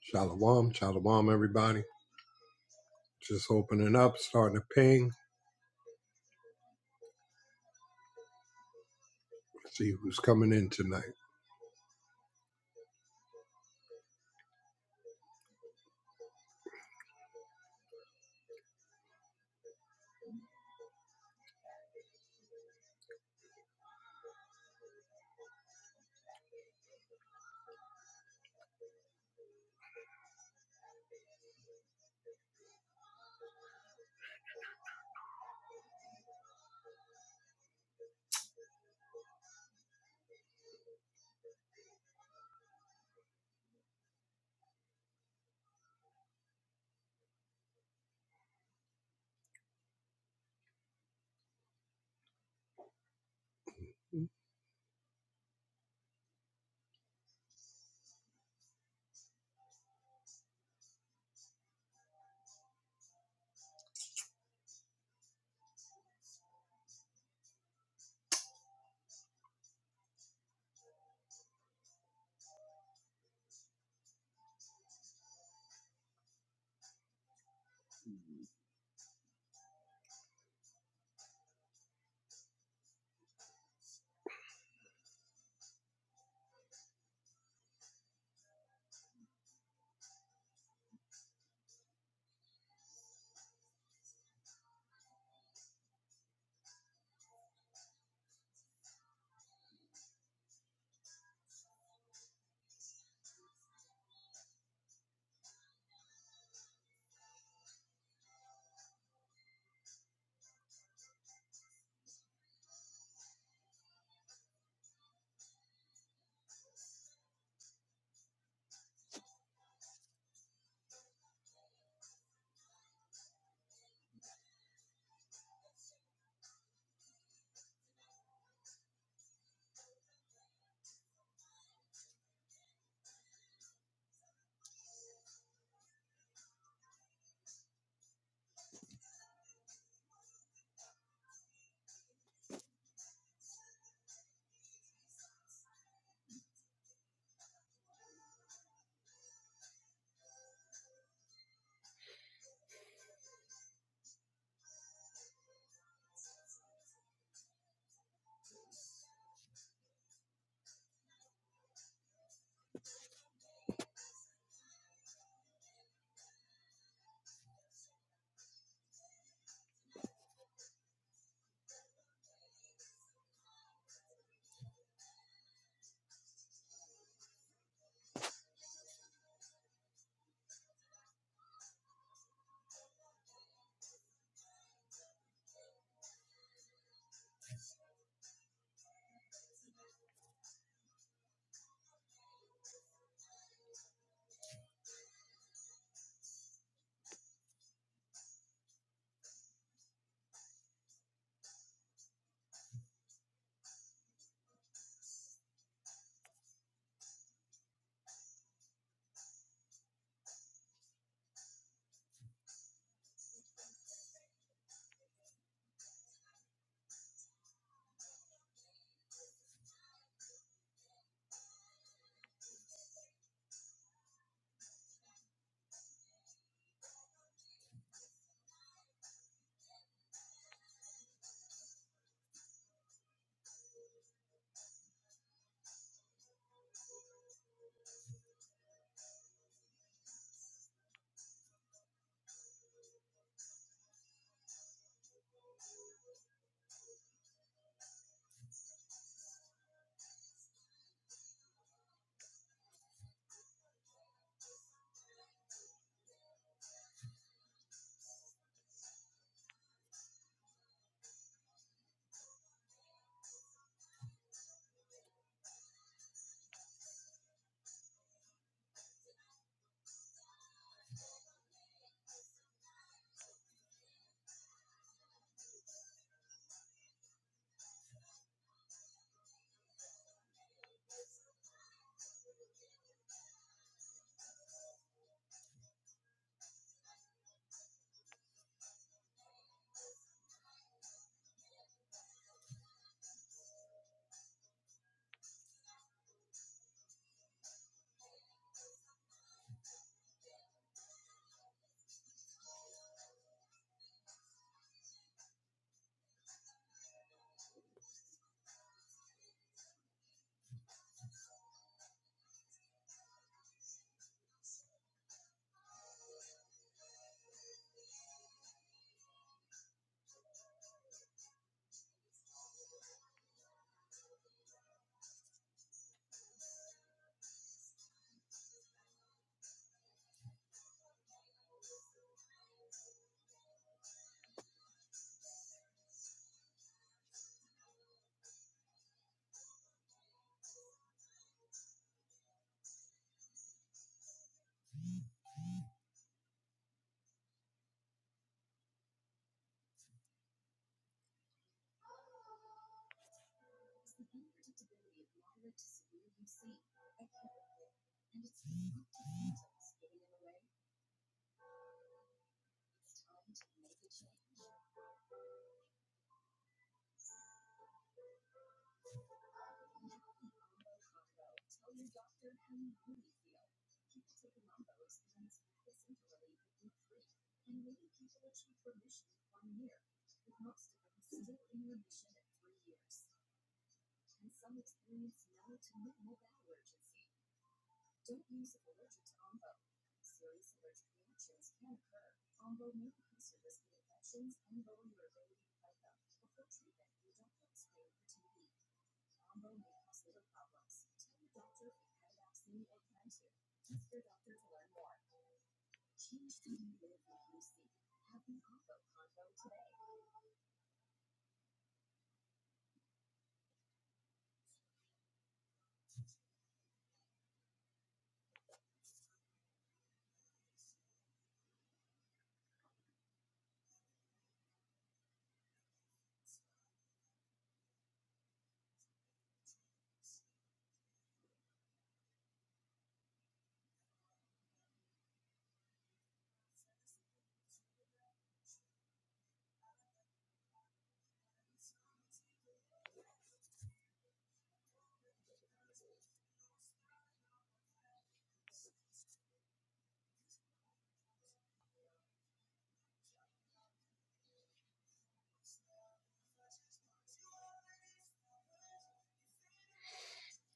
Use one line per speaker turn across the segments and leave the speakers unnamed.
Shalom, shalom, everybody. Just opening up, starting to ping, see who's coming in tonight.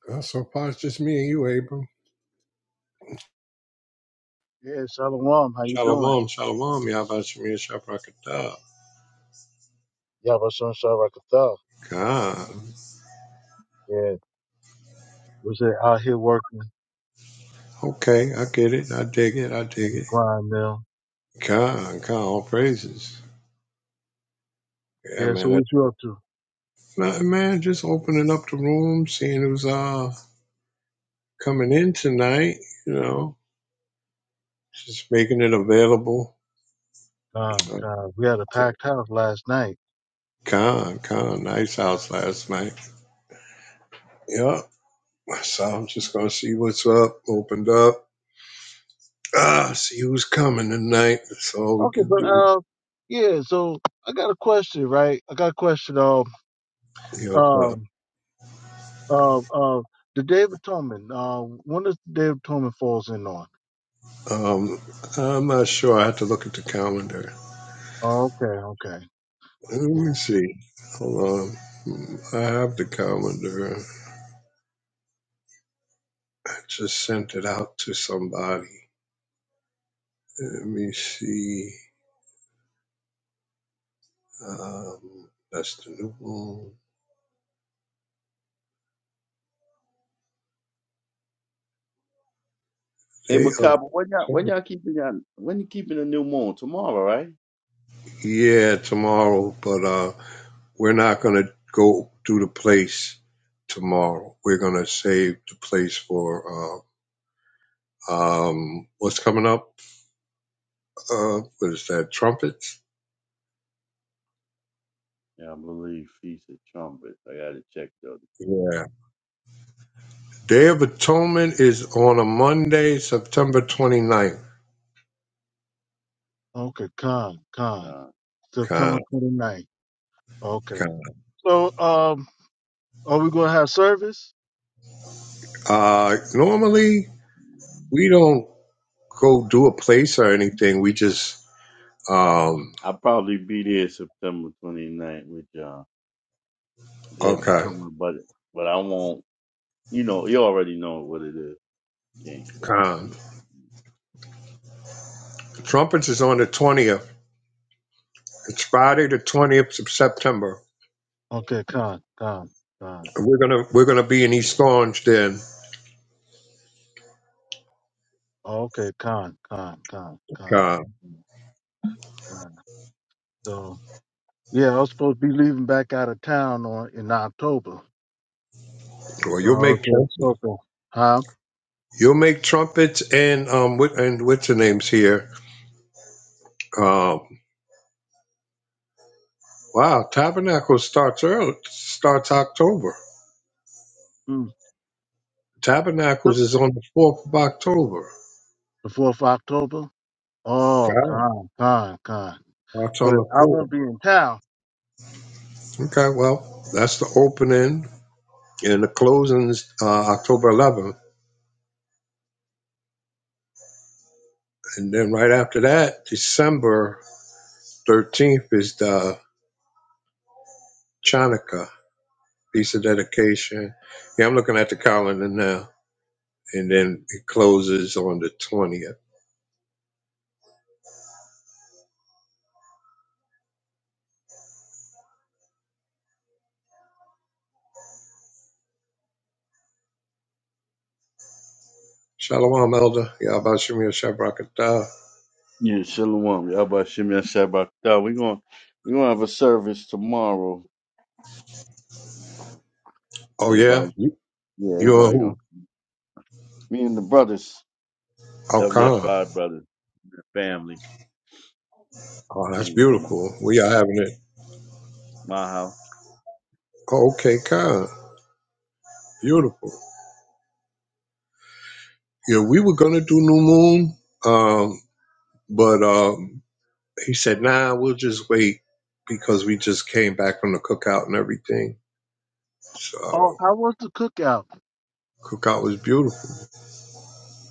Uh, so far, it's just me and you, Abram.
Yeah, Shalom. How you doing?
Shalom, shalom, Yavashimir Shafrakata.
Yeah, my son Sharakatha.
Khan.
Yeah, was it out here working
Okay, I get it. I dig it. I
on
dig
the
it.
grind mill?
Khan, Khan, all praises. Yeah,
Yeah, so
man. I,
what you up to?
nah, man, just opening up the room, seeing who's uh coming in tonight, you know, just making it available.
God,
Uh,
God, we had a packed house last night.
Khan, Khan, nice house last night. Yep. So I'm just gonna see what's up. Opened up. Ah, see who's coming tonight. That's all we
Okay,
can
but
do.
uh, yeah. So I got a question, right? I got a question. Um,
You know,
um, um, um the Day of Atonement. Uh, when does the Day of Atonement falls in on?
uh, um, I'm not sure. I have to look at the calendar.
Oh, okay, okay,
Let me
yeah,
see. Hold on. Hmm, I have the calendar. I just sent it out to somebody. Let me see. Um, that's the new one.
Hey
Day of.
Macabre, when y'all when y'all keeping y'all when you keeping the new moon? Tomorrow, right?
Yeah, tomorrow. But uh, We're not going to go do the place tomorrow. We're going to save the place for uh, um, what's coming up. Uh, what is that? Trumpets.
Yeah, I believe Feast of Trumpets. I gotta check though.
Yeah. Day of Atonement is on a Monday, September 29th.
okay. Con, con.
Uh,
September
Con,
twenty ninth. Okay.
con.
So, um, are we gonna have service?
Uh, normally, we don't go do a place or anything. We just, um,
I'll probably be there September 29th with y'all. Yeah,
okay.
but but I won't. You know, you already know what it is. King.
Con. Trumpets is on the 20th. It's Friday, the 20th of September.
Okay, con, con, con.
We're gonna we're gonna be in East Orange then,
Okay, con, con, con, con,
God.
Mm, con. So yeah, I was supposed to be leaving back out of town on in October.
Well,
So I
you'll
was
make
just
trumpets.
hoping, huh?
You'll make trumpets and um what and what's the names here? Um, wow, Tabernacles starts early. Starts October.
Mm.
Tabernacles
The
is on the fourth of October.
fourth of October. Oh,
God
con, con, con.
starts on
But
the
I won't
fourth.
be in town.
Okay, well that's the opening and the closing is uh, October 11th, and then right after that, December 13th is the Chanukah. piece of dedication. Yeah, I'm looking at the calendar now, and then it closes on the 20th. Shalom, Elder. Yeah, about Shemir Shabrakatah.
Yeah, Shalom. Yabba Shem Yashabak. We going we gonna have a service tomorrow. You know,
Oh, yeah?
Everybody,
You,
yeah,
you're
everybody gonna
who?
me and the brothers,
Oh, Khan.
WF5 brothers, the family.
Oh, that's
You can come over
beautiful. We are having it.
my house.
Oh, okay, Khan. Beautiful. Yeah, we were going to do New Moon, um, but um, he said, nah, we'll just wait because we just came back from the cookout and everything.
Oh,
So,
how was the cookout?
cookout was beautiful.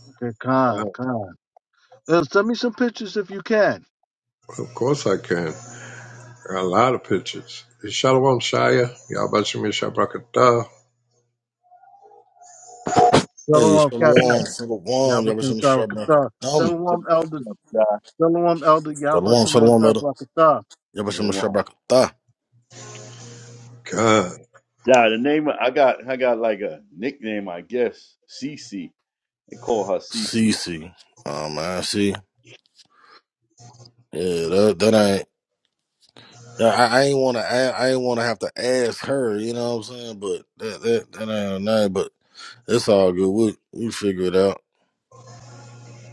Okay, con,
Khan,
con. Uh, send me some pictures if you can.
Of course I can. A lot of pictures. Shalom Shia, Yabashim Shabrakatah.
Hey,
Shalom, Captain.
shalom, shalom,
Yabba
yabashim
Shalom
shabakatam.
John,
Shalom, Elder.
what's up, John?
Shalom, Elder Yabba
Shalom,
Shalom
shalom, brother.
Qatar.
Been a
Yabashim
while.
shabakata.
God,
John, the name I got, I got like a nickname, I guess. Cece. They call her Cece.
CC. Oh, man, see? Yeah, that, that ain't. I, I ain't want to. I, I ain't want to have to ask her. You know what I'm saying? But that that, that ain't nothing. But it's all good. We we figure it out.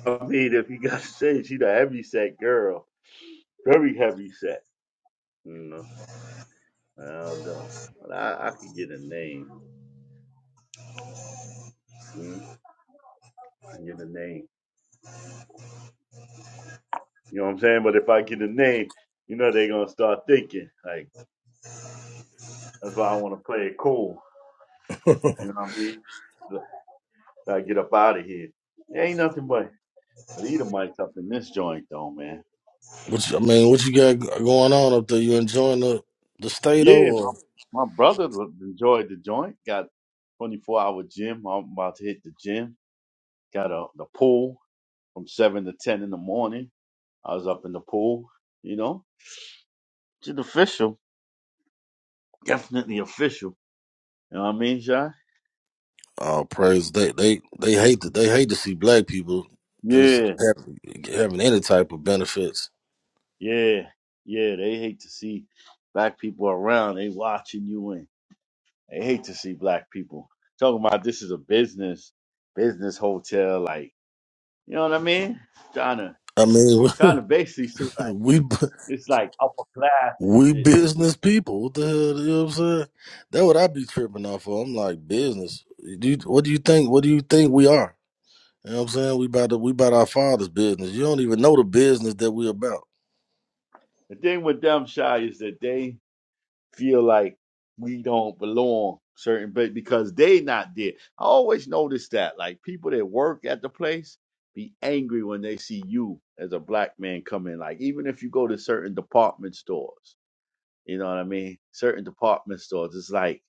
I mean, if you got to say, she's a heavy set girl, very heavy set. You know, I don't know, but I, I could get a name. You know? I can get a name. You know what I'm saying? But if I get a name, you know they're gonna start thinking like that's why I want to play it cool. You know what I mean? So I get up out of here. There ain't nothing but Edomites up in this joint, though, man.
What you, I mean? What you got g- going on up there? You enjoying the the state though?
Yeah,
Or
My brother lo- enjoyed the joint. Got 24 hour gym. I'm about to hit the gym. Got a the pool from seven to ten in the morning. I was up in the pool. You know, it's official. Definitely official. You know what I mean, Shy?
oh, praise they they they hate to, they hate to see black people just
Yeah,
having, having any type of benefits.
yeah, yeah. They hate to see black people around. They watching you and they hate to see black people. Talking about this is a business, business hotel. Like, you know what I mean? Trying to,
I mean,
trying to basically
we
It's like upper class and
we
shit. This is
business people. What the hell? You know what I'm saying? That what I be tripping off of. I'm like business. Do you, what do you think? What do you think we are? You know what I'm saying? We about to, we about our father's business. You don't even know the business that we about.
the thing with them shy is that they feel like we don't belong certain but because they not there. I always notice that. Like people that work at the place be angry when they see you as a black man come in. Like even if you go to certain department stores, you know what I mean? Certain department stores, it's like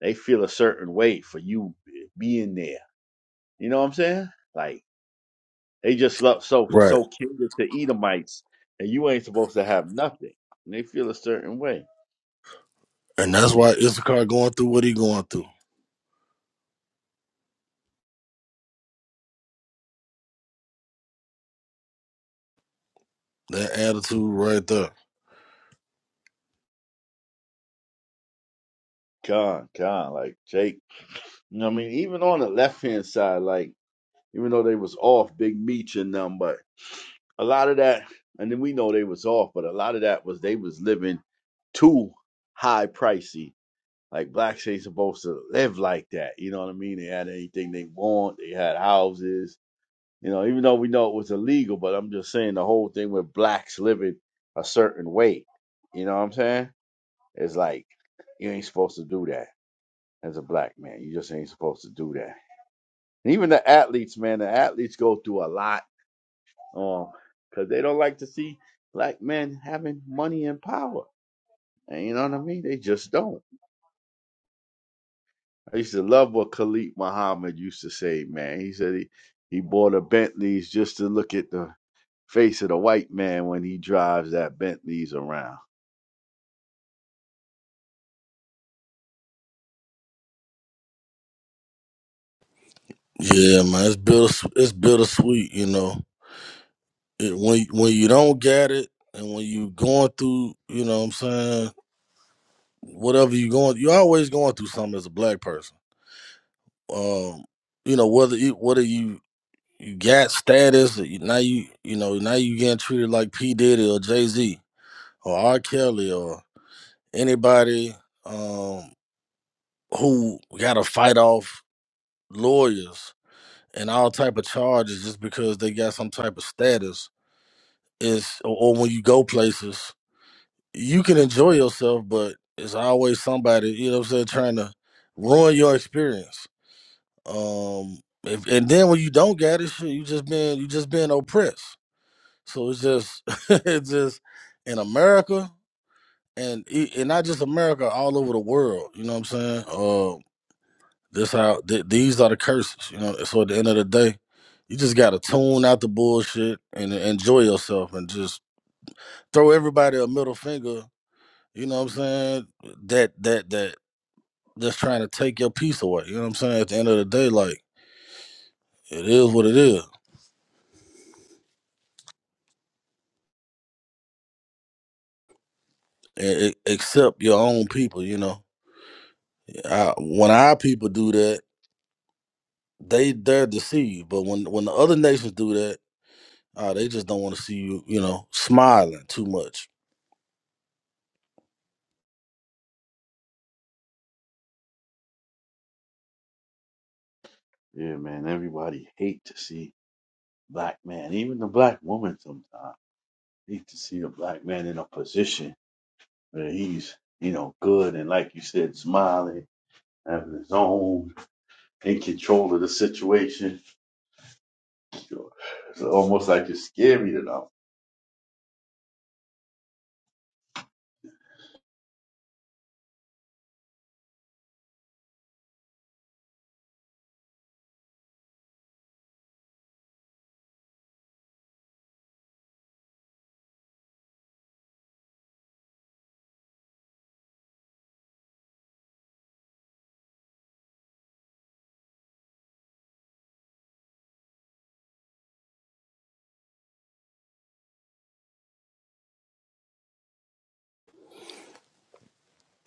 they feel a certain way for you eh, being there. You know what I'm saying? Like They just love so
Right.
so catered to Edomites, and you ain't supposed to have nothing. And they feel a certain way.
And that's why Issachar going through what he going through. That attitude right there.
Con, con, like Jake. You know what I mean? Even on the left hand side, like even though they was off, big meech and them, but a lot of that, and then we know they was off, but a lot of that was they was living too high pricey. Like blacks ain't supposed to live like that. You know what I mean? They had anything they want. They had houses. You know, even though we know it was illegal, but I'm just saying the whole thing with blacks living a certain way. You know what I'm saying? It's like you ain't supposed to do that as a black man. You just ain't supposed to do that. And even the athletes, man, the athletes go through a lot, um, because they don't like to see black men having money and power. And you know what I mean? They just don't. I used to love what Khalid Muhammad used to say, man. He said he, he bought a Bentley's just to look at the face of the white man when he drives that Bentleys around.
Yeah, man. It's bitter. It's bittersweet. You know, it, when when you don't get it, and when you going through, you know what I'm saying whatever you going you're always going through something as a black person um you know whether you whether you you got status or you, now you you know now you getting treated like p diddy or jay-z or r kelly or anybody um who gotta fight off lawyers and all type of charges just because they got some type of status is or, or when you go places you can enjoy yourself but it's always somebody you know what i'm saying trying to ruin your experience Um, if, and then when you don't get it, shit, you just been you just been oppressed. So it's just it's just in America and e- and not just America, all over the world. You know what I'm saying? Uh, this how th- these are the curses. You know. So at the end of the day, you just gotta tune out the bullshit and enjoy yourself and just throw everybody a middle finger. You know what I'm saying? That that that that's trying to take your peace away. You know what I'm saying? At the end of the day, like it is what it is. e- e- except your own people. You know, I, when our people do that, they they're deceived. But when when the other nations do that, uh, they just don't want to see you, you know, smiling too much.
Yeah, man. Everybody hate to see black man, even the black woman sometimes hate to see a black man in a position where he's, you know, good and like you said, smiling, having his own, in control of the situation. Sure, It's almost like it's scary to them.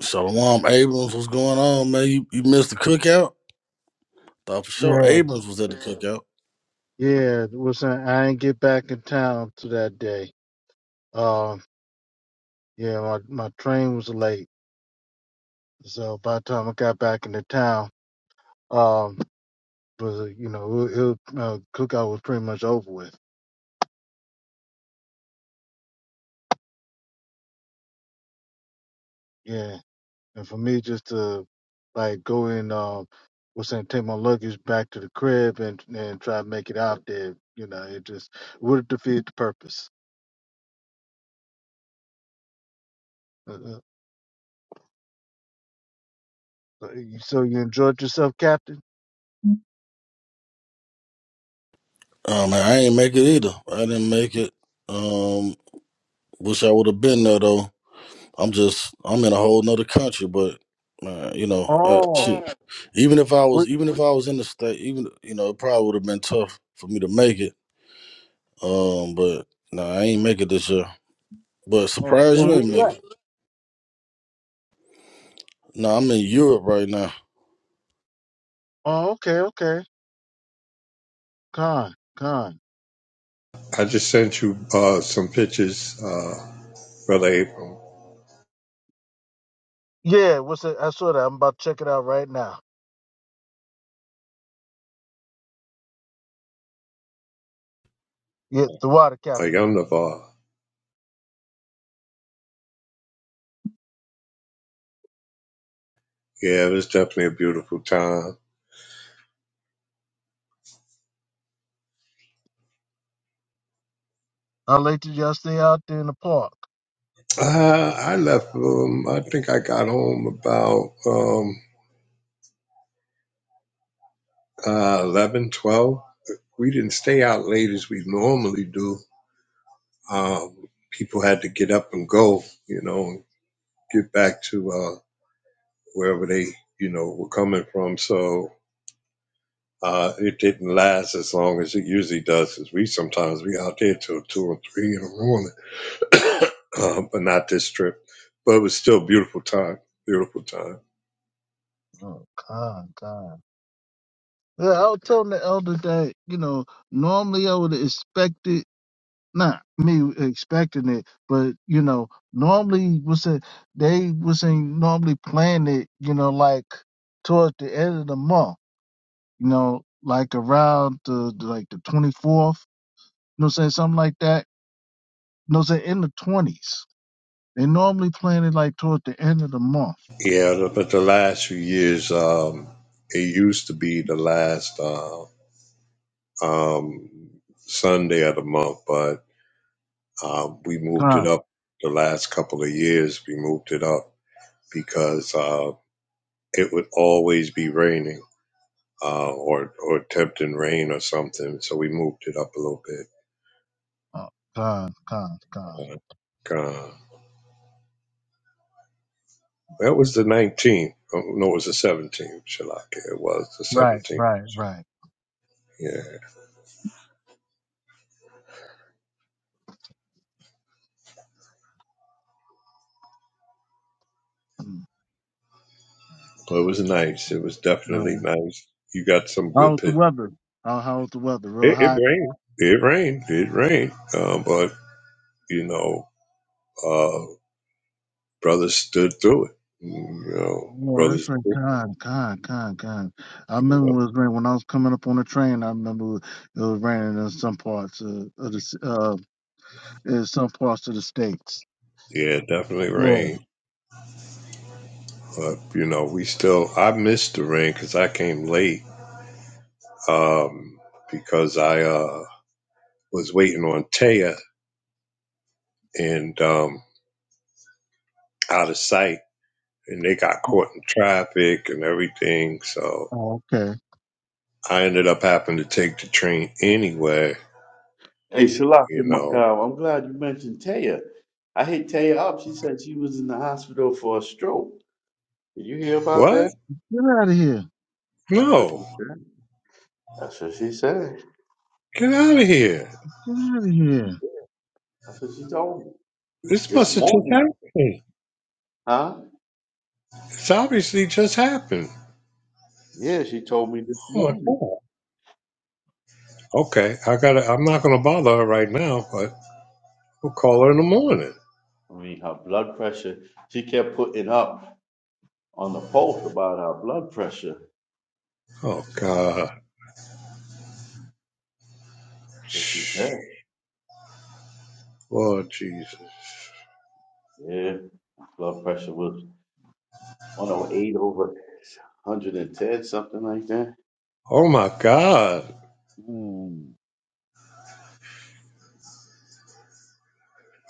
Shalom, Abrams, what's going on, man? You, you missed the cookout? Thought for sure
Yeah.
Abrams was at the cookout.
Yeah, was saying I ain't get back in town to that day. Um, yeah, my my train was late, so by the time I got back into town, um, was uh, you know it, it, uh, cookout was pretty much over with. Yeah, and for me just to like go in, um, was saying take my luggage back to the crib and and try to make it out there. You know, it just would have defeated the purpose. Uh, uh, uh, so you enjoyed yourself, Captain?
Oh man, I ain't make it either. I didn't make it. Um, wish I would have been there though. I'm just I'm in a whole nother country, but uh, you know, uh,
Oh,
shit. Even if I
we,
was even if I was in the state, even you know, it probably would have been tough for me to make it. Um, but no, I ain't make it this year. But
oh,
surprise,
where
you
we
ain't make
at?
it. No, I'm in Europe right now.
Oh, okay, okay. Con, con.
I just sent you uh, some pictures, uh, Brother Abram,
Yeah, what's it? I saw that. I'm about to check it out right now. Yeah, the water
a
captain.
Yom Navar. Yeah, it was definitely a beautiful time.
How late did y'all stay out there in the park?
Uh, I left, um, I think I got home about um, uh, 11, twelve. We didn't stay out late as we normally do. Um, people had to get up and go, you know, and get back to uh, wherever they, you know, were coming from. So Uh, it didn't last as long as it usually does. does, 'cause we sometimes we out there till two or three in the morning, uh, but not this trip. But it was still a beautiful time, beautiful time.
Oh, con, con. Yeah, I was telling the elder that, you know, normally I would expect it, not me expecting it, but, you know, normally was it, they was in normally plan it, you know, like towards the end of the month, you know, like around the, the- like the 24th, you know what I'm saying? Something like that No, they're in the twenties. They normally plan it like toward the end of the month.
Yeah, but the last few years, um, it used to be the last uh, um, Sunday of the month, but uh, we moved it
Con,
up. The last couple of years, we moved it up because uh, it would always be raining uh, or or tempting rain or something. So we moved it up a little bit.
oh, con, con, con.
Uh, God. that was the 19th. Oh, No, it was the 17th. Shalaka. It was the
Right,
17th.
right, right.
Yeah,
Mm.
but it was nice. It was definitely
Um,
nice. You got some good
how's the
pitch.
weather? How, how's the weather? Real
It, it
hot.
rained. It rained. It rained. Uh, but you know, uh, brothers stood through it. Mm, You know,
Oh, that's
brothers.
right.
You
Con, con, con, con. I remember
know,
it was raining when I was coming up on the train. I remember it was raining in some parts of, of the c- uh, in some parts of the states.
yeah, it definitely
Yeah.
rained. But you know, we still. I missed the rain because I came late um, because I uh, was waiting on Taya and um, out of sight, and they got caught in traffic and everything. So
Oh, okay.
I ended up having to take the train anyway.
Hey, Shalak
You
in
know
Macau. I'm glad you mentioned Taya. I hit Taya up. She said she was in the hospital for a stroke. Did you hear about
what?
that?
Get out of here.
That's what she
No,
said. That's what she said.
get out of here!
Get out of here.
That's what she told me
This
this
must have just
morning.
happened.
Huh?
It's obviously just happened.
Yeah, she told me this
Oh my
morning.
god. Okay, I gotta. I'm not gonna bother her right now, but we'll call her in the morning.
I mean, her blood pressure. She kept putting up on the pulse about her blood pressure.
Oh
So
God.
that's what she said.
Lord Jesus.
Yeah, blood pressure was 108 over 110, something like that.
Oh my God,
Mm.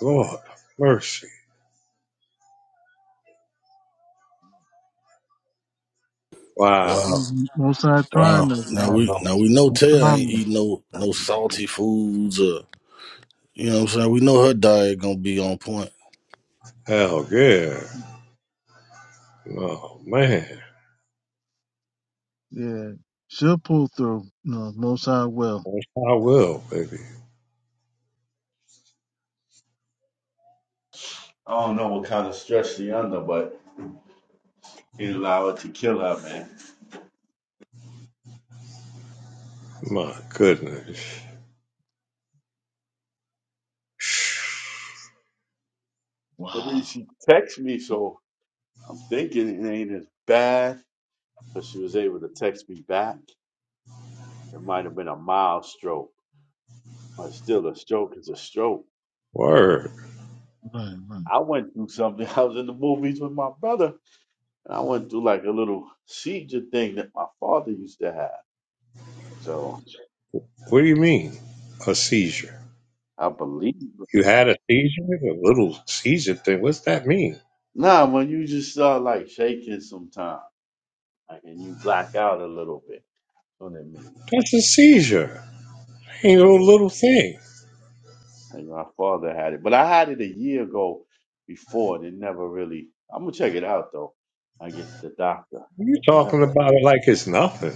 Lord, mercy. Wow.
Wow,
Most sides trying
wow.
I
Now
to.
don't know.
we now we know Taya ain't
Muhammad.
eating no no salty foods or you know what I'm saying. We know her diet gonna be on point.
Hell yeah. Oh man.
Yeah. She'll pull through. No, most I will.
Yes, I will, baby.
I don't know what kind of stress she under, but it allowed it to kill her, man.
My goodness.
I mean,
Wow.
she texted me, so I'm thinking it ain't as bad, but she was able to text me back. It might have been a mild stroke, but still, a stroke is a stroke.
Word.
Right, right.
I went through something. I was in the movies with my brother, and I went through like a little seizure thing that my father used to have. So
What do you mean? A seizure.
I believe.
You had a seizure? A little seizure thing. What's that mean?
Nah, when you just start like shaking sometimes, like, and you black out a little bit, you know what I mean?
That's a seizure. Ain't no
Yeah.
little thing.
And my father had it, but I had it a year ago before, and it never really. I'm gonna check it out though. I get to the doctor.
you are
I
talking
never.
about it like it's nothing.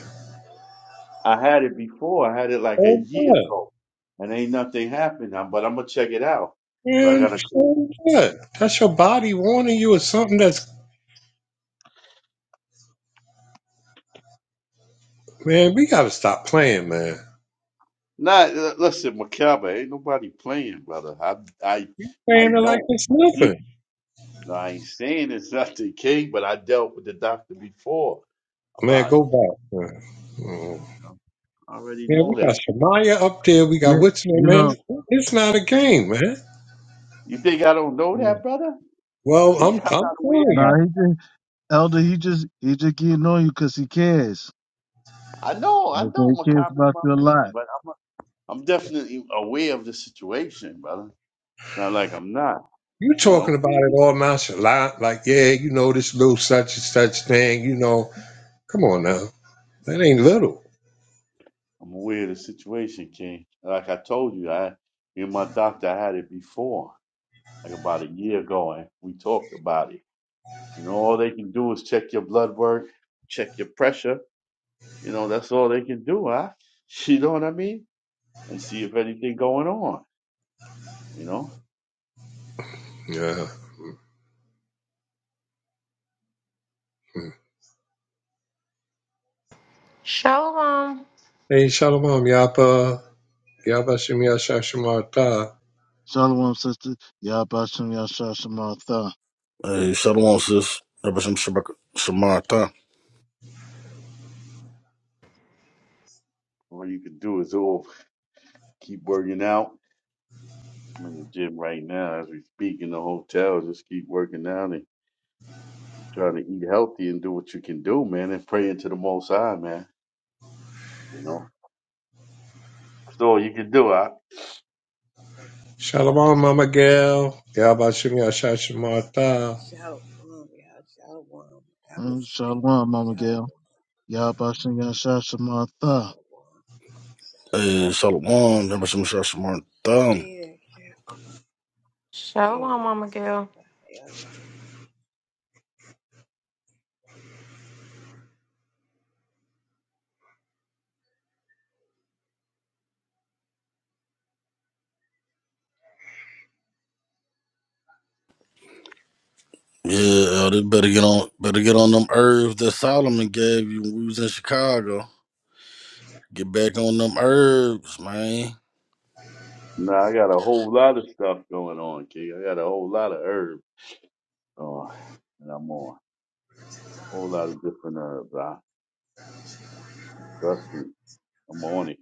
I had it before. I had it like a
So
year
what?
ago, and ain't nothing happened. i but I'm gonna check it out. But I
Man,
gotta. clear-
so what? That's your body warning you of something that's man, we gotta stop playing, man.
Nah, l- listen, Macabre, ain't nobody playing, brother. I, I, I
Man, I like
know.
this
I did.
nothing.
No, I ain't saying it's not the king, but I dealt with the doctor before
Man,
about
go
it.
back. Man, Mm.
You know, I already
Man,
know
we got
that.
Shamaya up there. We got
Yeah.
what's her
You
name, man.
know,
It's not a game, man.
You think I don't know
yeah.
that, brother?
Well,
Think
I'm
I'm
I'm
not aware of
telling
that?
nah,
you,
he just, Elder, he just, he just getting on you 'cause he cares.
I know, I
Okay,
know
he cares
Macabre's
about
my
you a
man,
lot.
but I'm a, I'm definitely aware of the situation, brother. Not like I'm not,
you
you
talking
know.
about it all nonchalant, like yeah, you know this little such and such thing. You know, come on now, that ain't little.
I'm aware of the situation, King. Like I told you, I in my doctor I had it before, like about a year ago, and we talked about it. You know, all they can do is check your blood work, check your pressure. You know, that's all they can do, huh? You know what I mean? And see if anything going on. You know,
Yeah. Mm.
Shalom.
Hey, shalom, yapa, yapa shemia shashamarta.
Shalom, sister. Yabashim Yasha Shamatha.
Hey, shalom, sis. Never some shabaka- shamarta.
all you can do is all keep working out I'm in the gym right now as we speak in the hotel. Just keep working out and keep trying to eat healthy and do what you can do, man, and pray into the Most High, man. You know, that's all you can do. I
Shalom, mama gal, yapa shemia shashamarta.
Shout one, y'all. Shout one. I was
Mm,
asleep.
Shalom, Mama
Shout
Gail.
one.
Yabashim Yasha Shamatha.
Shout one.
Hey, shalom. Never some shabaka- shamarta.
Hey, yeah.
Shalom,
Hey,
Mama Gail.
yeah. Ella tomorrow.
Yeah, they better get on better get on them herbs that Solomon gave you when we was in Chicago. Get back on them herbs, man.
no, I got a whole lot of stuff going on, King. I got a whole lot of herbs, uh, and I'm on a whole lot of different herbs. I trust me, I'm on it,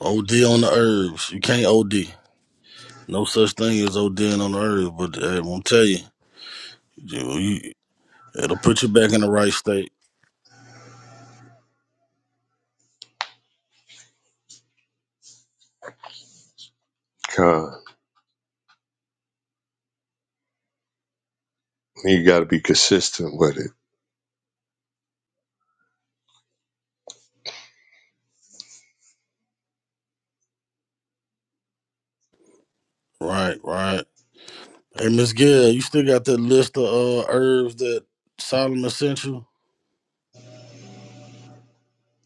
OD on the herbs. You can't OD. No such thing as ODing on the herbs, but hey, I'm gonna tell you, you, you- it'll put you back in the right state.
Come, you got to be consistent with it.
Right, right. Hey, Miss Gail, you still got that list of uh, herbs that Solomon sent you?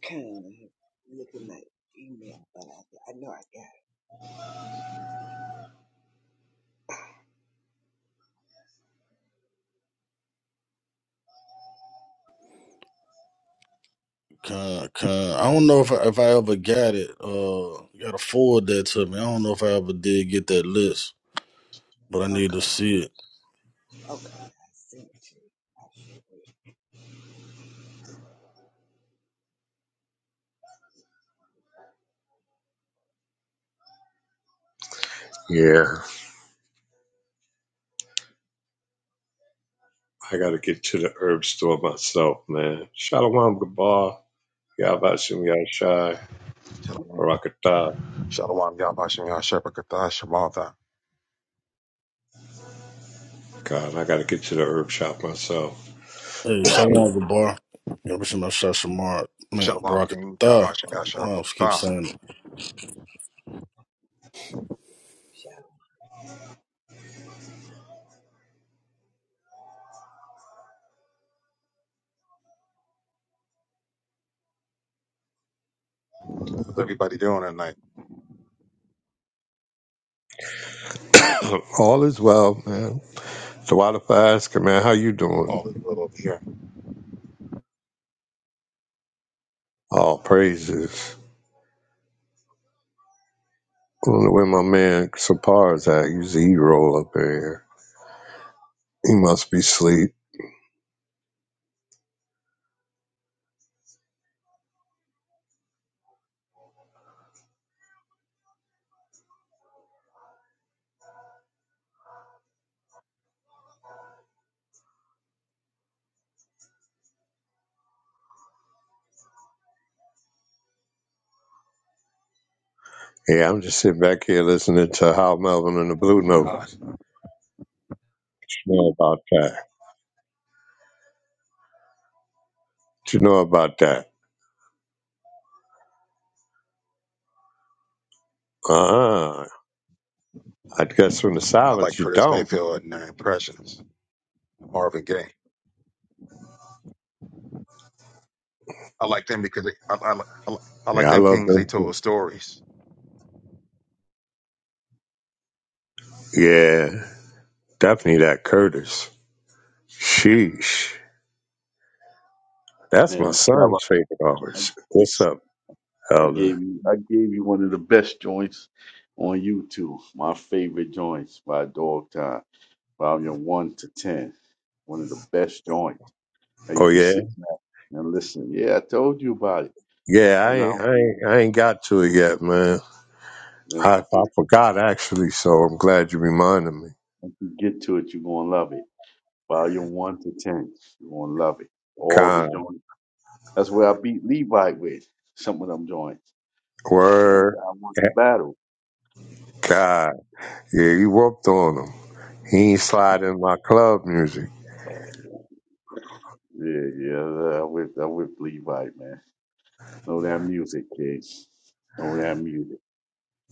Kind of look at my email, but I, I know I got
Con, con. I don't know if I, if I ever got it. Uh, you gotta forward that to me. I don't know if I ever did get that list. but I
it.
need to
Okay.
see it.
Okay. I sent you. I sure will.
Yeah. I gotta get to the herb store myself, man. Shalom Gabar, Yabashim Yashai,
Shalom.
Barakatah.
Shalom, Yabashim Yashepakata, shemalta.
God, I gotta get to the herb shop myself.
Hey, Shalom Gabar. Yeah, wishing my shot Shamar. Man,
Shalom,
Baraka
King
Tha.
Yabashim
I don't know why I just keep
Yashepakata.
saying it.
Shout
How's everybody doing tonight?
All is well, man. So why the ask him, man, how you doing?
All is well over here.
All praises. I do where my man Sapar's at. Usually he roll up in here. He must be asleep. Yeah, I'm just sitting back here listening to Hal Melvin and the Blue
God.
Notes. You know about that. You know about that. Uh-huh. I guess from the
I like
silence, you
Curtis
don't.
Mayfield and their impressions. Marvin Gaye. I like them because they, I, I, like- I, like- I like
Yeah, I
them
love
Kings. They
them. too.
told stories.
Yeah, definitely that Curtis. Sheesh. That's my
man. Macaba,
son's favorite
I
artist. What's up,
I
Elder?
gave you, I gave you one of the best joints on YouTube. My favorite joints by Dog Time. volume one to ten. One of the best joints that you
Oh
can
yeah,
sit back and listen. Yeah, I told you about it.
yeah.
You
I ain't,
know,
I ain't, I ain't got to it yet, man.
when-
I, I forgot actually, so I'm glad you reminded me.
once you get to it, you're gonna love it. Volume one to ten, you're gonna love it. All the
God,
joints. That's where I beat Levi with some of them joints. I
word,
won
Eh,
the battle.
God. Yeah, you whooped on him. He ain't sliding my club music.
Yeah, yeah, I whipped, I whipped Levi, man. Know that music, kids. Know that music.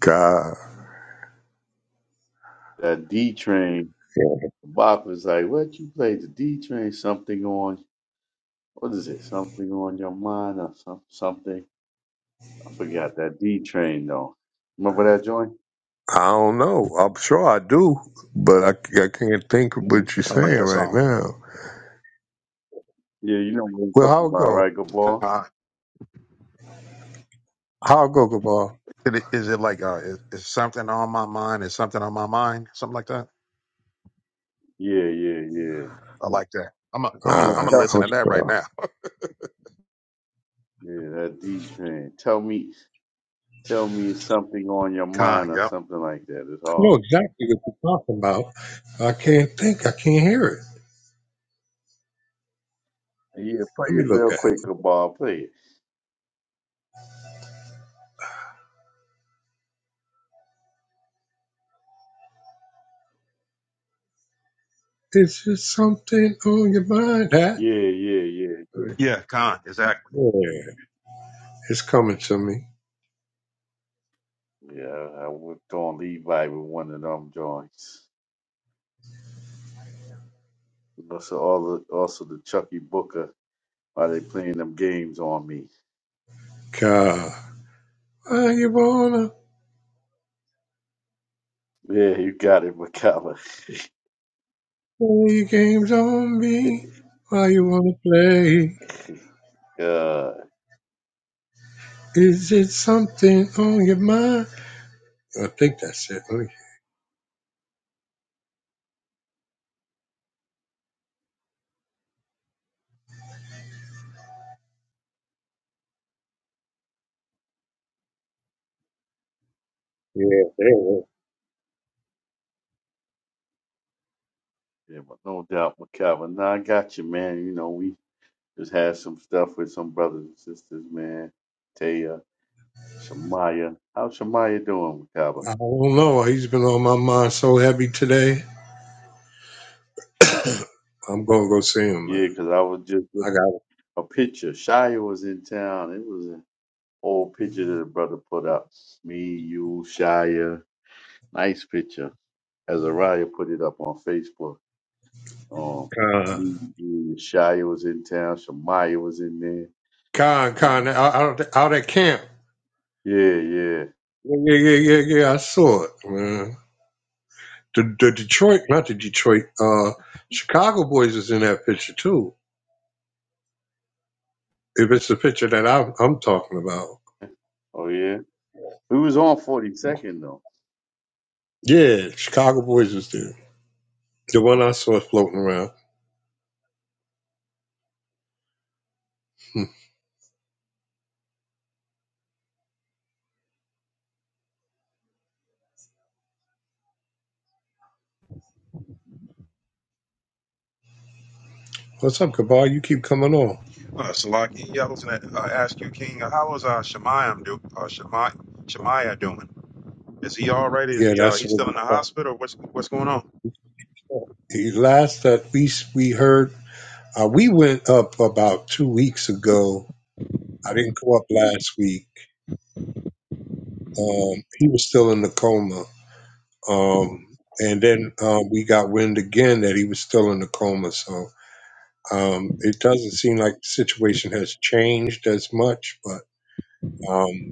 God.
That D train.
Yeah.
Bop was like, "What you play the D train? Something on What is it? Something on your mind or some, something? I forgot that D train though. Remember that joint?
I don't know. I'm sure I do, but I, I can't think of
Mhm.
what you're
I like
saying
that
right
song.
now.
Yeah, you know what I'm
Well,
talking
I'll
about,
go.
right, good boy?
God.
I'll go, Gabal.
Is it is it like uh, is, is something on my mind? Is something on my mind? Something like that.
Yeah, yeah, yeah.
I like that. I'm a, I'm a,
Well,
Uh,
I'm gonna
tell me.
listen
I'm
to that right
sure.
now.
Yeah, that D train. Tell me, tell me something on your mind
Con.
or
Yep.
something like that. It's
I know
all.
exactly what you're talking about. I can't think. I can't hear it.
Yeah, play
Let me
it
look
real
at it.
quick, good boy. Play it.
It's just something on your mind, huh?
Yeah, yeah, yeah, yeah.
Yeah. Con. Exactly.
Yeah, it's coming to me.
Yeah, I whipped on Levi with one of them joints. Also, all the, also the Chucky Booker. Why they playing them games on me?
God, why you wanna
Yeah, you got it, Macabre.
play your games on me? Why you wanna play?
Uh,
Is it something on your mind? I think that's it. Yeah, yeah.
yeah, but no doubt, Macabre. No, I got you, man. You know, we just had some stuff with some brothers and sisters, man. Taya, Shamaya. How's Shamaya doing, Macabre?
I don't know. He's been on my mind so heavy today. I'm gonna go see him,
Yeah,
man.
'cause I was just
I
looking at a picture. Shia was in town. It was an old picture that the brother put up. Me, you, Shia. Nice picture. Azariah put it up on Facebook. Um,
got Con,
me, you, Shia was in town. Shamaya was in there.
Con, Con out, out, out at camp.
Yeah, yeah.
Yeah, yeah, yeah, yeah, yeah. I saw it, man. The, the Detroit, not the Detroit, uh, Chicago boys is in that picture too. If it's the picture that I'm, I'm talking about,
Oh yeah, we was on forty second though.
yeah, Chicago boys is there. The one I saw floating around. Hmm. What's up, Cabal? You keep coming on.
Uh, Salaki, yeah, I was going to uh, ask you, King, uh, how is uh, Shemayim do, uh, Shemai, Shemaiah doing? Is he all right? Is
Yeah,
he uh,
that's
he's
what.
still in the
we
hospital? What's what's going on?
The last that we we heard, uh, we went up about two weeks ago. I didn't go up last week. Um, he was still in the coma, um, and then um, we got wind again that he was still in the coma. So um, it doesn't seem like the situation has changed as much. But um,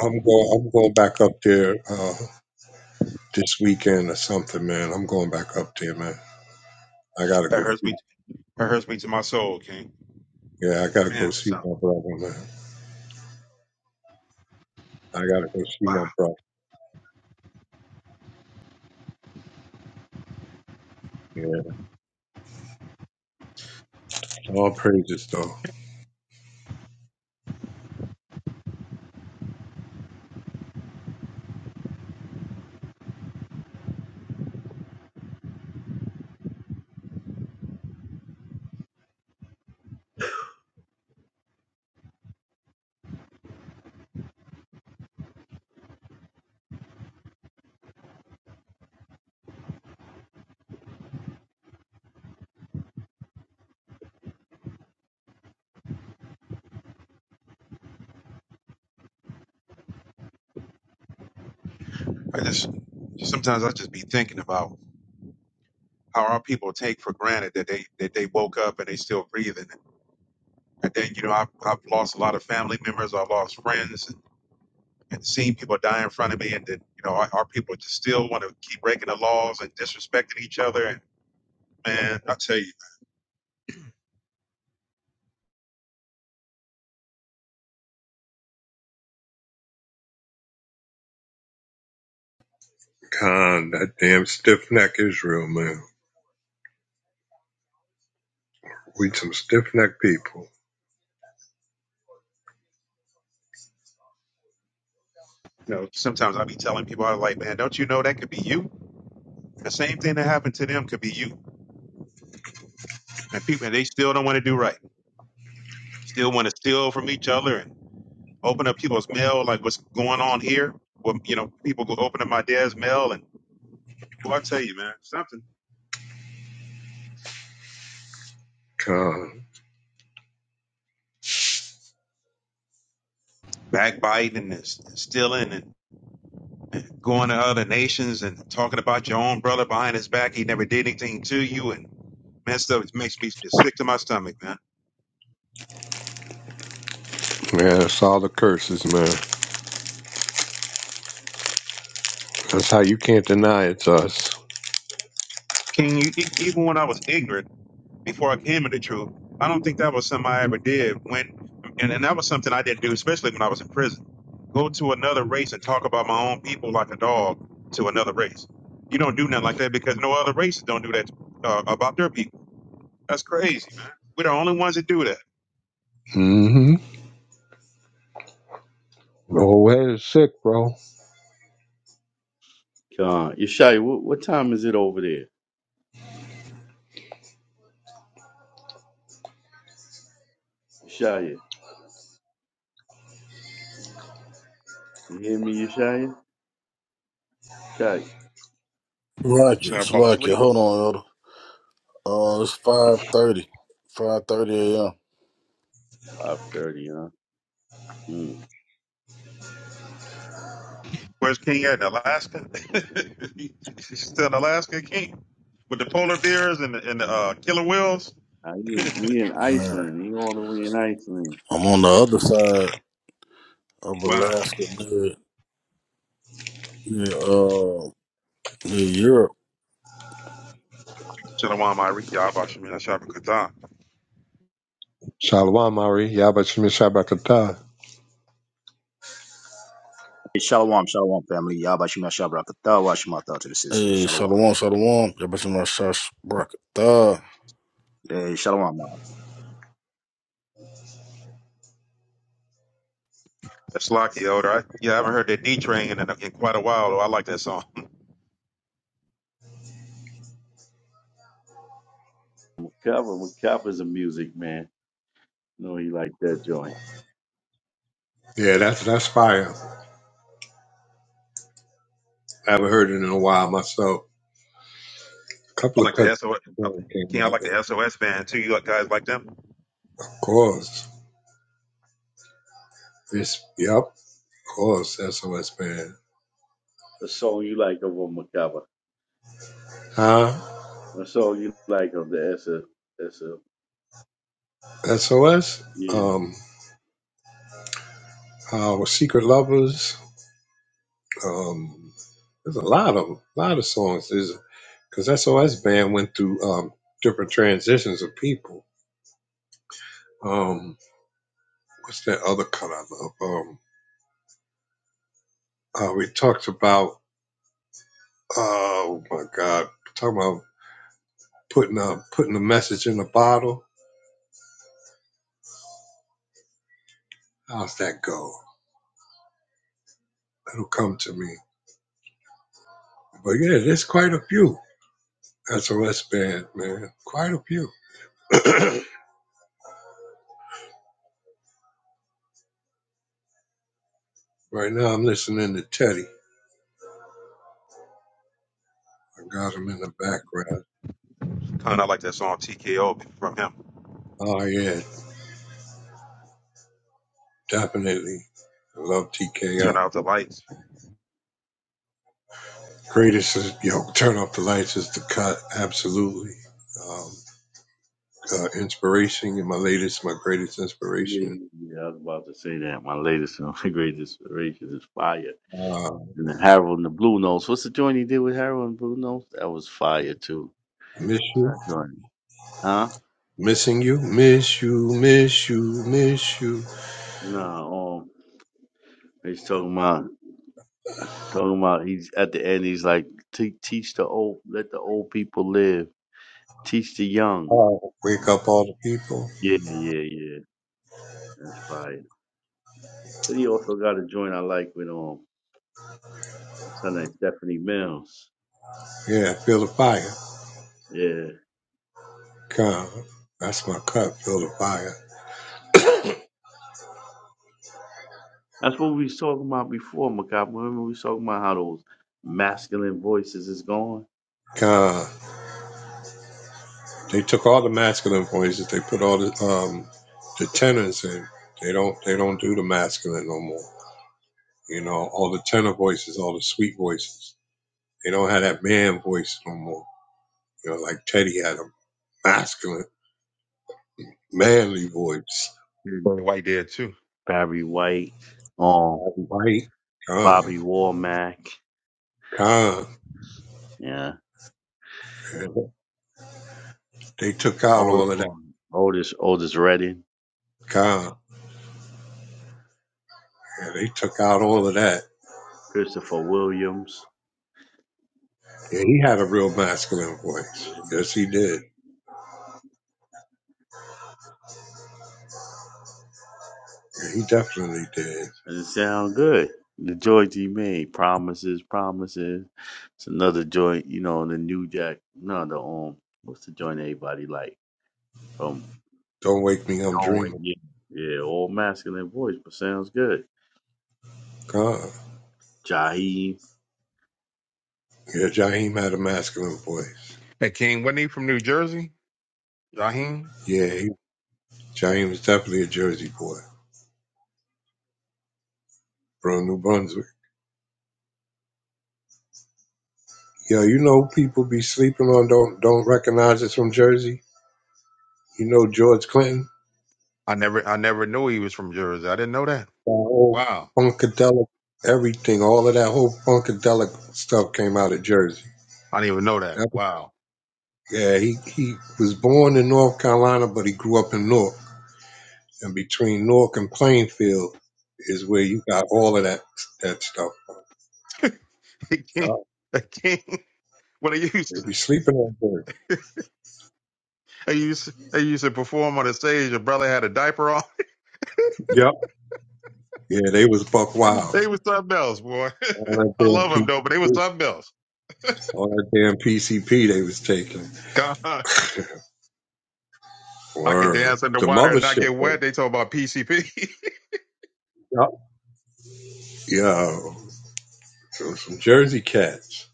I'm going. I'm going back up there uh, this weekend or something, man. I'm going back up there, man. I gotta
That
go
hurts
see.
me. That hurts me to my soul, King.
Yeah, I gotta
Man,
go
that
see
sounds
my brother, man. I gotta go see
wow.
my brother. Yeah, all praises though.
I just sometimes I just be thinking about how our people take for granted that they that they woke up and they still breathing. And then you know I've, I've lost a lot of family members. I've lost friends and, and seeing people die in front of me. And then you know our, our people just still want to keep breaking the laws and disrespecting each other Man, I tell you,
Khan, that damn stiff neck Israel, man. We some stiff neck people.
you know, sometimes I be telling people, I'm like, man, don't you know that could be you? The same thing that happened to them could be you. And people, and they still don't want to do right. Still want to steal from each other and open up people's mail, like what's going on here. Well, you know, people go open up my dad's mail and, well, I tell you, man, something.
Khan.
Backbiting and s- stealing and going to other nations and talking about your own brother behind his back. He never did anything to you. And man, stuff makes me just sick to my stomach, man.
Man, that's all the curses, man. That's how you can't deny it's us.
Can you, e- even when I was ignorant, before I came into truth. I don't think that was something I ever did when, and, and that was something I didn't do, especially when I was in prison. Go to another race and talk about my own people like a dog to another race. You don't do nothing like that because no other races don't do that uh, about their people. That's crazy, man. We're the only ones that do that.
Mm-hmm. The whole head is sick, bro.
Uh, Yeshaya, what, what time is it over there? Yeshaya, you hear me, Yeshaya? Yeshaya,
Should
Slovakia,
I fall
Slovakia.
asleep?
Hold on, Elder. Uh, it's 5.30. 5.30 a.m.
five thirty, huh? Mm.
Where's King at in Alaska? He's still an Alaska, King, with the polar bears and the, and the uh, killer whales.
I, you, in, we in
Man,
Iceland. He all the way in Iceland.
I'm on the other side of
Wow.
Alaska near, near, uh, near Europe.
Shalom, Ari. Yabashimina Shabbat Katan.
Shalom, Ari. Yabba Shemi Shabbatata.
Hey, Shalom, shalom, family. Yabashima Shabrakata, Washimata to the sisters.
Hey,
Shalom.
Shalom, Shalom. Yeah, wishing my shot Baraka Tha.
Hey, shalom, ma.
That's Locky, older. I, yeah, I haven't heard that D Train in, in quite a while. Though I like that song.
Macabre, Macabre's a music man. No, he like that joint.
Yeah, that's that's fire. I haven't heard it in a while myself. A
I
couple of
like
cuts
the SOS.
came
King, I
out
like
with.
the SOS band too. You like guys like them?
Of course. It's, yep. Of course, SOS man.
The song you like of a Macabre.
Huh?
The song you like of the S F S F.
SOS,
Yeah,
um, our Secret Lovers. Um, there's a lot of lot of songs. There's because SOS band went through um, different transitions of people. Um, what's that other cut I love? Um, uh, we talked about uh, oh my God, talking about putting a putting a message in a bottle. How's that go? It'll come to me. But yeah, there's quite a few SOS band, man. Quite a few. right now, I'm listening to Teddy. I got him in the background.
Kind of like that song TKO from him.
Oh yeah, definitely. I love
Turn
TKO.
out the lights.
Greatest is yo. Turn off the lights is the cut. Absolutely. Um, uh, inspiration. and My latest, my greatest
yeah,
inspiration.
yeah. yeah, I was about to say that. My latest and greatest inspiration is fire.
Uh,
And then Harold and the Blue Notes. What's the joint he did with Harold and Blue Notes? That was fire too.
miss
What's
you,
that joint? Huh?
missing you, miss you, miss you, miss you.
No, um, he's talking about talking about he's at the end he's like "Te- teach the old let the old people live. Teach the young.
Oh, wake up all the people.
Yeah, yeah, yeah. That's fire. So he also got a joint I like with um what's her name? Stephanie Mills.
Yeah, feel the fire.
Yeah.
Come. That's my cut. Feel the fire.
That's what we was talking about before, Macabre. Remember we was talking about how those masculine voices is gone?
Come. They took all the masculine voices. They put all the um, the tenors in. They don't they don't do the masculine no more. You know, all the tenor voices, all the sweet voices. They don't have that man voice no more. You know, like Teddy had a masculine, manly voice.
Barry White did too.
Barry White, um,
Right. Con,
Bobby Womack,
con.
yeah,
And They took out
Ot-
all of that.
um, Otis Otis Redding,
Con. And they took out all of that.
Christopher Williams.
And he had a real masculine voice. Yes, he did. Yeah, he definitely did.
It sound good. The joint he made, promises, promises. It's another joint, you know, the new jack. No, the um, what's the joint everybody like from?
Don't wake me, I'm
Oh,
dreaming.
yeah, yeah, all masculine voice, but sounds good.
Con.
Jaheim.
Yeah, Jaheim had a masculine voice.
Hey King, wasn't he from New Jersey? Raheem?
Yeah, he, Jaheim was definitely a Jersey boy from New Brunswick. Yeah, you know people be sleeping on don't don't recognize us from Jersey. You know George Clinton,
I never, I never knew he was from Jersey. I didn't know that.
that whole
Wow,
funkadelic everything, all of that whole funkadelic stuff came out of Jersey.
I didn't even know that. Wow.
Yeah, he, he was born in North Carolina, but he grew up in Newark. And between Newark and Plainfield is where you got all of that that stuff. From.
Hey King,
Yeah,
hey King. When I
they
used to,
be sleeping on there.
I used, I used to perform on the stage. Your brother had a diaper on.
Yep. Yeah, they was buck wild.
They was something else, boy.
All that
I love
damn
them though, but they was
PCP,
something else.
all that damn PCP they was taking.
God, I could
Word.
dance in the
The
water and not
mothership
get
though.
wet. They talk about PCP.
Yup. Yo, so some Jersey cats.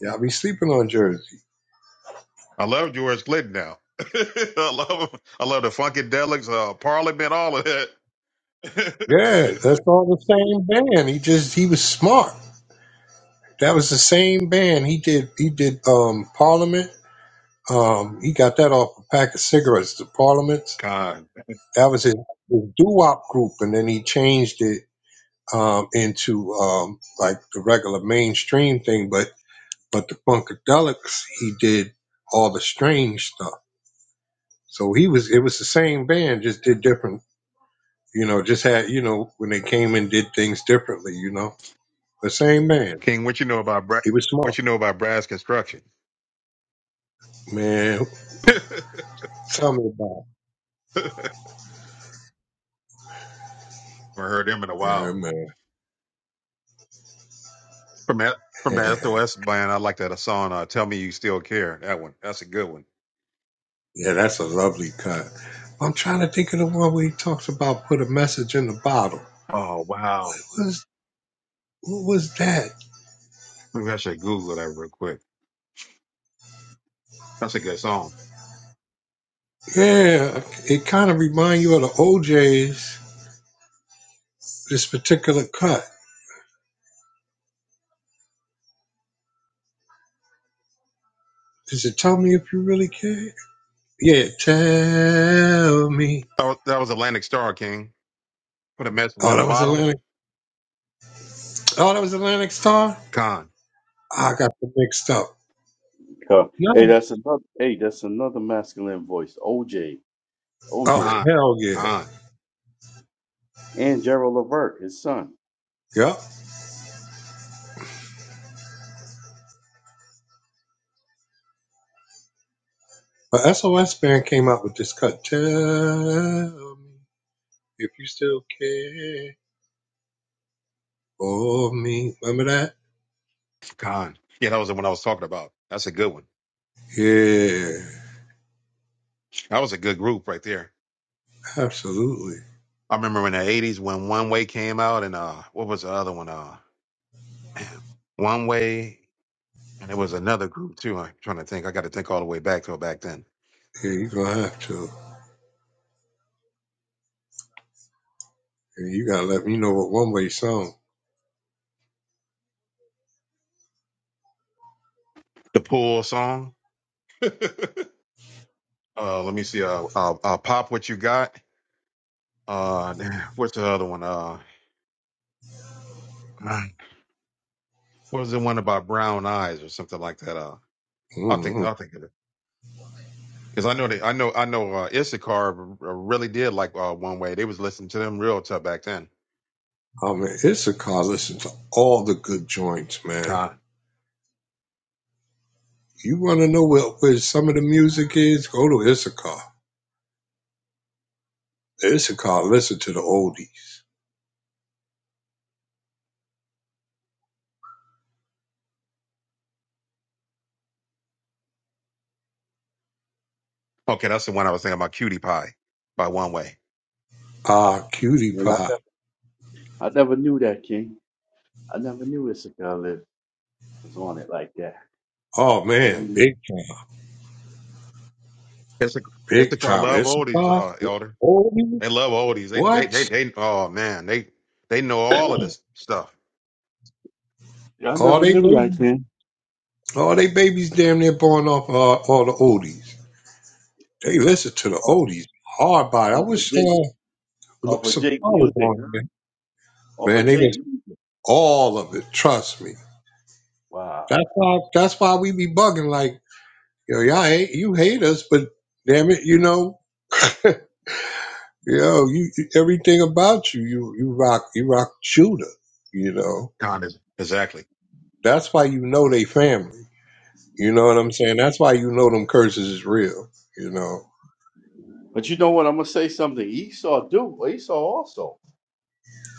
Yeah, I be sleeping on Jersey.
I love George Clinton now. I love him. I love the Funkadelics, uh, Parliament, all of that.
Yeah, that's all the same band. He just he was smart. That was the same band. He did he did um Parliament. Um, he got that off a pack of cigarettes. The Parliament.
God,
That was his, his doo wop group, and then he changed it um, into um, like the regular mainstream thing, but but the Funkadelics, he did all the strange stuff. So he was it was the same band, just did different, you know, just had you know when they came and did things differently, you know, the same band.
King, what you know about Bra-
He was
what
smart,
you know about brass construction?
man.
Haven't
Tell me about
heard them in a
it. yeah,
while. From that, from the
man.
SOS band, I like that song. Uh, Tell me you still care. That one. That's a good one.
yeah, that's a lovely cut. I'm trying to think of the one where he talks about put a message in the bottle.
Oh wow.
What was what was that?
Maybe I should Google that real quick. That's a good song.
Yeah, it kind of reminds you of the OJ's, this particular cut. Is it Tell Me If You Really Care? Yeah, tell me.
That was, that was Atlantic Star King. Put a message in
Oh,
the
that was
bottle.
Atlantic. Oh, that was Atlantic Star?
Con,
I got them mixed up.
Cup. Hey,
No.
that's another. Hey, that's another masculine voice. OJ.
Oh,
OJ.
con,
hell yeah.
con,
and Gerald Levert, his son.
Yup. But SOS Band came out with this cut. Tell me if you still care for me. Remember that?
con. Yeah, that was the one I was talking about. That's a good one.
Yeah,
That was a good group right there.
absolutely.
I remember in the '80s when One Way came out, and uh, what was the other one? Uh, man, One Way, and there was another group too. I'm trying to think. I got to think all the way back to back then.
Yeah, you're going to have to. And you got to let me know what one way song.
The Pool song. uh, let me see. Uh, uh, uh, Pop, what you got? Uh, what's the other one? Uh, what was the one about brown eyes or something like that? Uh. I'll think
Mm-hmm.
I'll think of it because I know they I know I know uh, Issachar r- really did like uh, One Way. They was listening to them real tough back then.
Oh man, Issachar listens to all the good joints, man.
God.
You want to know where, where some of the music is? Go to Issachar. Issachar, listen to the oldies.
Okay, that's the one I was thinking about. Cutie Pie by One Way.
Ah, Cutie
And I,
Pie.
ne- I never knew that, King. I never knew Issachar Lib was on it like that.
Oh
I really
man,
never
big time,
Issachar,
big
Issachar
time.
did.
love oldies,
Issachar,
uh, Elder.
oldies.
They love oldies. They they they,
What?
they oh man they they know all of this stuff.
Yeah, I
All
never
they
knew like
babies,
that.
all they babies, damn near born off uh, all the oldies. They listen to the
Off,
oldies hard by. I
off of
wish uh,
Jake, off of
Sapar
Jake
was
music,
on
huh?
here.
Off of
Man, they
Jake
listen to
music.
all of it. Trust me.
Wow.
That's why that's why we be bugging like, yo, y'all hate you hate us, but damn it, you know, yo, you everything about you, you you rock you rock shooter, you know.
God is exactly.
That's why you know they family. You know what I'm saying? That's why you know them curses is real, you know.
But you know what? I'm gonna say something. Esau do. Esau also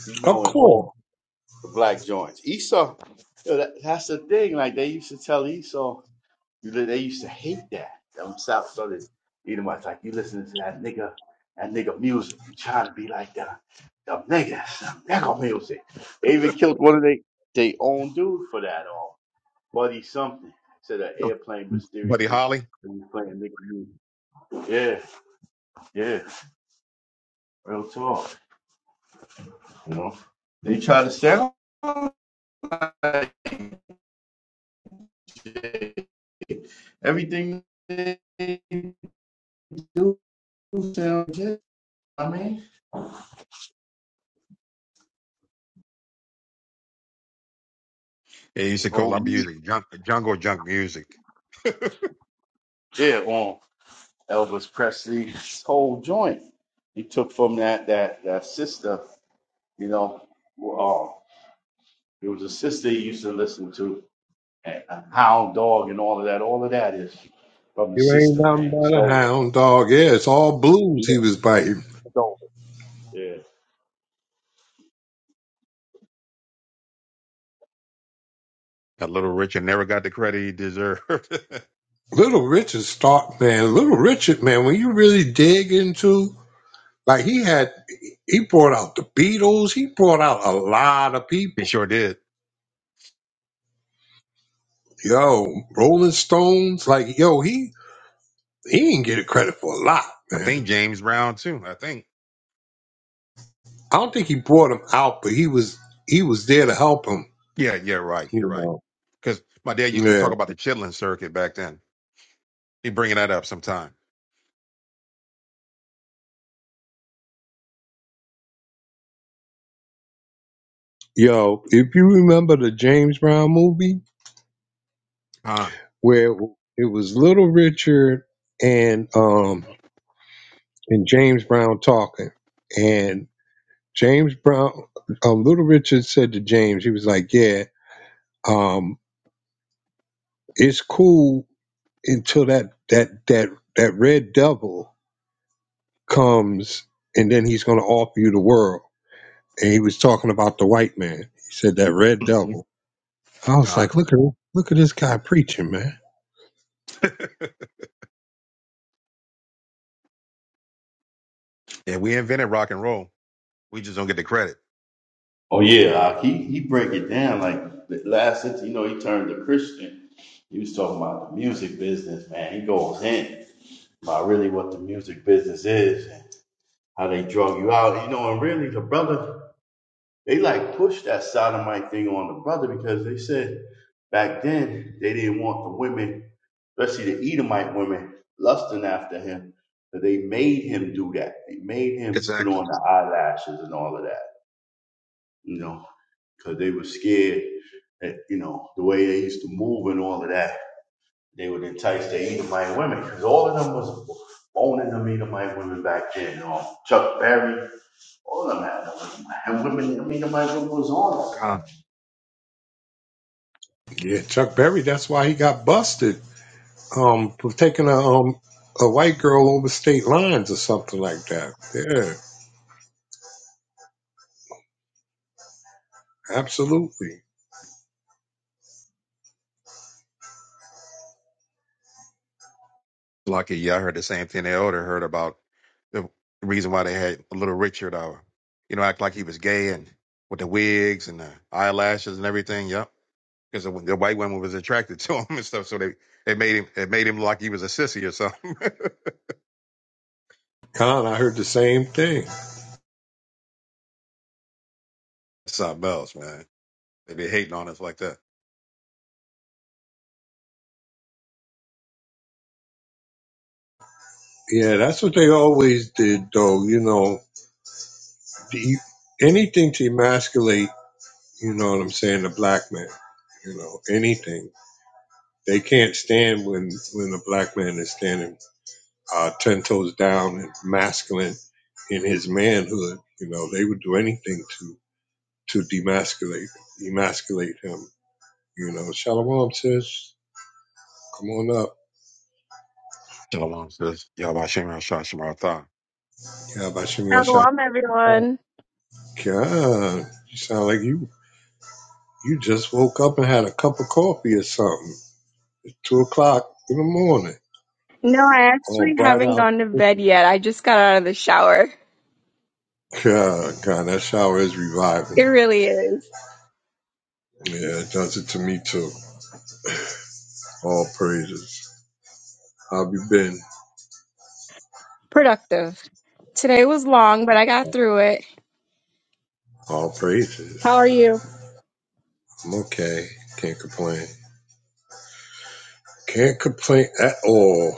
be
Of
knowing
course.
all the black joints. Esau. you know, that- that's the thing. Like they used to tell Esau. They used to hate that. Them South Southern Edomites, like you listening to that nigga, that nigga music. You trying to be like the them niggas, them nigga music. They even killed one of they they own dude for that or Buddy something. Said an airplane
Buddy
mysteriously
Holly,
and was playing nigga music. Yeah, yeah. Real talk. You know? They try to sound like it. everything they do sound good. I mean,
he
the
used to
whole
call our
music.
music junk, jungle junk music. that
Yeah, on Elvis Presley's whole joint. He took from that that that sister, you know, uh, it was a sister he used to listen to, and a hound dog and all of that. All of that is from the
You ain't
sister,
nothing
man. He
but a
stole it.
hound dog. Yeah, it's all
Yeah,
blues he
he
was biting.
stole it. Yeah.
little Richard never got the credit he deserved.
Little Richard Stark, man. Little Richard, man, when you really dig into Like he had, he brought out the Beatles. He brought out a lot of
he
people.
sure did.
Yo, Rolling Stones. Like yo, he he didn't get credit for a lot,
I
man.
think James Brown too. I think.
I don't think he brought him out, but he was he was there to help him.
Yeah, yeah, right. You're
You
right.
know.
Because my dad used to
Yeah.
talk about the chitlin circuit back then. He bringing that up sometime.
Yo, if you remember the James Brown movie
Con.
where it was Little Richard and um and James Brown talking, and James Brown, um, Little Richard said to James, he was like, yeah. Um, it's cool until that that that that red devil comes and then he's going to offer you the world and he was talking about the white man he said that red
Mhm.
devil i was
Con.
like look at look at this guy preaching man
yeah, we invented rock and roll. We just don't get the credit.
Oh yeah, uh, he he break it down like the last, you know, he turned to Christian. He was talking about the music business, man. He goes in about really what the music business is and how they drug you out, you know, and really the brother They like pushed that sodomite thing on the brother because they said back then they didn't want the women, especially the Edomite women, lusting after him. So they made him do that. They made him put
Exactly.
on the eyelashes and all of that, you know, because they were scared that, you know, the way they used to move and all of that. They would entice the Edomite women because all of them was owning them Edomite women back then. you know, Chuck Berry, all of them had them. And women, Edomite women was on them.
Con.
Yeah, Chuck Berry. That's why he got busted um, for taking a um, a white girl over state lines or something like that. Yeah, absolutely.
Lucky, yeah, I heard the same thing. They older heard about the reason why they had Little Richard, uh, you know, act like he was gay and with the wigs and the eyelashes and everything. Yep. Because the, the white woman was attracted to him and stuff, so they, they made him it made him look like he was a sissy or something.
Con, I heard the same thing.
Something else, man. They be hating on us like that.
Yeah, that's what they always did, though. You know, the, anything to emasculate. You know what I'm saying? The black man. You know, anything. They can't stand when when a black man is standing uh, ten toes down and masculine in his manhood. You know, they would do anything to to demasculate emasculate him. You know, shalom sis, come on up.
Shalom says, Yahweh Shem Rashah Shamar Tha.
Yeah, Bashem Yashar.
Shalom, everyone.
God, you sound like you you just woke up and had a cup of coffee or something. Two o'clock in the morning,
No, I
all
actually
bright
haven't
out.
gone to bed yet. I just got out of the shower.
God, God, that shower is reviving.
It really is
Yeah, it does it to me too. All praises. How have you been?
productive. Today was long, but I got through it.
All praises.
How are you?
I'm okay. Can't complain. Can't complain at all.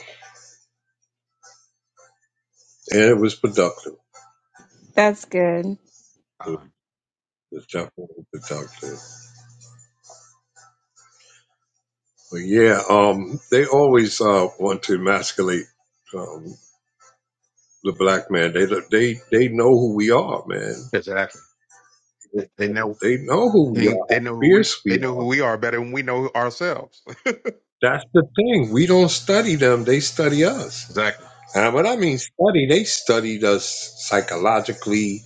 And it was productive.
That's good.
It was
Um,
was definitely productive. But yeah, um, they always uh, want to emasculate um, the black man. They they they know who we are, man.
Exactly. They know
They know who we
they
are,
they
how
know who we
fierce
they
we
know
are.
who we are better than we know ourselves.
That's the thing. We don't study them. They study us.
Exactly.
And when I mean study, they studied us psychologically.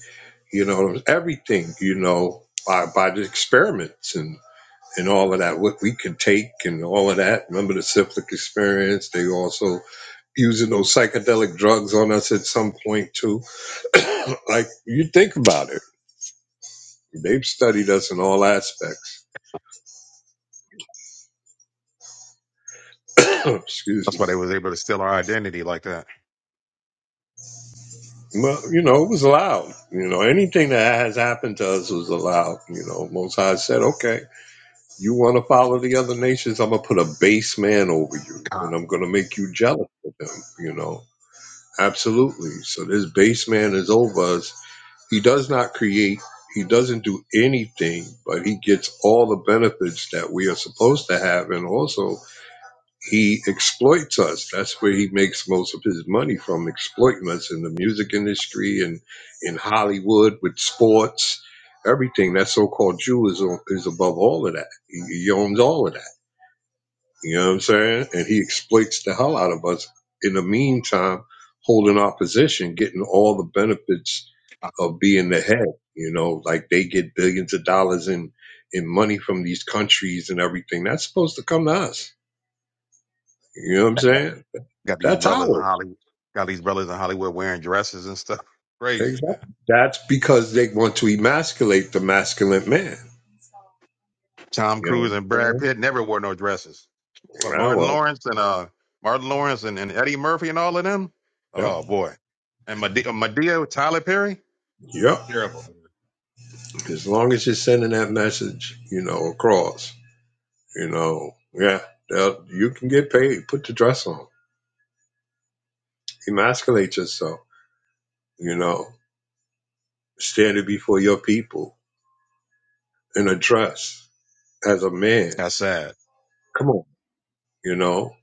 You know, everything. You know, by by the experiments and. and all of that, what we could take and all of that. Remember the cyclic experience? They also using those psychedelic drugs on us at some point too. like you think about it. They've studied us in all aspects. Excuse
That's
me.
why they was able to steal our identity like that.
Well, you know, it was allowed. You know, anything that has happened to us was allowed. You know, Most High said, okay, you want to follow the other nations? I'm going to put a base man over you
God,
and I'm going to make you jealous of them, you know. Absolutely. So this base man is over us He does not create, he doesn't do anything, but he gets all the benefits that we are supposed to have. And also, he exploits us. That's where he makes most of his money from exploiting us in the music industry and in Hollywood with sports, everything. That so called Jew is, is above all of that. He, he owns all of that. You know what I'm saying? And he exploits the hell out of us in the meantime, holding our position, getting all the benefits of being the head. You know, like they get billions of dollars in in money from these countries and everything. That's supposed to come to us. You know what I'm saying?
got these
That's
brothers in
ours.
Hollywood got these brothers in Hollywood wearing dresses and stuff. Crazy,
Exactly.
man.
That's because they want to emasculate the masculine man.
Tom
You know
Cruise and Brad
what
Pitt
I'm
never wore no dresses. But
saying? Ah,
Martin
well,
Lawrence and uh Martin Lawrence and, and Eddie Murphy and all of them,
yep,
oh boy. And Medea, Medea Tyler Perry,
yep.
terrible.
As long as you're sending that message, you know, across. You know, yeah, they you can get paid. Put the dress on. Emasculate yourself. You know, standing before your people in a dress as a man.
That's sad.
Come on. You know,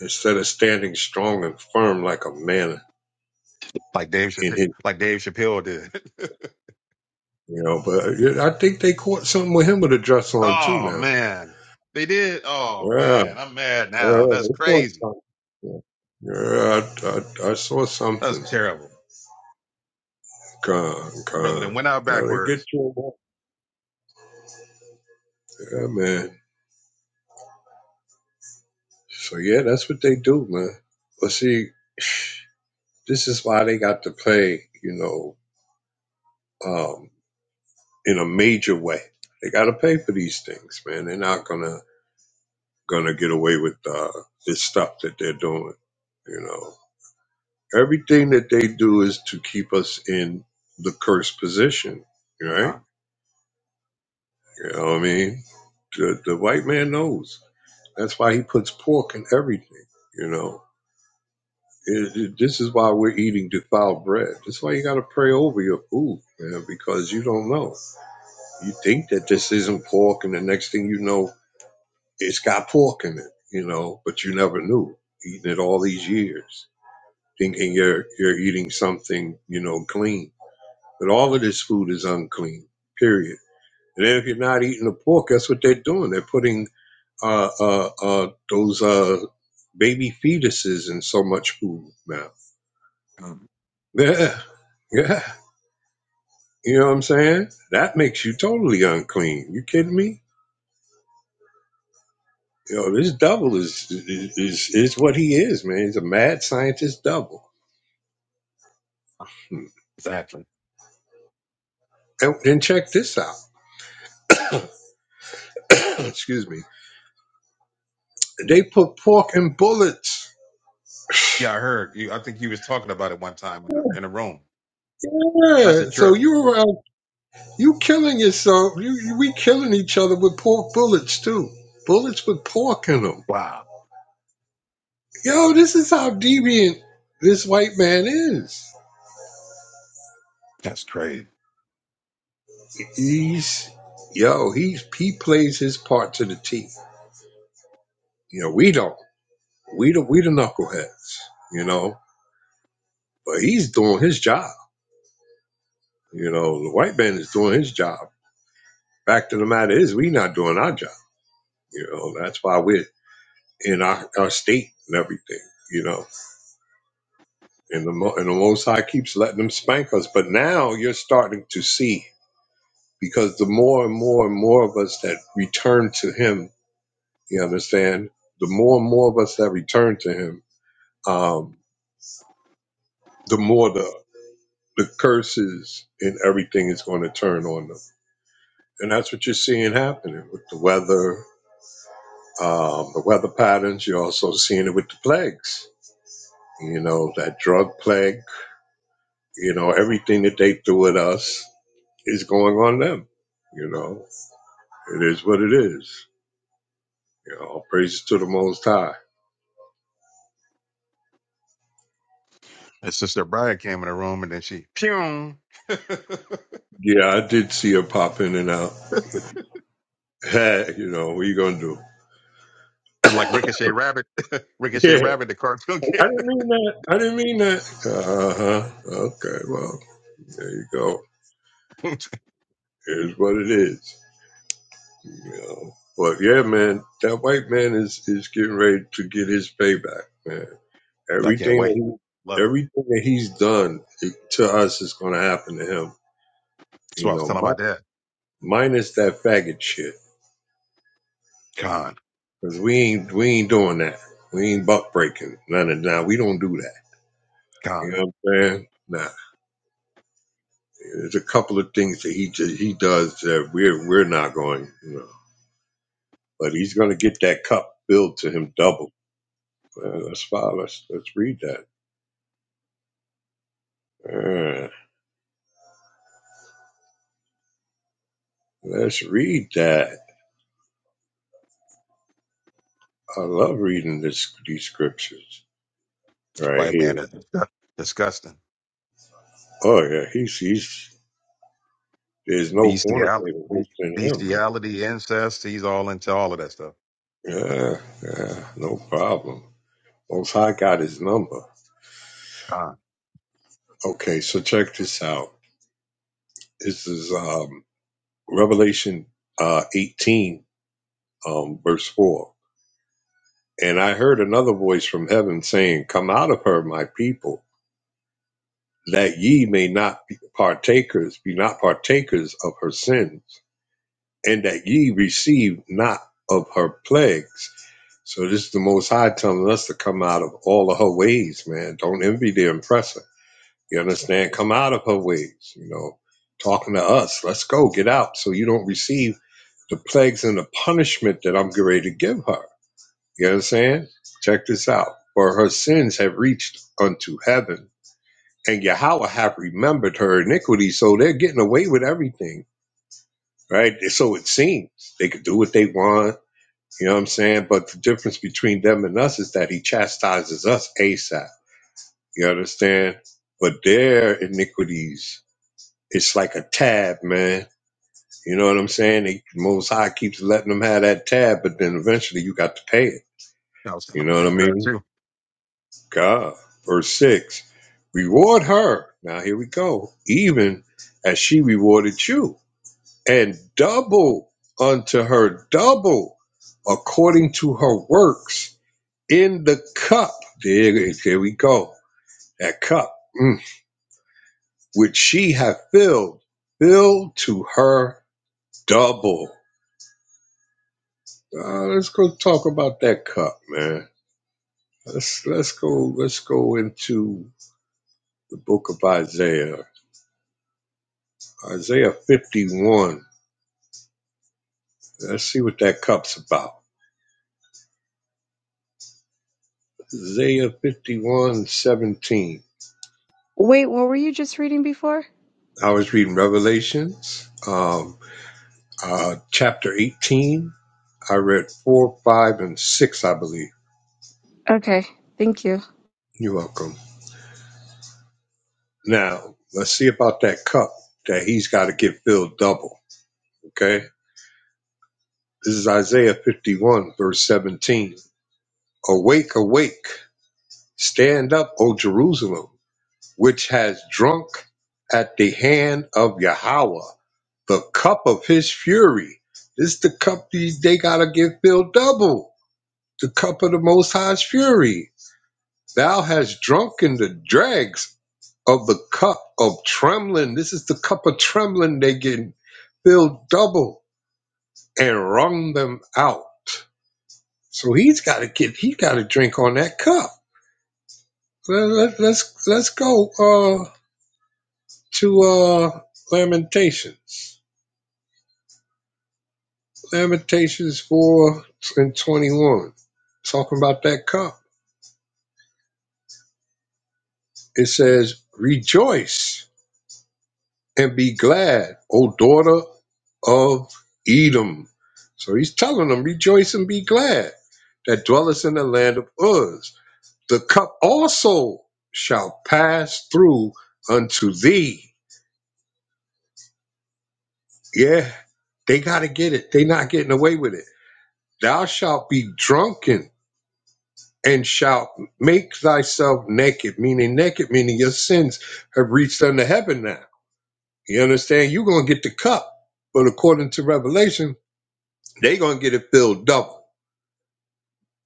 instead of standing strong and firm like a man
Like Dave
in
Chappelle,
his,
like Dave Chappelle did.
you know, but yeah, I think they caught something with him with a dress on too
oh
now.
man, they did. Oh
Yeah,
man, I'm mad now.
yeah,
That's
they caught
crazy.
something. Yeah, yeah I, I, I saw
That's
something.
terrible,
Con,
brother. Then
con.
went out
You know, they get
backwards.
you. Yeah, man. So yeah, that's what they do, man. But see, this is why they got to pay, you know, um, in a major way. They got to pay for these things, man. They're not gonna gonna get away with uh, this stuff that they're doing. You know, everything that they do is to keep us in the cursed position, right?
Con,
You know what I mean? The, the white man knows. That's why he puts pork in everything. You know, It- it- this is why we're eating defiled bread. This is why you got to pray over your food, man, because you don't know. You think that this isn't pork, and the next thing you know, it's got pork in it, you know, but you never knew eating it all these years, thinking you're you're eating something, you know, clean. But all of this food is unclean, period. And then if you're not eating the pork, that's what they're doing. They're putting uh, uh, uh, those uh, baby fetuses in so much food now.
con.
Yeah, yeah. You know what I'm saying? That makes you totally unclean. You kidding me? You know, this devil is is is, is what he is, man. He's a mad scientist devil. Hmm.
Exactly.
And, and check this out. Excuse me. They put pork in bullets.
Yeah, I heard you. I think you was talking about it one time in the in a room. That's a
Yeah. So
trip.
you around you killing yourself. You, you we killing each other with pork bullets too. Bullets with pork in them.
Wow,
Yo, this is how deviant this white man is.
that's crazy.
He's yo. He's he plays his part to the T You know, we don't. We the we the knuckleheads. You know, but he's doing his job. You know, the white man is doing his job. Fact of the matter is, we not doing our job. You know, that's why we're in our, our state and everything. You know, and the Mo- and the Most High keeps letting them spank us. But now you're starting to see because the more and more and more of us that return to Him, you understand, the more and more of us that return to Him, um, the more the the curses and everything is going to turn on them. And that's what you're seeing happening with the weather, um, the weather patterns. You're also seeing it with the plagues, you know, that drug plague, you know, everything that they threw at us is going on them. You know, it is what it is. You know, praises to the Most High.
And Sister Brian came in the room and then she pew, and
Yeah, I did see her pop in and out. you know, what you going to
like Ricochet Rabbit, Ricochet
do?
Rabbit, the cartoon
Yeah, I
kid.
didn't mean that. I didn't mean that. Uh huh. Okay, well, there you go. Is what it is. You know. But yeah, man, that white man is is getting ready to get his payback, man.
I can't
Everything that
wait.
he,
Love it.
everything that he's done to us is going to happen to him.
That's what
You
I was
know,
telling my
mi-
dad.
minus that faggot shit,
God.
because we ain't we ain't doing that. We ain't buck breaking none of that. We don't do that.
God,
You know what I'm saying? Nah. There's a couple of things that he ju- he does that we're we're not going. You know, but he's going to get that cup billed to him double. Uh, let's follow. Let's, let's read that. Uh, let's read that. I love reading this these scriptures right
white
here.
man is disgu- disgusting.
Oh yeah, he's he's there's no
Bestiality,
fornicator worse
be-
than him, man.
bestiality, incest, he's all into all of that stuff.
Yeah, yeah, no problem. Most High got his number.
God,
Okay, so check this out. This is um, Revelation uh, 18, um, verse 4. And I heard another voice from heaven saying, Come out of her, my people that ye may not be partakers, be not partakers of her sins, and that ye receive not of her plagues. So this is the Most High telling us to come out of all of her ways, man. Don't envy the oppressor. You understand? Come out of her ways. You know, talking to us. Let's go. Get out, so you don't receive the plagues and the punishment that I'm getting ready to give her. You understand? Check this out. For her sins have reached unto heaven and Yahweh have remembered her iniquity, so they're getting away with everything, right? So it seems they could do what they want, you know what I'm saying? But the difference between them and us is that he chastises us ASAP, you understand? But their iniquities, it's like a tab, man. You know what I'm saying? They, Most High keeps letting them have that tab, but then eventually you got to pay it.
I was
You
telling my
know what
dad
I
that
mean?
too.
God. Verse 6 Reward her. Now here we go. Even as she rewarded you and double unto her double according to her works in the cup. There, there we go. That cup mm, which she hath filled, filled to her double. Uh, let's go talk about that cup, man. Let's let's go let's go into the book of Isaiah, Isaiah 51. Let's see what that cup's about. Isaiah 51 17.
Wait, what were you just reading before?
I was reading Revelations, um, uh, chapter 18. I read 4, 5, and 6, I believe.
Okay, thank you.
You're welcome. Now, let's see about that cup that he's got to get filled double. Okay? This is Isaiah 51, verse 17. Awake, awake, stand up, O Jerusalem, which has drunk at the hand of Yahweh the cup of his fury. This is the cup these they gotta get filled double. the cup of the Most High's fury. Thou hast drunken the dregs of the cup of trembling. This is the cup of trembling. They get filled double and wrung them out. So he's got to get. He got to drink on that cup. Let, let, let's let's go uh, to uh, Lamentations. Lamentations four and twenty one. Talking about that cup. It says, "Rejoice." and be glad, O daughter of Edom. So he's telling them, rejoice and be glad that dwellest in the land of Uz. The cup also shall pass through unto thee. Yeah, they got to get it. They not getting away with it. Thou shalt be drunken and shalt make thyself naked, meaning naked, meaning your sins have reached unto heaven now. You understand? You're going to get the cup. But according to Revelation, They're going to get it filled double.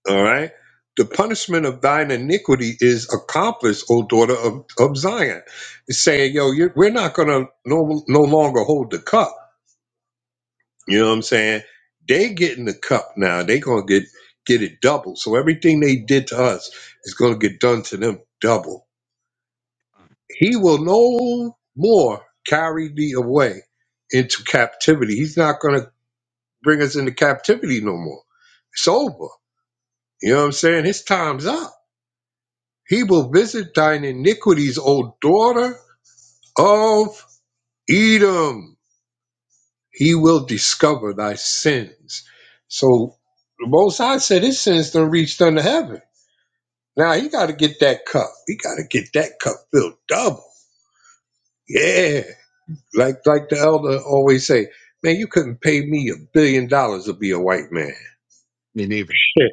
All right. The punishment of thine iniquity is accomplished, O daughter of, of Zion. It's saying, yo, you're, we're not going to no, no longer hold the cup. You know what I'm saying? They getting the cup now. They going to get get it double. So everything they did to us is going to get done to them double. He will no more carry thee away into captivity. He's not going to bring us into captivity no more. It's over. You know what I'm saying? His time's up. He will visit thine iniquities, O daughter of Edom. He will discover thy sins. So the Most High said his sins done reached unto heaven. Now he got to get that cup. He got to get that cup filled double. Yeah, like like the elder always say, man, you couldn't pay me a billion dollars to be a white man.
Me neither.
Shit.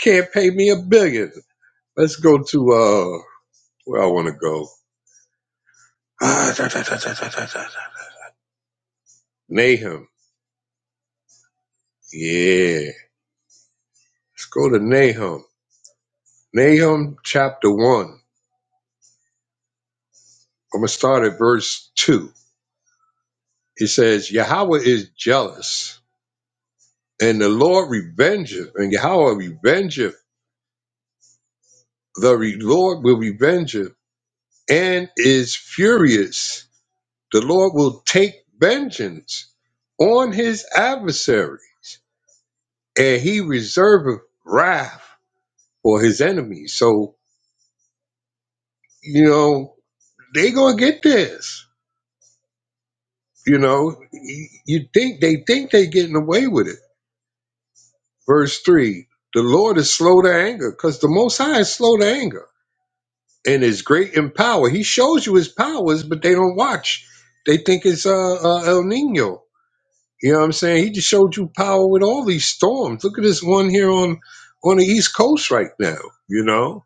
Can't pay me a billion. Let's go to uh where I want to go. Ah, da, da, da, da, da, da, da. Nahum. Yeah. Let's go to Nahum. Nahum chapter 1. I'm going to start at verse 2. It says, Yahweh is jealous, and the Lord revengeth, and Yahweh revengeth, the re- Lord will revengeth, and is furious. The Lord will take vengeance on his adversaries, and he reserveth wrath for his enemies. So, you know, they going to get this You know, you think they think they getting away with it. Verse three: The Lord is slow to anger, because the Most High is slow to anger, and is great in power. He shows you His powers, but they don't watch. They think it's uh, uh, El Nino. You know what I'm saying? He just showed you power with all these storms. Look at this one here on on the East Coast right now. You know,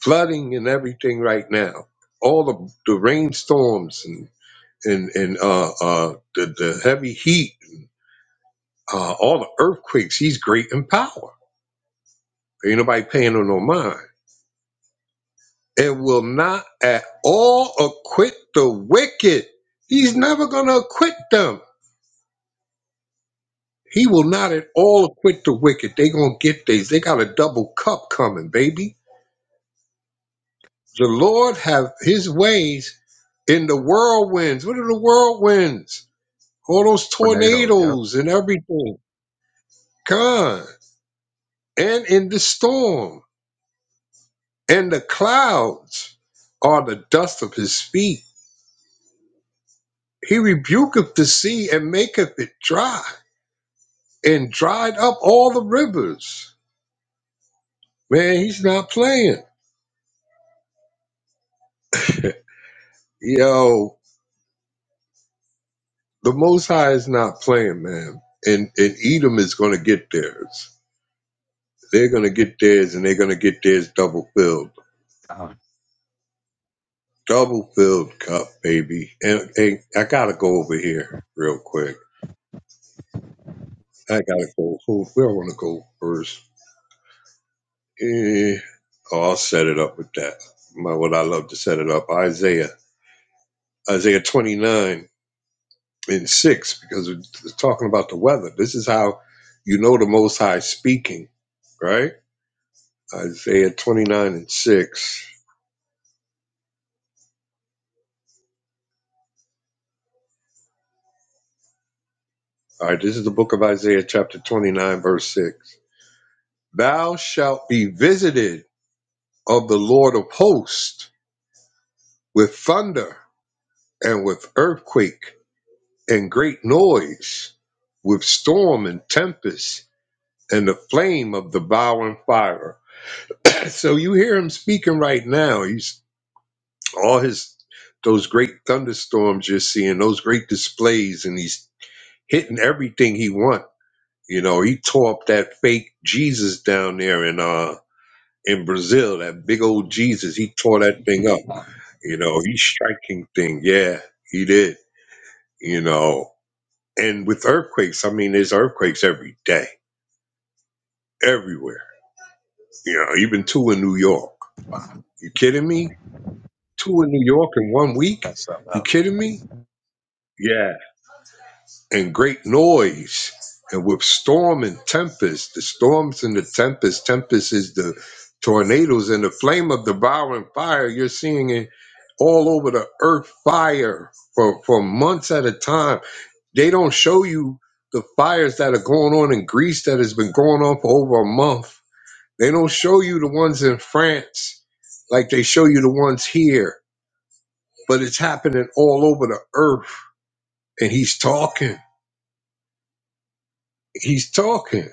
flooding and everything right now. All the the rainstorms and and and uh, uh, the the heavy heat uh, all the earthquakes, he's great in power. Ain't nobody paying him no mind. And will not at all acquit the wicked. He's never gonna acquit them. He will not at all acquit the wicked. They gonna get these. They got a double cup coming, baby. The Lord have his ways in the whirlwinds. What are the whirlwinds? All those
Tornadoes, yep.
tornadoes and everything. God. And in the storm. And the clouds are the dust of his feet He rebuketh the sea and maketh it dry, and dried up all the rivers. Man, he's not playing. Yo, the Most High is not playing, man. And and Edom is going to get theirs. They're going to get theirs, and they're going to get theirs double filled,
God,
double filled cup, baby. And, and I gotta go over here real quick. I gotta go. Who where I want to go first? Eh, oh, I'll set it up with that. My, what I love to set it up, Isaiah. Isaiah 29 and 6 because it's talking about the weather. This is how you know the Most High speaking, right? Isaiah 29 and 6. All right, this is the book of Isaiah, chapter 29, verse 6. Thou shalt be visited of the Lord of hosts with thunder and with earthquake and great noise, with storm and tempest and the flame of devouring fire. So you hear him speaking right now. He's all his those great thunderstorms you're seeing, those great displays, and he's hitting everything he want. You know, he tore up that fake Jesus down there in uh in Brazil, that big old Jesus. He tore that thing up. You know, he's striking thing. Yeah, he did. You know, and with earthquakes, I mean, there's earthquakes every day, everywhere. You know, even two in New York.
wow,
You kidding me? Two in New York in one week?
that's something
You
else.
kidding me? Yeah. and great noise and with storm and tempest the storms and the tempest tempest is the tornadoes and the flame of devouring fire you're seeing it all over the earth fire for, for months at a time they don't show you the fires that are going on in greece that has been going on for over a month they don't show you the ones in france like they show you the ones here but it's happening all over the earth and he's talking he's talking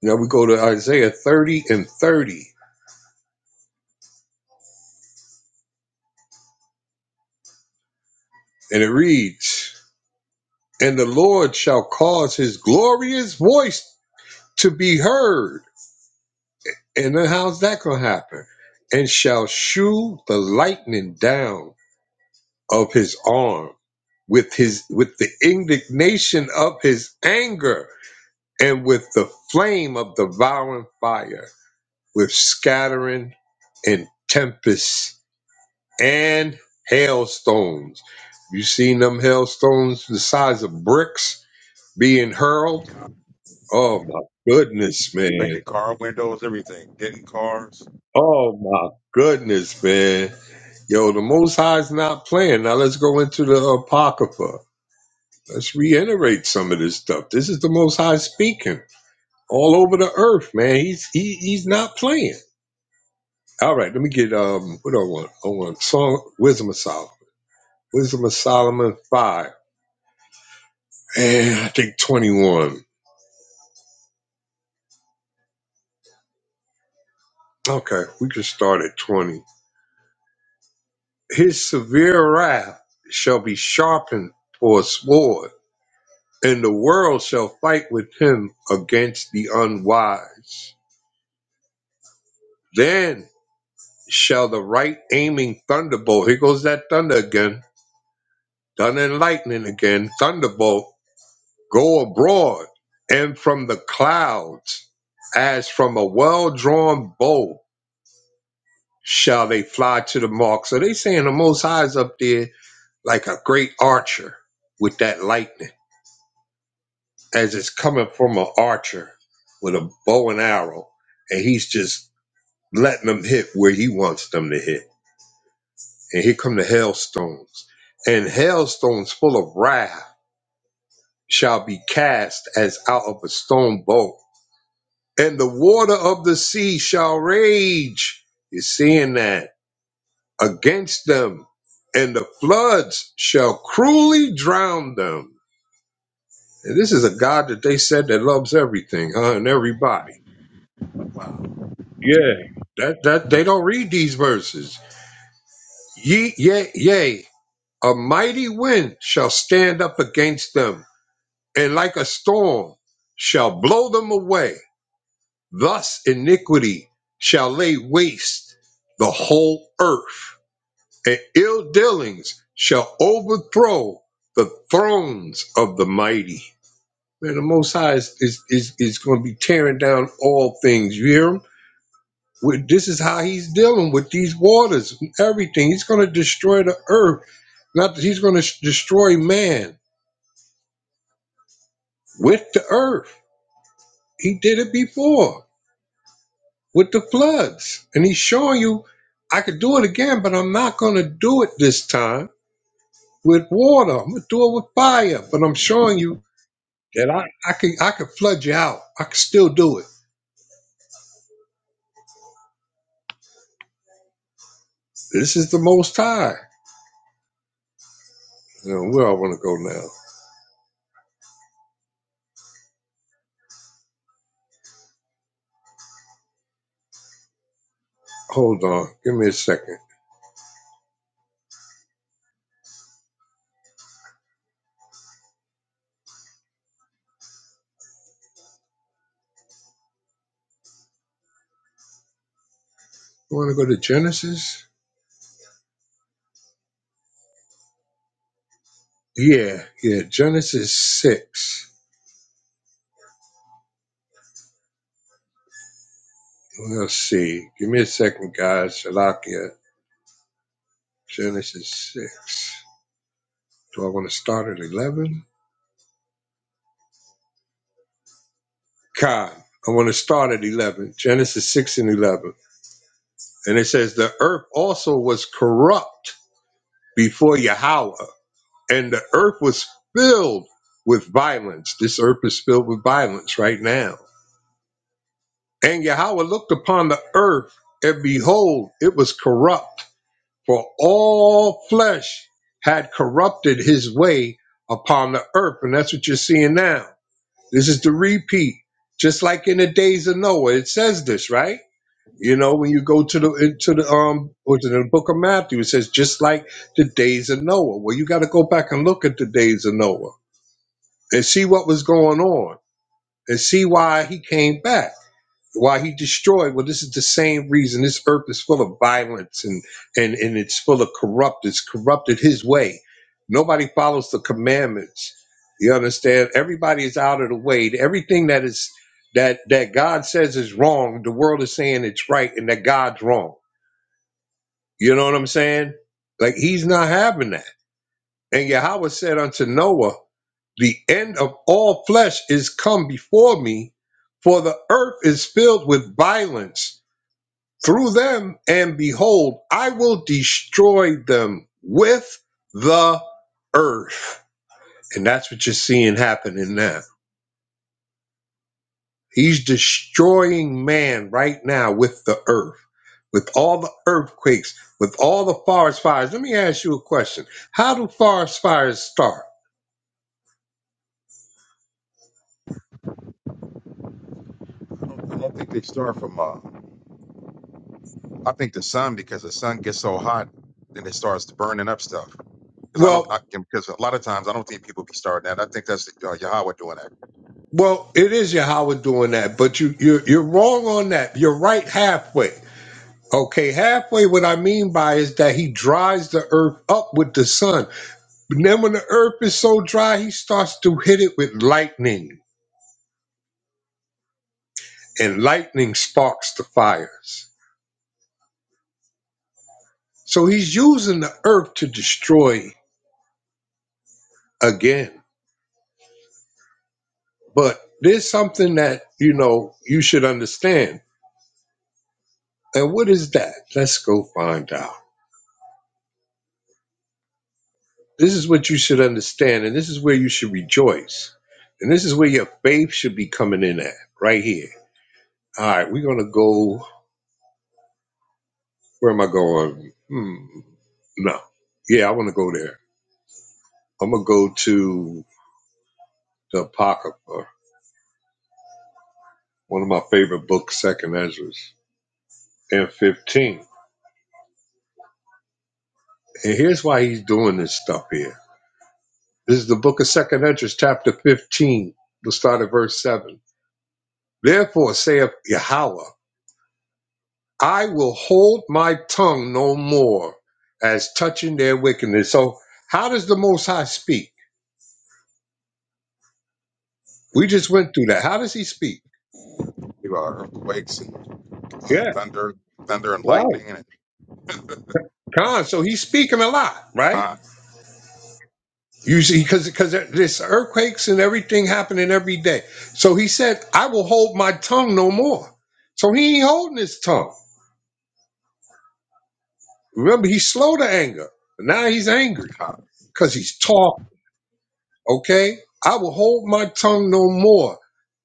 Now we go to Isaiah 30 and 30, and it reads, And the Lord shall cause his glorious voice to be heard. And then how's that going to happen? And shall shew the lightning down of his arm with his with the indignation of his anger and with the flame of devouring fire with scattering and tempest and hailstones. You seen them hailstones the size of bricks being hurled? Oh my goodness, man.
Breaking car windows, everything. Getting cars.
Oh my goodness, man. Yo, the Most High's not playing. Now let's go into the Apocrypha. Let's reiterate some of this stuff. This is the Most High speaking all over the earth, man. He's he, he's not playing. All right, let me get um what do I want? I want song Wisdom of Solomon. Wisdom of Solomon five. And I think twenty one. Okay, we can start at 20. His severe wrath shall be sharpened for a sword, and the world shall fight with him against the unwise. Then shall the right aiming thunderbolt, here goes that thunder again, thunder and lightning again, thunderbolt, go abroad, and from the clouds, as from a well drawn bow, shall they fly to the mark. So they saying the Most High is up there like a great archer with that lightning as it's coming from an archer with a bow and arrow and he's just letting them hit where he wants them to hit and here come the hailstones and hailstones full of wrath shall be cast as out of a stone bow and the water of the sea shall rage you're seeing that against them and the floods shall cruelly drown them And this is a God that they said that loves everything, huh, and everybody.
Wow.
Yeah, that that they don't read these verses. Ye, yea, yea, a mighty wind shall stand up against them, and like a storm shall blow them away. Thus iniquity shall lay waste the whole earth, and ill dealings shall overthrow the thrones of the mighty. Man, the Most High is is is, is going to be tearing down all things. You hear him? With- This is how he's dealing with these waters, and everything. He's going to destroy the earth. Not that he's going to destroy man with the earth. He did it before with the floods, and he's showing you, I could do it again, but I'm not going to do it this time with water. I'm going to do it with fire. But I'm showing you that I I can I can flood you out. I can still do it. This is the Most High. You know, where I want to go now. Hold on. Give me a second. You want to go to Genesis? Yeah, yeah. Genesis 6. Let's see. Give me a second, guys. Shalakia. Genesis 6. Do I want to start at 11? God, I want to start at 11. Genesis 6 and 11. And it says, The earth also was corrupt before Yahweh, and the earth was filled with violence. This earth is filled with violence right now And Yahweh looked upon the earth, and behold, it was corrupt, for all flesh had corrupted his way upon the earth. And that's what you're seeing now. This is the repeat. Just like in the days of Noah, it says this, right? You know, when you go to the into the um or to the book of Matthew, it says just like the days of Noah. Well, you gotta go back and look at the days of Noah and see what was going on and see why he came back why he destroyed well this is the same reason this earth is full of violence and and and it's full of corrupt it's corrupted his way nobody follows the commandments you understand everybody is out of the way everything that is that that god says is wrong the world is saying it's right and that god's wrong you know what i'm saying like he's not having that and yahweh said unto noah the end of all flesh is come before me for the earth is filled with violence through them, and behold, I will destroy them with the earth. And that's what you're seeing happening now. He's destroying man right now with the earth, with all the earthquakes, with all the forest fires. Let me ask you a question. How do forest fires start?
I don't, I don't think they start from, uh, I think the sun, because the sun gets so hot, then it starts burning up stuff. Because I don't, I,
Well,
because a lot of times I don't think people be starting that. I think that's uh, Yahweh doing that.
well, it is Yahweh doing that, but you, you're, you're wrong on that. You're right halfway. Okay, halfway, what I mean by is that he dries the earth up with the sun But then when the earth is so dry, he starts to hit it with lightning, and lightning sparks the fires. So he's using the earth to destroy again. But there's something that, you know, you should understand. And what is that? Let's go find out. This is what you should understand, and this is where you should rejoice. And this is where your faith should be coming in at, right here. All right, we're going to go. Where am I going? Hmm. No. Yeah, I want to go there. I'm gonna go to the Apocrypha, one of my favorite books, Second Esdras, and 15. And here's why he's doing this stuff here. This is the book of Second Esdras, chapter 15. We'll start at verse 7. Therefore saith Yahweh, I will hold my tongue no more as touching their wickedness. So how does the Most High speak? We just went through that. How does he speak?
You know, earthquakes uh,
Yeah,
thunder, thunder and
right.
lightning, and
Con, so he's speaking a lot, right?
con,
Usually, because because there's earthquakes and everything happening every day. So he said, "I will hold my tongue no more." So he ain't holding his tongue. Remember, he's slow to anger. Now he's angry
con,
because he's talking. Okay, I will hold my tongue no more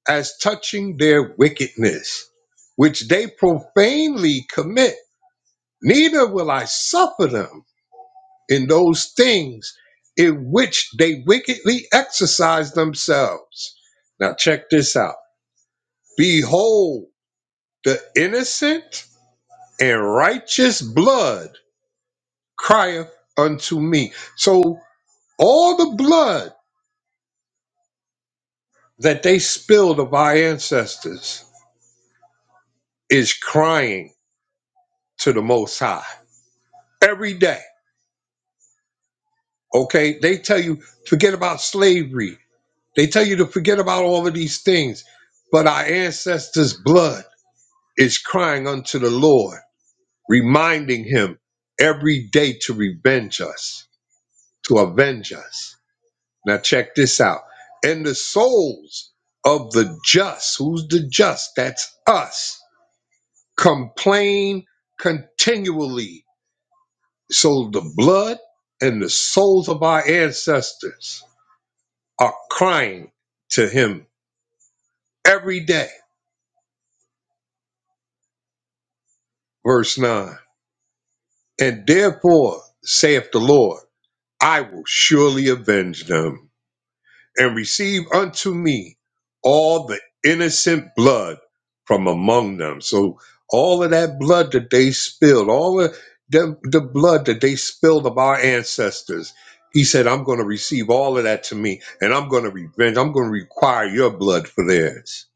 as touching their wickedness, which they profanely commit. Neither will I suffer them in those things in which they wickedly exercise themselves. Now check this out Behold, the innocent and righteous blood crieth unto me. So all the blood that they spilled of our ancestors is crying to the Most High every day. Okay, they tell you forget about slavery. They tell you to forget about all of these things, but our ancestors' blood is crying unto the Lord, reminding Him every day to revenge us, to avenge us. Now check this out. And the souls of the just, who's the just? That's us, complain continually. So the blood and the souls of our ancestors are crying to him every day. Verse 9. And therefore saith the Lord, I will surely avenge them and receive unto me all the innocent blood from among them. So all of that blood that they spilled, all of the, the blood that they spilled of our ancestors, he said, I'm going to receive all of that to me, and I'm going to revenge. I'm going to require your blood for theirs.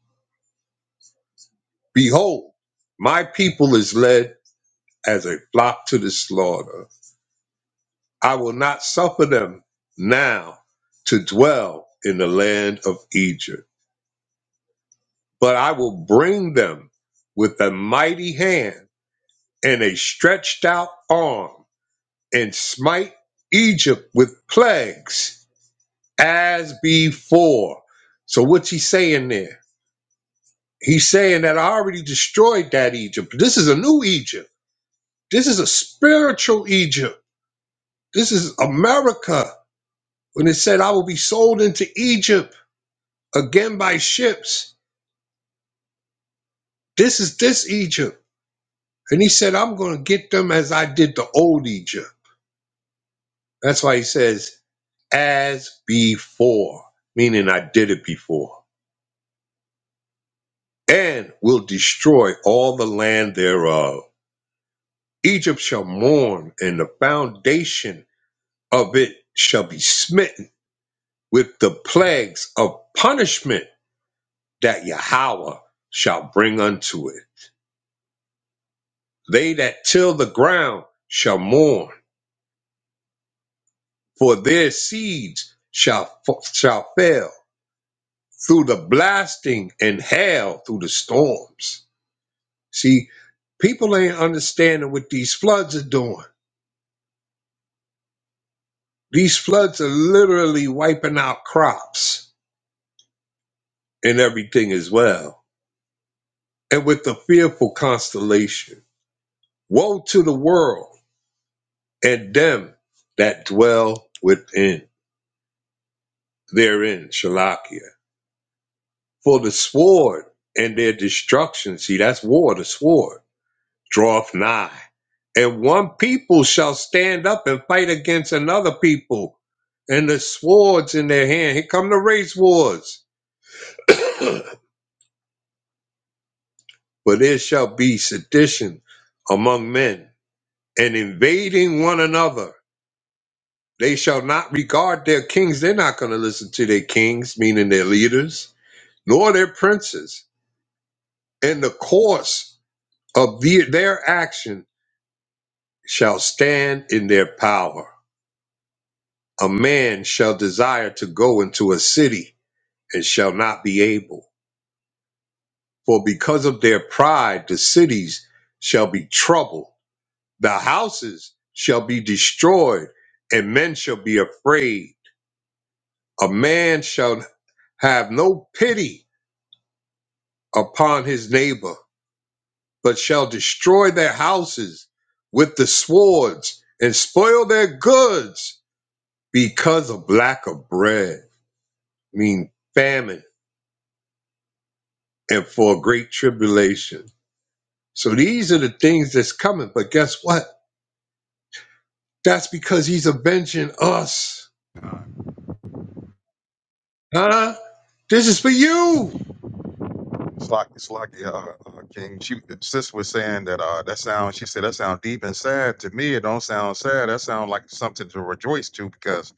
Behold, my people is led as a flock to the slaughter. I will not suffer them now to dwell in the land of Egypt. but I will bring them with a mighty hand and a stretched out arm and smite Egypt with plagues as before. So, what's he saying there? He's saying that I already destroyed that Egypt. This is a new Egypt. This is a spiritual Egypt. This is America. When it said, I will be sold into Egypt again by ships, this is this Egypt. And he said, I'm going to get them as I did the old Egypt. That's why he says, as before, meaning I did it before, and will destroy all the land thereof. Egypt shall mourn, and the foundation of it shall be smitten with the plagues of punishment that Yahweh shall bring unto it. They that till the ground shall mourn, for their seeds shall, shall fail through the blasting and hail through the storms See, people ain't understanding what these floods are doing. These floods are literally wiping out crops and everything as well. And with the fearful constellation, woe to the world and them that dwell within therein, Shalakia. For the sword and their destruction, see, that's war, the sword draweth nigh. And one people shall stand up and fight against another people, and the swords in their hand. Here come the race wars. but there shall be sedition among men, and invading one another. They shall not regard their kings. They're not going to listen to their kings, meaning their leaders, nor their princes. And the course of the, their action shall stand in their power A man shall desire to go into a city and shall not be able. For because of their pride, the cities shall be troubled, the houses shall be destroyed, and men shall be afraid. A man shall have no pity upon his neighbor, but shall destroy their houses with the swords and spoil their goods because of lack of bread, mean famine, and for great tribulation So these are the things that's coming. But guess what? That's because he's avenging us.
con.
Huh? This is for you.
It's like it's like yeah, uh, uh, King. She sis was saying that uh, that sound. She said that sound deep and sad to me. It don't sound sad. That sound like something to rejoice to because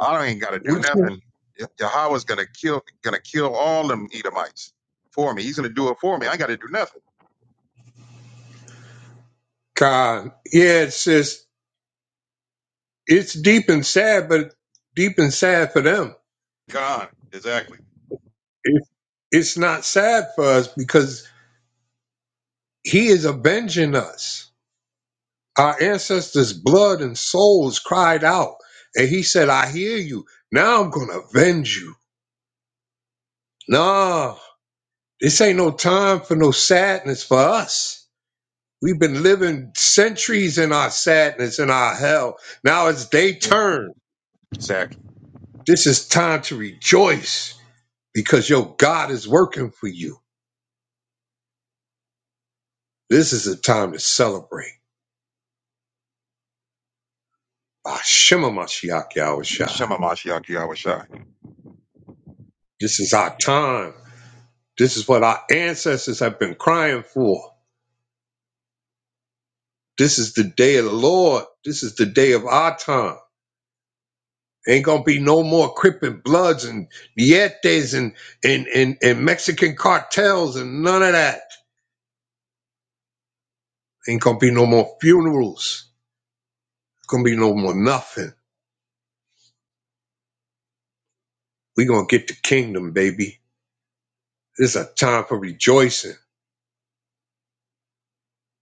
I ain't got to do
What you-
nothing. Ye- Yahweh's gonna kill gonna kill all them Edomites for me. He's gonna do it for me. I got to do nothing.
God. Yeah, it's just it's deep and sad, but deep and sad for them.
God, exactly,
It, it's not sad for us because he is avenging us. Our ancestors' blood and souls cried out. And he said, I hear you. Now I'm gonna avenge you. Nah, this ain't no time for no sadness for us. We've been living centuries in our sadness and our hell. Now it's day turn.
exactly.
This is time to rejoice because your God is working for you. This is a time to celebrate. Ah, Shema Mashiach Yahushua.
Shema Mashiach Yahweh Shai.
This is our time. This is what our ancestors have been crying for. This is the day of the Lord. This is the day of our time. Ain't gonna be no more crippin' bloods and nietes and, and, and, and Mexican cartels and none of that. Ain't gonna be no more funerals. Gonna be no more nothing. We gonna get the kingdom, baby. This is a time for rejoicing.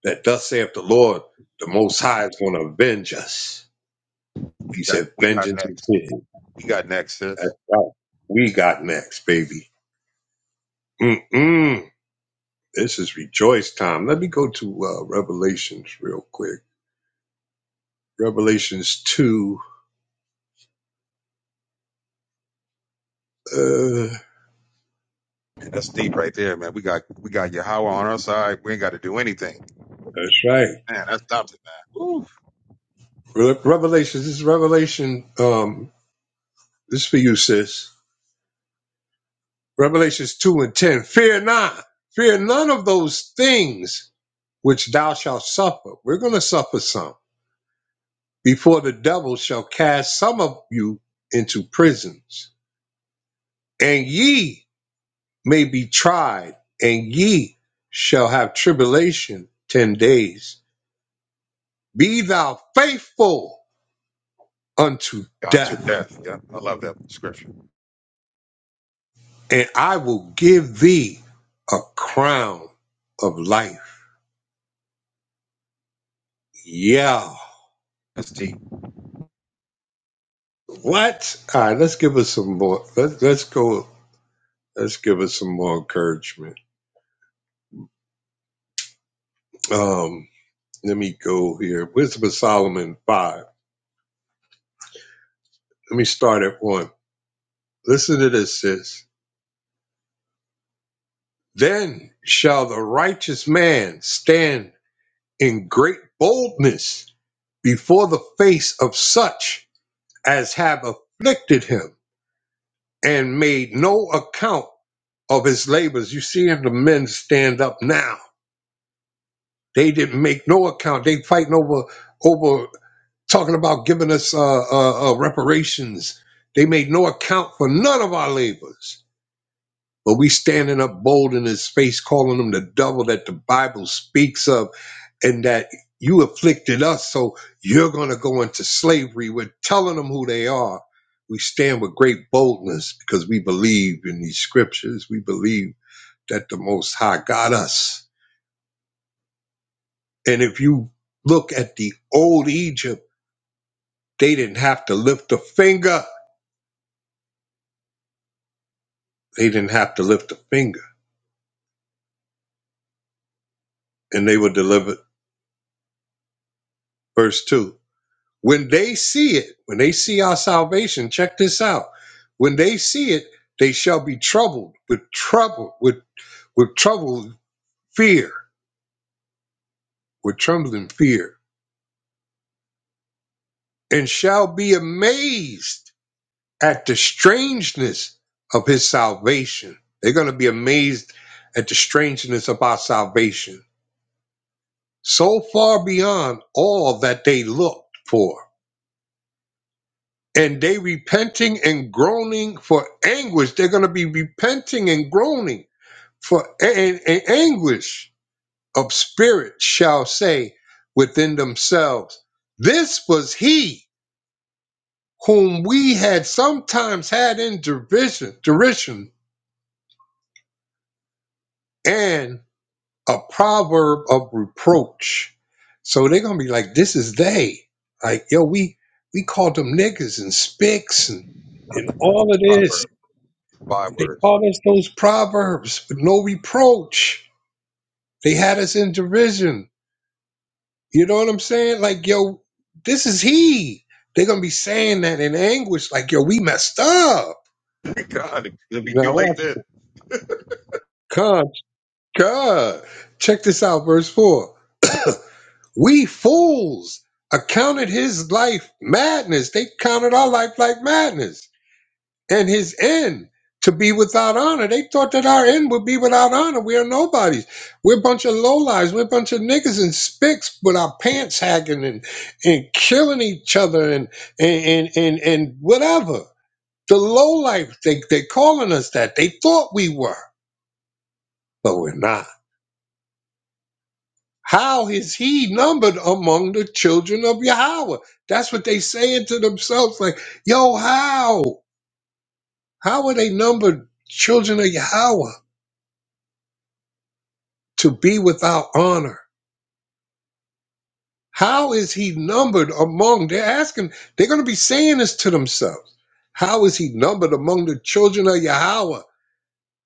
That thus saith the Lord, the Most High is gonna avenge us.
We
He
got
said,
we got
"Vengeance is
next.
his."
We got next, sis.
That's right. We got next, baby. Mm-mm. This is rejoice time. Let me go to uh, Revelations real quick. Revelations two. Uh,
Man, That's deep right there, man. We got we got Yahweh on our side. We ain't got to do anything.
that's right.
Man, that's adopted, man. Ooh.
Re- Revelations. This is Revelation. Um, this is for you, sis. Revelations 2 and 10. Fear not. Fear none of those things which thou shalt suffer. We're going to suffer some. Before the devil shall cast some of you into prisons. And ye may be tried, and ye shall have tribulation ten days. Be thou faithful unto
God to
death,
death. Yeah, I love that scripture.
and I will give thee a crown of life. Yeah
That's deep.
What? All right, let's give us some more. Let, let's go. Let's give us some more encouragement. Um, let me go here. Wisdom of Solomon five. Let me start at one. Listen to this, sis. Then shall the righteous man stand in great boldness before the face of such as have afflicted him and made no account of his labors. You see the men stand up now They didn't make no account. They fighting over over talking about giving us uh, uh, uh, reparations. They made no account for none of our labors. But we standing up bold in his face, calling him the devil that the Bible speaks of, and that you afflicted us, so you're gonna go into slavery. We're telling them who they are. We stand with great boldness because we believe in these scriptures. We believe that the Most High got us. And if you look at the old Egypt They didn't have to lift a finger. They didn't have to lift a finger. And they were delivered. Verse 2. When they see it, when they see our salvation, check this out. When they see it, they shall be troubled with trouble, with, with troubled fear, with trembling fear, and shall be amazed at the strangeness of his salvation. They're going to be amazed at the strangeness of our salvation so far beyond all that they looked for. And they repenting and groaning for anguish. They're going to be repenting and groaning for an anguish of spirit, shall say within themselves. This was he whom we had sometimes had in derision, derision, and a proverb of reproach. So they're gonna be like, this is they. Like, yo, we we called them niggas and spics and,
I
and
like that.
all of this.
Proverb, five
They
words.
called us those proverbs with no reproach. They had us in derision. You know what I'm saying? Like, yo, this is he. They're gonna be saying that in anguish, like, yo, we messed up.
God, it'll be too
Now
late
watch,
then.
God, God. Check this out, verse four. We fools accounted his life madness. They counted our life like madness. And his end to be without honor. They thought that our end would be without honor. We are nobodies. We're a bunch of lowlives. We're a bunch of niggas and spicks with our pants hacking and, and killing each other and and and and, and whatever. The lowlife, they they calling us that. They thought we were, but we're not. How is he numbered among the children of Yahweh? That's what they saying to themselves, like, yo, how? How are they numbered children of Yahweh to be without honor? How is he numbered among? They're asking, they're gonna be saying this to themselves. How is he numbered among the children of Yahweh?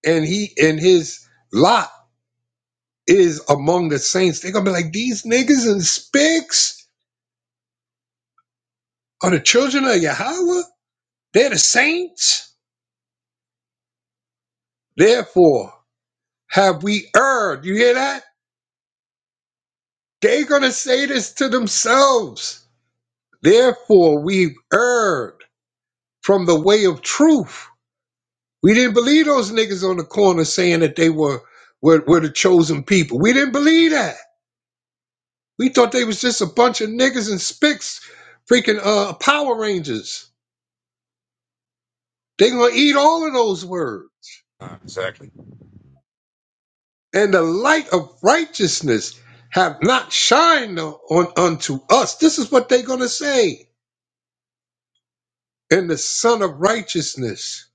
And he and his lot is among the saints. They're gonna be like, these niggas and spics are the children of Yahweh? They're the saints? Therefore, have we erred? You hear that? They're going to say this to themselves. Therefore, we've erred from the way of truth. We didn't believe those niggas on the corner saying that they were, were, were the chosen people. We didn't believe that. We thought they was just a bunch of niggas and spicks, freaking uh, Power Rangers. They're going to eat all of those words.
Ah, exactly.
And the light of righteousness have not shined on, unto us. This is what they're going to say and the Son of Righteousness.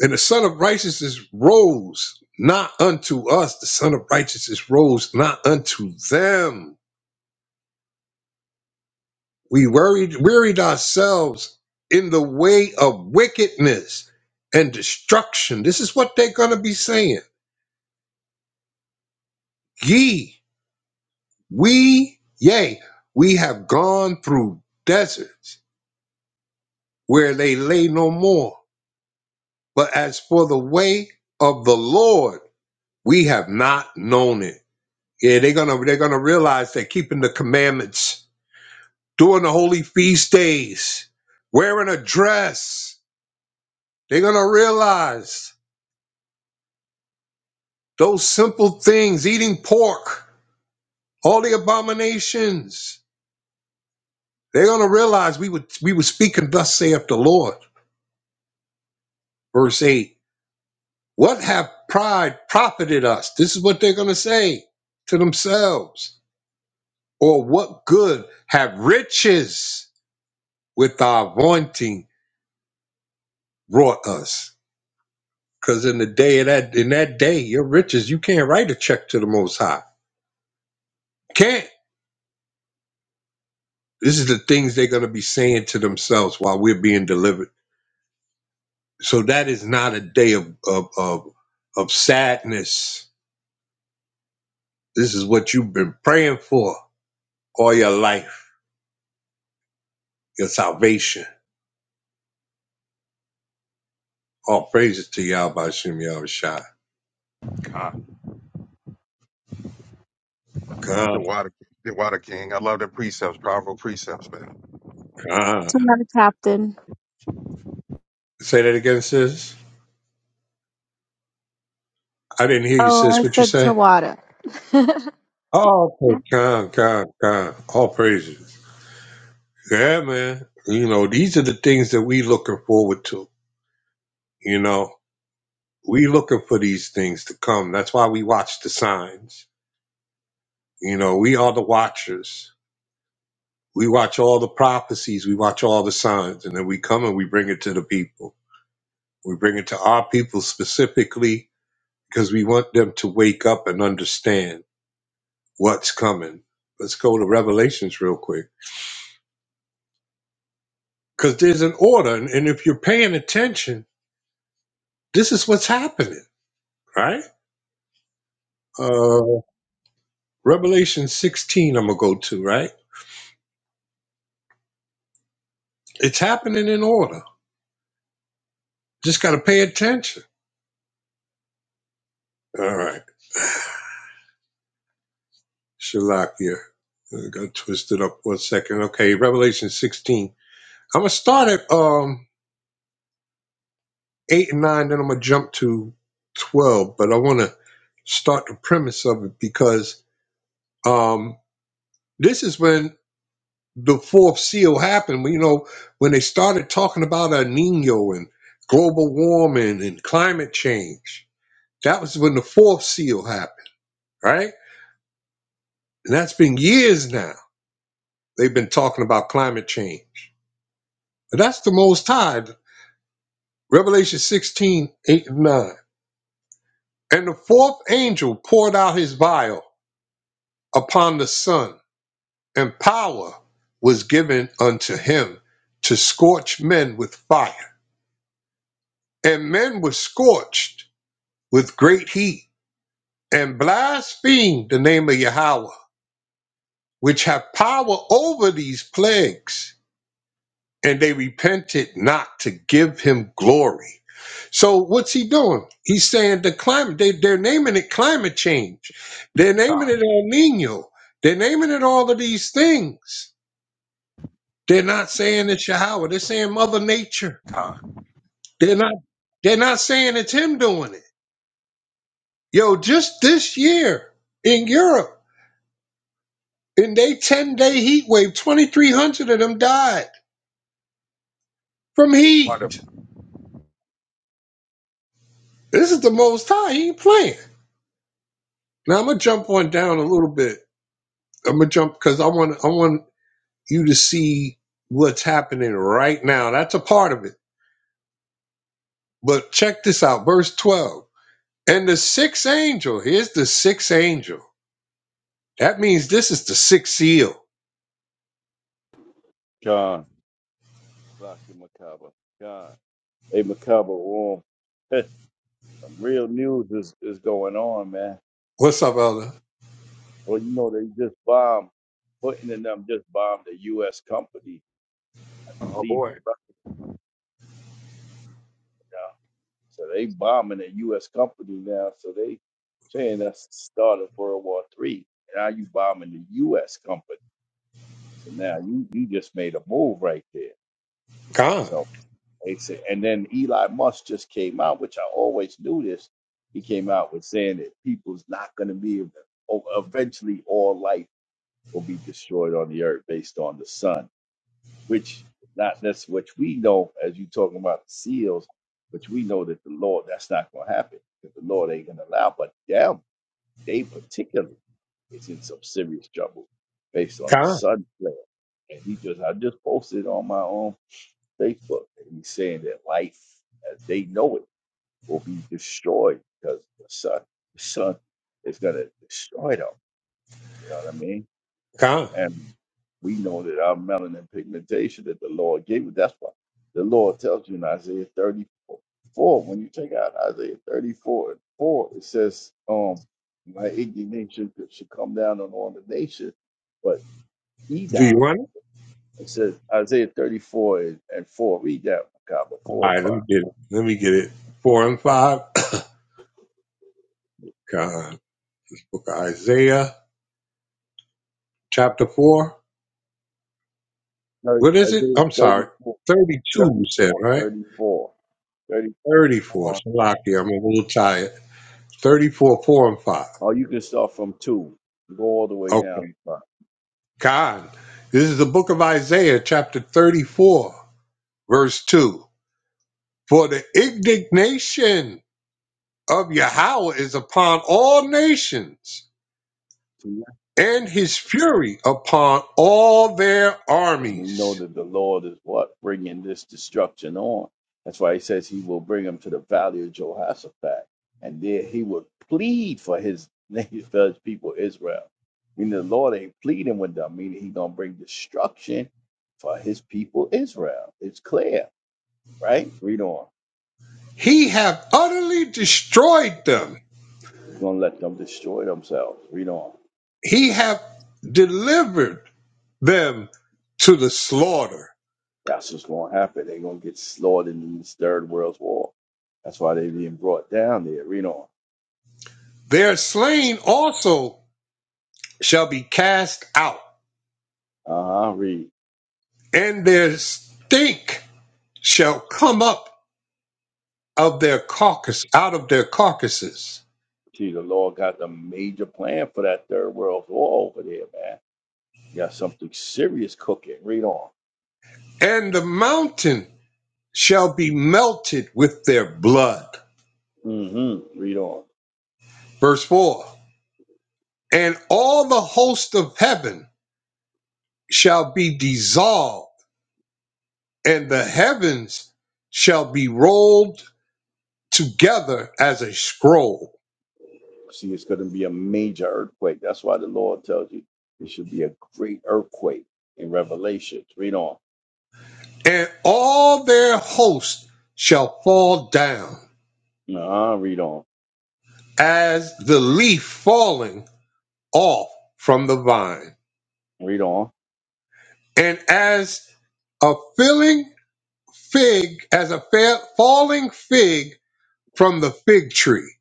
And the Son of Righteousness rose not unto us. The Son of Righteousness rose not unto them. We worried, wearied ourselves in the way of wickedness and destruction. This is what they're going to be saying. Ye, we, yea, we have gone through deserts where they lay no more. But as for the way of the Lord, we have not known it. Yeah, they're gonna they're gonna realize that keeping the commandments, doing the holy feast days, wearing a dress, they're gonna realize those simple things, eating pork, all the abominations. They're gonna realize we would we were speaking thus saith the Lord. Verse 8. What have pride profited us? This is what they're gonna say to themselves. Or what good have riches with our vaunting brought us? Because in the day of that, in that day, your riches, you can't write a check to the Most High. Can't. This is the things they're going to be saying to themselves while we're being delivered. So that is not a day of of of, of sadness. This is what you've been praying for all your life, your salvation. All praises to Yahweh Hashem Yahweh Shai.
God. The
God,
water the water king. I love the precepts, powerful precepts, man.
God.
Tawada Captain.
Say that again, sis. I didn't hear you,
Oh, I
sis. What you
said
say?
Tawada.
Oh, okay. God, God, God. All praises. Yeah, man. You know, these are the things that we looking forward to. You know, we looking for these things to come. That's why we watch the signs. You know, we are the watchers. We watch all the prophecies. We watch all the signs, and then we come and we bring it to the people. We bring it to our people specifically because we want them to wake up and understand what's coming. Let's go to Revelations real quick because there's an order, and and if you're paying attention, this is what's happening, right? Uh, Revelation 16, I'm going to go to, right? It's happening in order. Just got to pay attention. All right. Shalakia. I got twisted up one second. Okay. Revelation 16. I'm going to start at um, 8 and 9, then I'm going to jump to 12, but I want to start the premise of it because um, this is when the fourth seal happened. When, You know, when they started talking about El Nino and global warming and climate change That was when the fourth seal happened, right? And that's been years now. They've been talking about climate change. But that's the most high. Revelation 16 8 and 9. And the fourth angel poured out his vial upon the sun, and power was given unto him to scorch men with fire. And men were scorched with great heat, and blasphemed the name of Yahweh, which have power over these plagues and they repented not to give him glory. So what's he doing? He's saying the climate, they, they're naming it climate change. They're naming
God.
it El Nino. They're naming it all of these things. They're not saying it's Yahweh. They're saying Mother Nature.
God.
They're not they're not saying it's him doing it. Yo, just this year in Europe, in their 10-day heat wave, 2,300 of them died from heat.
Wonderful.
This is the most high. He ain't playing. Now I'm gonna jump on down a little bit I'm gonna jump because I want I want you to see what's happening right now. That's a part of it. But check this out, verse 12. And the sixth angel, here's the sixth angel. That means this is the sixth seal.
God. Lucky Macabre. God. Hey, Macabre, warm. Some real news is, is going on, man.
What's up, Elder?
Well, you know, they just bombed, Putin and them just bombed a U.S. company, I
Oh
believe, in
boy.
Russia. now. So they bombing a U.S. company now. So they saying that's the start of World War Three. now you bombing the U.S. company. So now you, you just made a move right there.
Con,
So. basic. And then Elon Musk just came out, which I always knew this. He came out with saying that people's not going to be able to- eventually all life will be destroyed on the earth based on the sun, which not that's which we know as you talking about the seals, which we know that the Lord that's not going to happen because the Lord ain't going to allow. But them, they particularly, is in some serious trouble based on the
con,
sun flare. And he just I just posted on my own Facebook and he's saying that life as they know it will be destroyed because the sun, the sun is going to destroy them. You know what I mean?
con.
And we know that our melanin pigmentation that the Lord gave us, that's why the Lord tells you in Isaiah 34, when you take out Isaiah 34 and 4, it says, um, my indignation should come down on all the nations, but
Do you
Edom,
want it?
it says Isaiah 34 and, and 4, read that, Makaba,
All
4 and
right,
5.
let me get it. Let me get it. Four and five. Con. Book of Isaiah, chapter four.
No,
What is it?
Isaiah
I'm sorry.
34,
32, you said,
34, 34.
right?
34.
34.
Hold on.
Salaki, I'm a little tired. 34, 4 and 5.
Or you can start from 2. Go all the way
Okay.
down to 5.
God, this is the book of Isaiah, chapter 34, verse 2. For the indignation of Yahweh is upon all nations,
And
and his fury upon all their
we know
armies.
that the Lord is what? Bringing this destruction on. That's why he says he will bring him to the valley of Jehoshaphat. And there he will plead for his, for his people, Israel. Meaning the Lord ain't pleading with them, meaning he's going to bring destruction for his people, Israel. It's clear, right? Read on.
He hath utterly destroyed them.
He's going to let them destroy themselves. Read on.
He hath delivered them to the slaughter.
That's what's going to happen. They're going to get slaughtered in this third world war. That's why they're being brought down there. Read on.
Their slain also shall be cast out,
Uh huh. Read.
and their stink shall come up of their carcass out of their carcasses
See, the Lord got the major plan for that third world war over there, man. You got something serious cooking. Read on.
and the mountain shall be melted with their blood
Mm-hmm. Read on.
verse 4 and all the host of heaven shall be dissolved and the heavens shall be rolled together as a scroll
See, it's going to be a major earthquake. That's why the Lord tells you it should be a great earthquake in Revelation. Read on.
and all their host shall fall down
Uh huh. Read on.
as the leaf falling off from the vine
Read on.
And as a filling fig, as a fa- falling fig from the fig tree.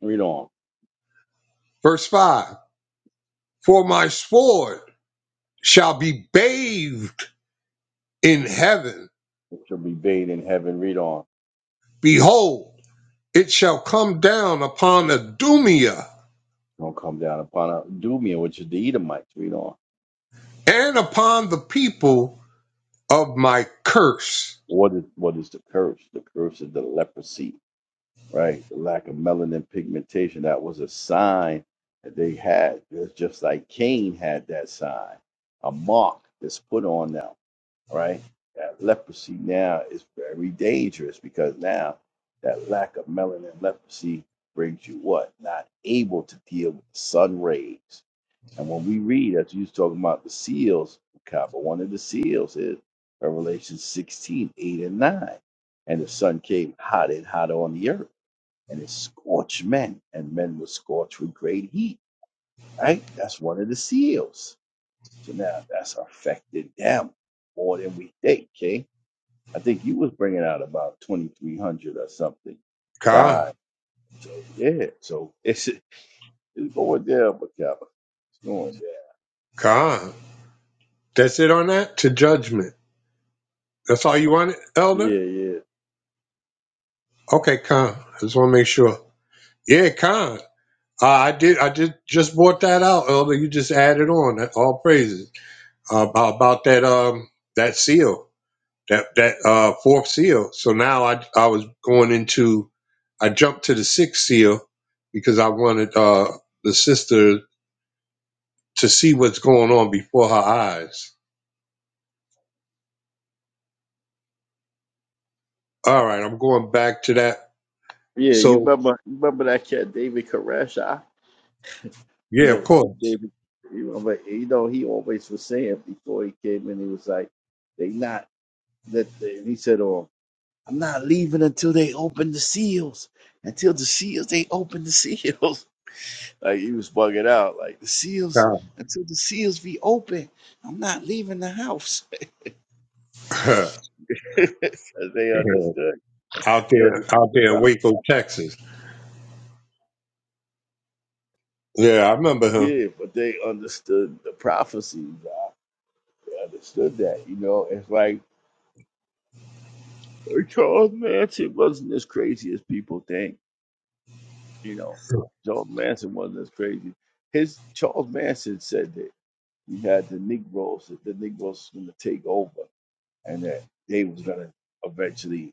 Read on.
Verse 5 For my sword shall be bathed in heaven.
And head on.
Behold, it shall come down upon Adumia
Don't come down upon a Doomia, which is the Edomites. Read on.
and upon the people of my curse.
What is what is the curse? The curse is the leprosy, right? The lack of melanin pigmentation. That was a sign that they had. It's just like Cain had that sign, a mark that's put on them, right? That leprosy now is very dangerous because now that lack of melanin leprosy brings you what? Not able to deal with the sun rays, and when we read, as you was talking about the seals of Kaaba, one of the seals is Revelation 16 8 and 9. And the sun came hot and hotter on the earth, and it scorched men, and men were scorched with great heat, right? That's one of the seals. So now that's affected them more than we think, okay? I think you was bringing out about 2,300 or something
Con
died. So, yeah, so it's, it's going down, but Kaaba, It's going
con. That's it on that? To judgment. That's all you wanted,
down.
Elder?
Yeah, yeah.
Okay, con. I just want to make sure. Yeah, con. Uh, I did. I just just brought that out, Elder. You just added on all praises uh, about, about that um that seal that that uh fourth seal. So now I I was going into I jumped to the sixth seal because I wanted uh the sister to see what's going on before her eyes. All right, I'm going back to that.
Yeah, you
So
remember you remember that cat David Koresh? You
yeah, of
know
course.
David. You remember? You know he always was saying before he came in, he was like, "They not that." They, he said, "Oh, I'm not leaving until they open the seals. Until the seals, they open the seals." like he was bugging out, like the seals.
Uh,
Until the seals be open, I'm not leaving the house. 'Cause they understood.
out
They
there,
understood
out
the
there in
prophecy.
Waco, Texas. Yeah, I remember him.
Yeah, but they understood the prophecies. They understood that. You know, it's like Charles Manson wasn't as crazy as people think. You know, Charles Manson wasn't as crazy. His Charles Manson said that he had the Negroes, that the Negroes was going to take over, and that they was going to eventually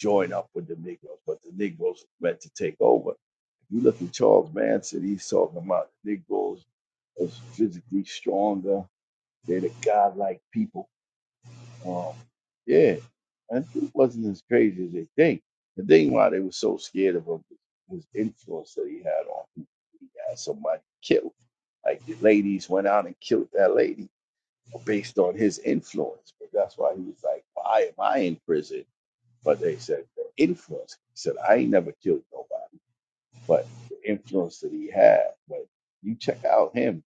join up with the Negroes, but the Negroes were meant to take over. If you look at Charles Manson, he's talking about the Negroes as physically stronger. They're the godlike people Um, yeah, and it wasn't as crazy as they think. The thing why they were so scared of him was his influence that he had on people. He had somebody killed. Like the ladies went out and killed that lady uh, based on his influence. But that's why he was like, why am I in prison? But they said, the influence. He said, I ain't never killed nobody, but the influence that he had. But you check out him.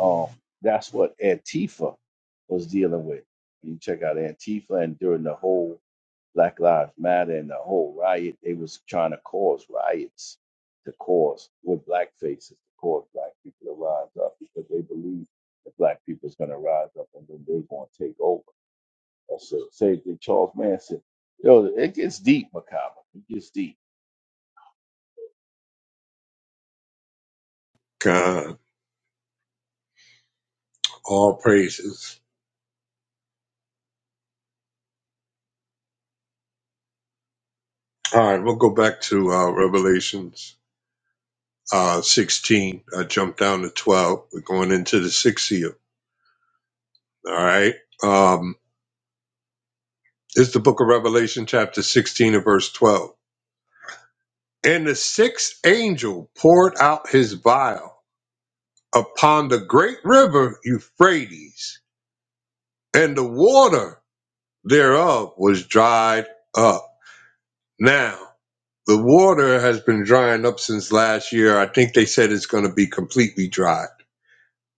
Um, that's what Antifa was dealing with. You check out Antifa, and during the whole Black Lives Matter and the whole riot, they was trying to cause riots to cause with black faces to cause black people to rise up because they believe that black people is going to rise up and then they're going to take over. That's the same thing Charles Manson. Yo, it gets deep, Macabre. It gets deep.
God, all praises. All right, we'll go back to uh, Revelations uh, 16. I jumped down to 12. We're going into the sixth seal. All right. Um, it's the book of Revelation, chapter 16, and verse 12. And the sixth angel poured out his vial upon the great river Euphrates, and the water thereof was dried up. Now, the water has been drying up since last year. I think they said it's going to be completely dry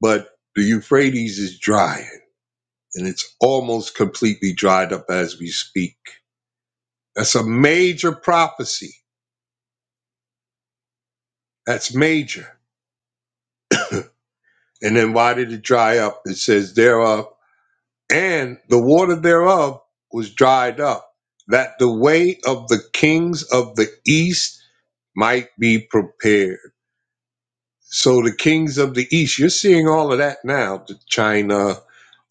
but the Euphrates is dry and it's almost completely dried up as we speak. That's a major prophecy. That's major. And then why did it dry up? It says thereof, and the water thereof was dried up, that the way of the kings of the east might be prepared. So the kings of the east, you're seeing all of that now. The China,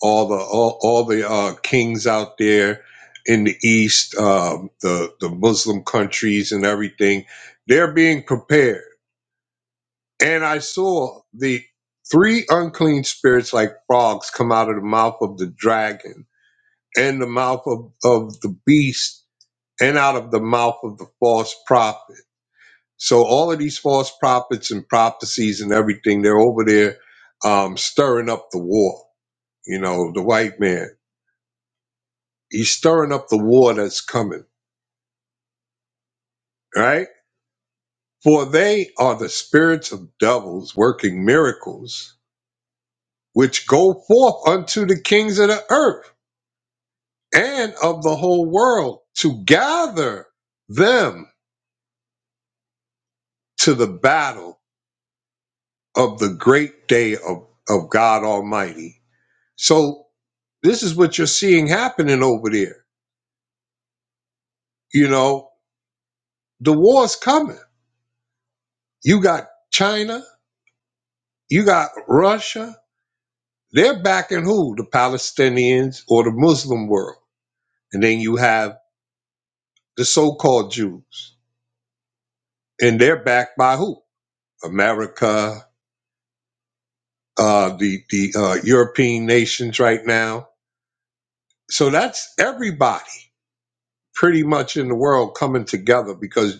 all the all, all the uh, kings out there in the east, um, the the Muslim countries and everything, they're being prepared. And I saw the three unclean spirits like frogs come out of the mouth of the dragon and the mouth of, of the beast and out of the mouth of the false prophet so all of these false prophets and prophecies and everything, they're over there um, stirring up the war. You know, the white man, he's stirring up the war that's coming, right? For they are the spirits of devils working miracles, which go forth unto the kings of the earth and of the whole world to gather them to the battle of the great day of, of God Almighty. So this is what you're seeing happening over there You know, the war's coming. You got China, you got Russia. They're backing who? The Palestinians or the Muslim world. And then you have the so called Jews. And they're backed by who? America, uh, the, the uh, European nations right now. So that's everybody pretty much in the world coming together because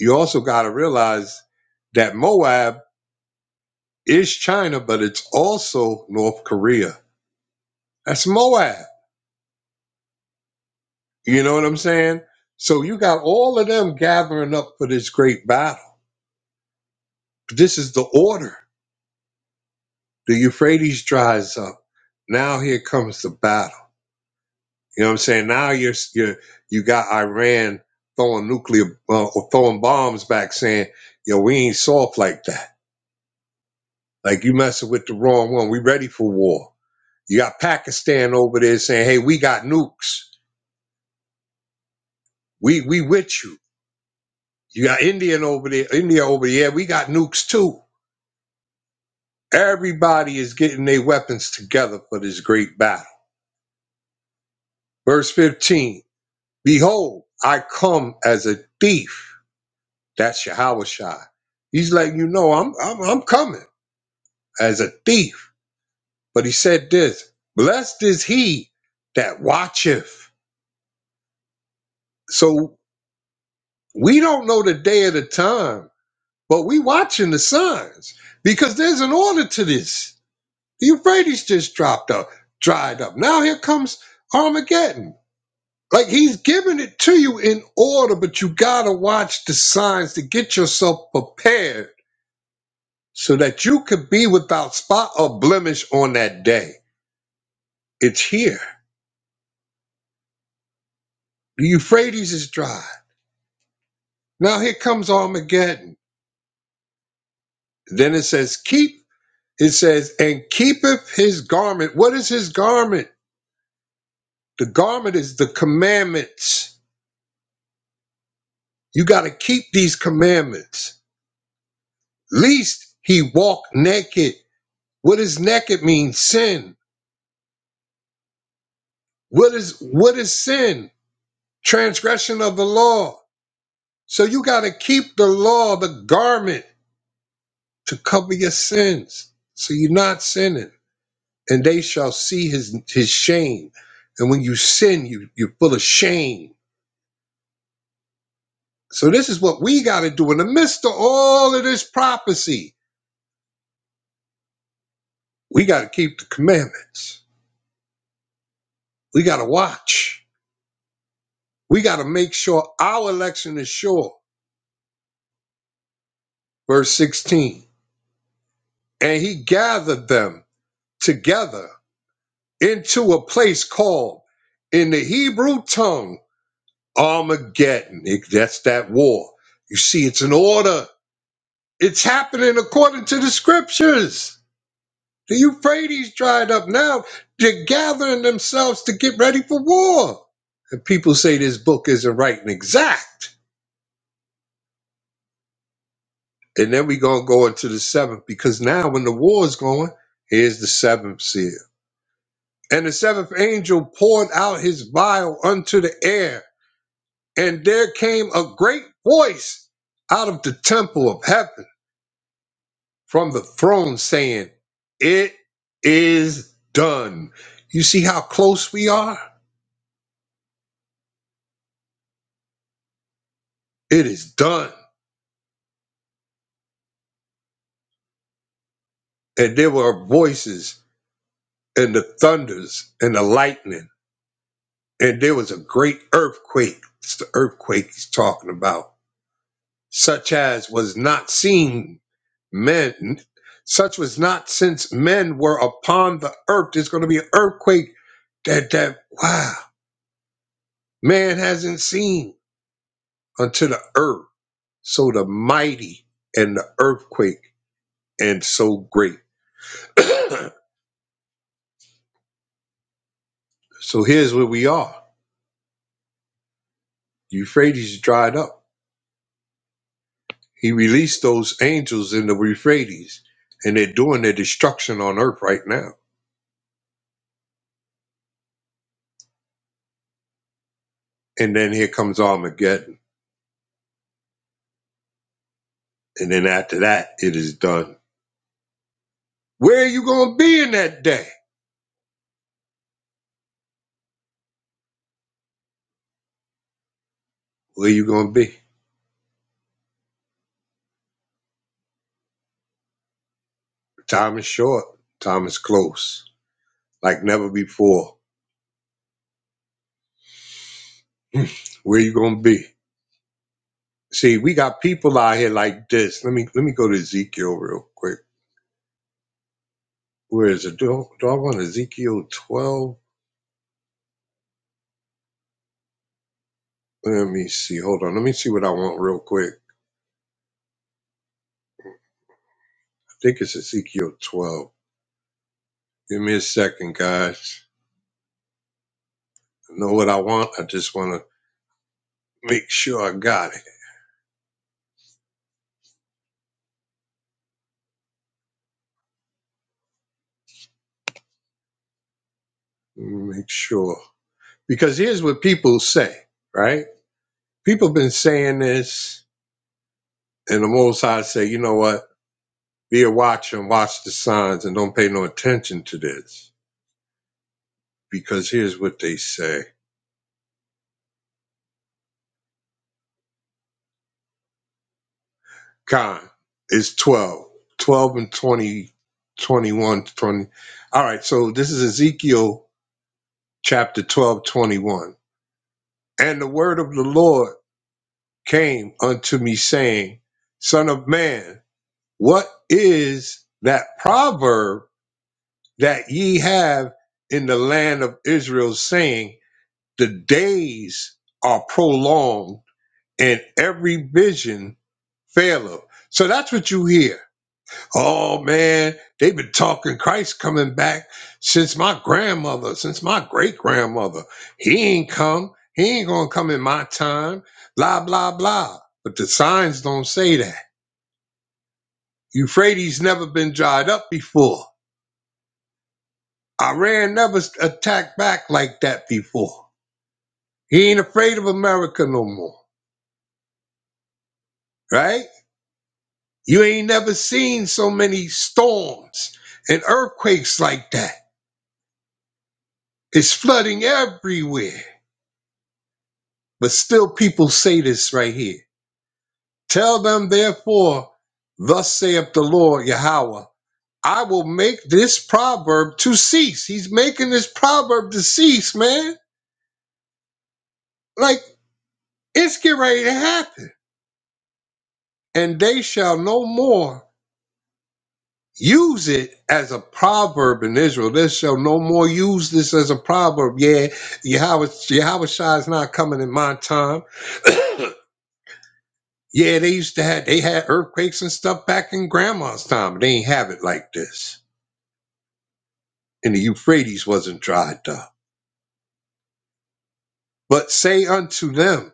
you also got to realize that Moab is China, but it's also North Korea. That's Moab You know what I'm saying? So you got all of them gathering up for this great battle. This is the order. The Euphrates dries up. Now here comes the battle. You know what I'm saying? Now you're you you got Iran throwing nuclear uh, or throwing bombs back, saying, "Yo, we ain't soft like that. Like you messing with the wrong one. We ready for war." You got Pakistan over there saying, "Hey, we got nukes. We we with you." You got Indian over there, India over there. "Yeah, we got nukes too. Everybody is getting their weapons together for this great battle. Verse 15 Behold, I come as a thief. That's Yahushua. He's letting you know I'm, I'm, I'm coming as a thief. But he said this Blessed is he that watcheth. So we don't know the day or the time, but we watching the signs because there's an order to this. The Euphrates just dropped up, dried up. Now here comes Armageddon. Like he's giving it to you in order, but you gotta watch the signs to get yourself prepared so that you could be without spot or blemish on that day. It's here. The Euphrates is dry. Now here comes Armageddon. Then it says, keep, it says, and keepeth his garment. What is his garment? The garment is the commandments. You gotta keep these commandments. Least he walk naked. What does naked mean? Sin. What is what is sin? Transgression of the law. So you got to keep the law, the garment, to cover your sins, so you're not sinning. And they shall see his his shame. And when you sin, you you're full of shame. So this is what we got to do in the midst of all of this prophecy. We got to keep the commandments. We got to watch. We got to make sure our election is sure. Verse 16. And he gathered them together into a place called in the Hebrew tongue Armageddon. It- that's that war. You see, it's an order. It's happening according to the scriptures. The Euphrates dried up now. They're gathering themselves to get ready for war. And people say this book isn't right and exact. And then we're going to go into the seventh because now when the war is going, here's the seventh seal. And the seventh angel poured out his vial unto the air And there came a great voice out of the temple of heaven from the throne saying, It is done. You see how close we are? It is done. And there were voices and the thunders and the lightning. And there was a great earthquake. It's the earthquake he's talking about, such as was not seen men, such was not since men were upon the earth. There's going to be an earthquake that, that, wow Man hasn't seen unto the earth so the mighty and the earthquake and so great. so here's where we are. Euphrates dried up. He released those angels in the Euphrates, and they're doing their destruction on earth right now. And then here comes Armageddon. And then after that, it is done. Where are you going to be in that day? Where are you going to be? Time is short. Time is close. Like never before. Where are you going to be? See, we got people out here like this. Let me let me go to Ezekiel real quick. Where is it? Do, do I want Ezekiel twelve? Let me see. Hold on. Let me see what I want real quick. I think it's Ezekiel twelve. Give me a second, guys. I know what I want. I just want to make sure I got it. Make sure because here's what people say, right? People been saying this, and the Most High say, you know what? Be a watcher and watch the signs, and don't pay no attention to this because here's what they say. Con is 12. 12 and twenty, twenty-one, twenty one, All right, so this is Ezekiel chapter 12, 21, And the word of the Lord came unto me, saying, Son of man, what is that proverb that ye have in the land of Israel, saying, The days are prolonged, and every vision faileth? So that's what you hear Oh man, they've been talking Christ coming back since my grandmother, since my great grandmother. He ain't come. He ain't gonna come in my time. Blah blah blah. But the signs don't say that. Euphrates never been dried up before. Iran never s- attacked back like that before. He ain't afraid of America no more, right? You ain't never seen so many storms and earthquakes like that. It's flooding everywhere. But still people say this right here. Tell them therefore, thus saith the Lord Yahweh, I will make this proverb to cease. He's making this proverb to cease, man. Like it's get ready to happen. And they shall no more use it as a proverb in Israel. They shall no more use this as a proverb. Yeah, Yahweh, Yahweh Shai is not coming in my time. Yeah, they used to have they had earthquakes and stuff back in grandma's time. but They ain't have it like this. And the Euphrates wasn't dried up. But say unto them,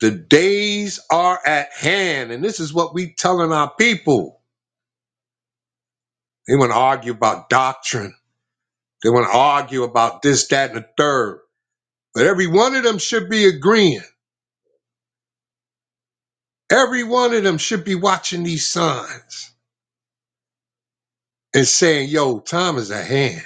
the days are at hand, and this is what we telling our people. They want to argue about doctrine. They want to argue about this, that, and the third. But every one of them should be agreeing. Every one of them should be watching these signs and saying, yo, time is at hand.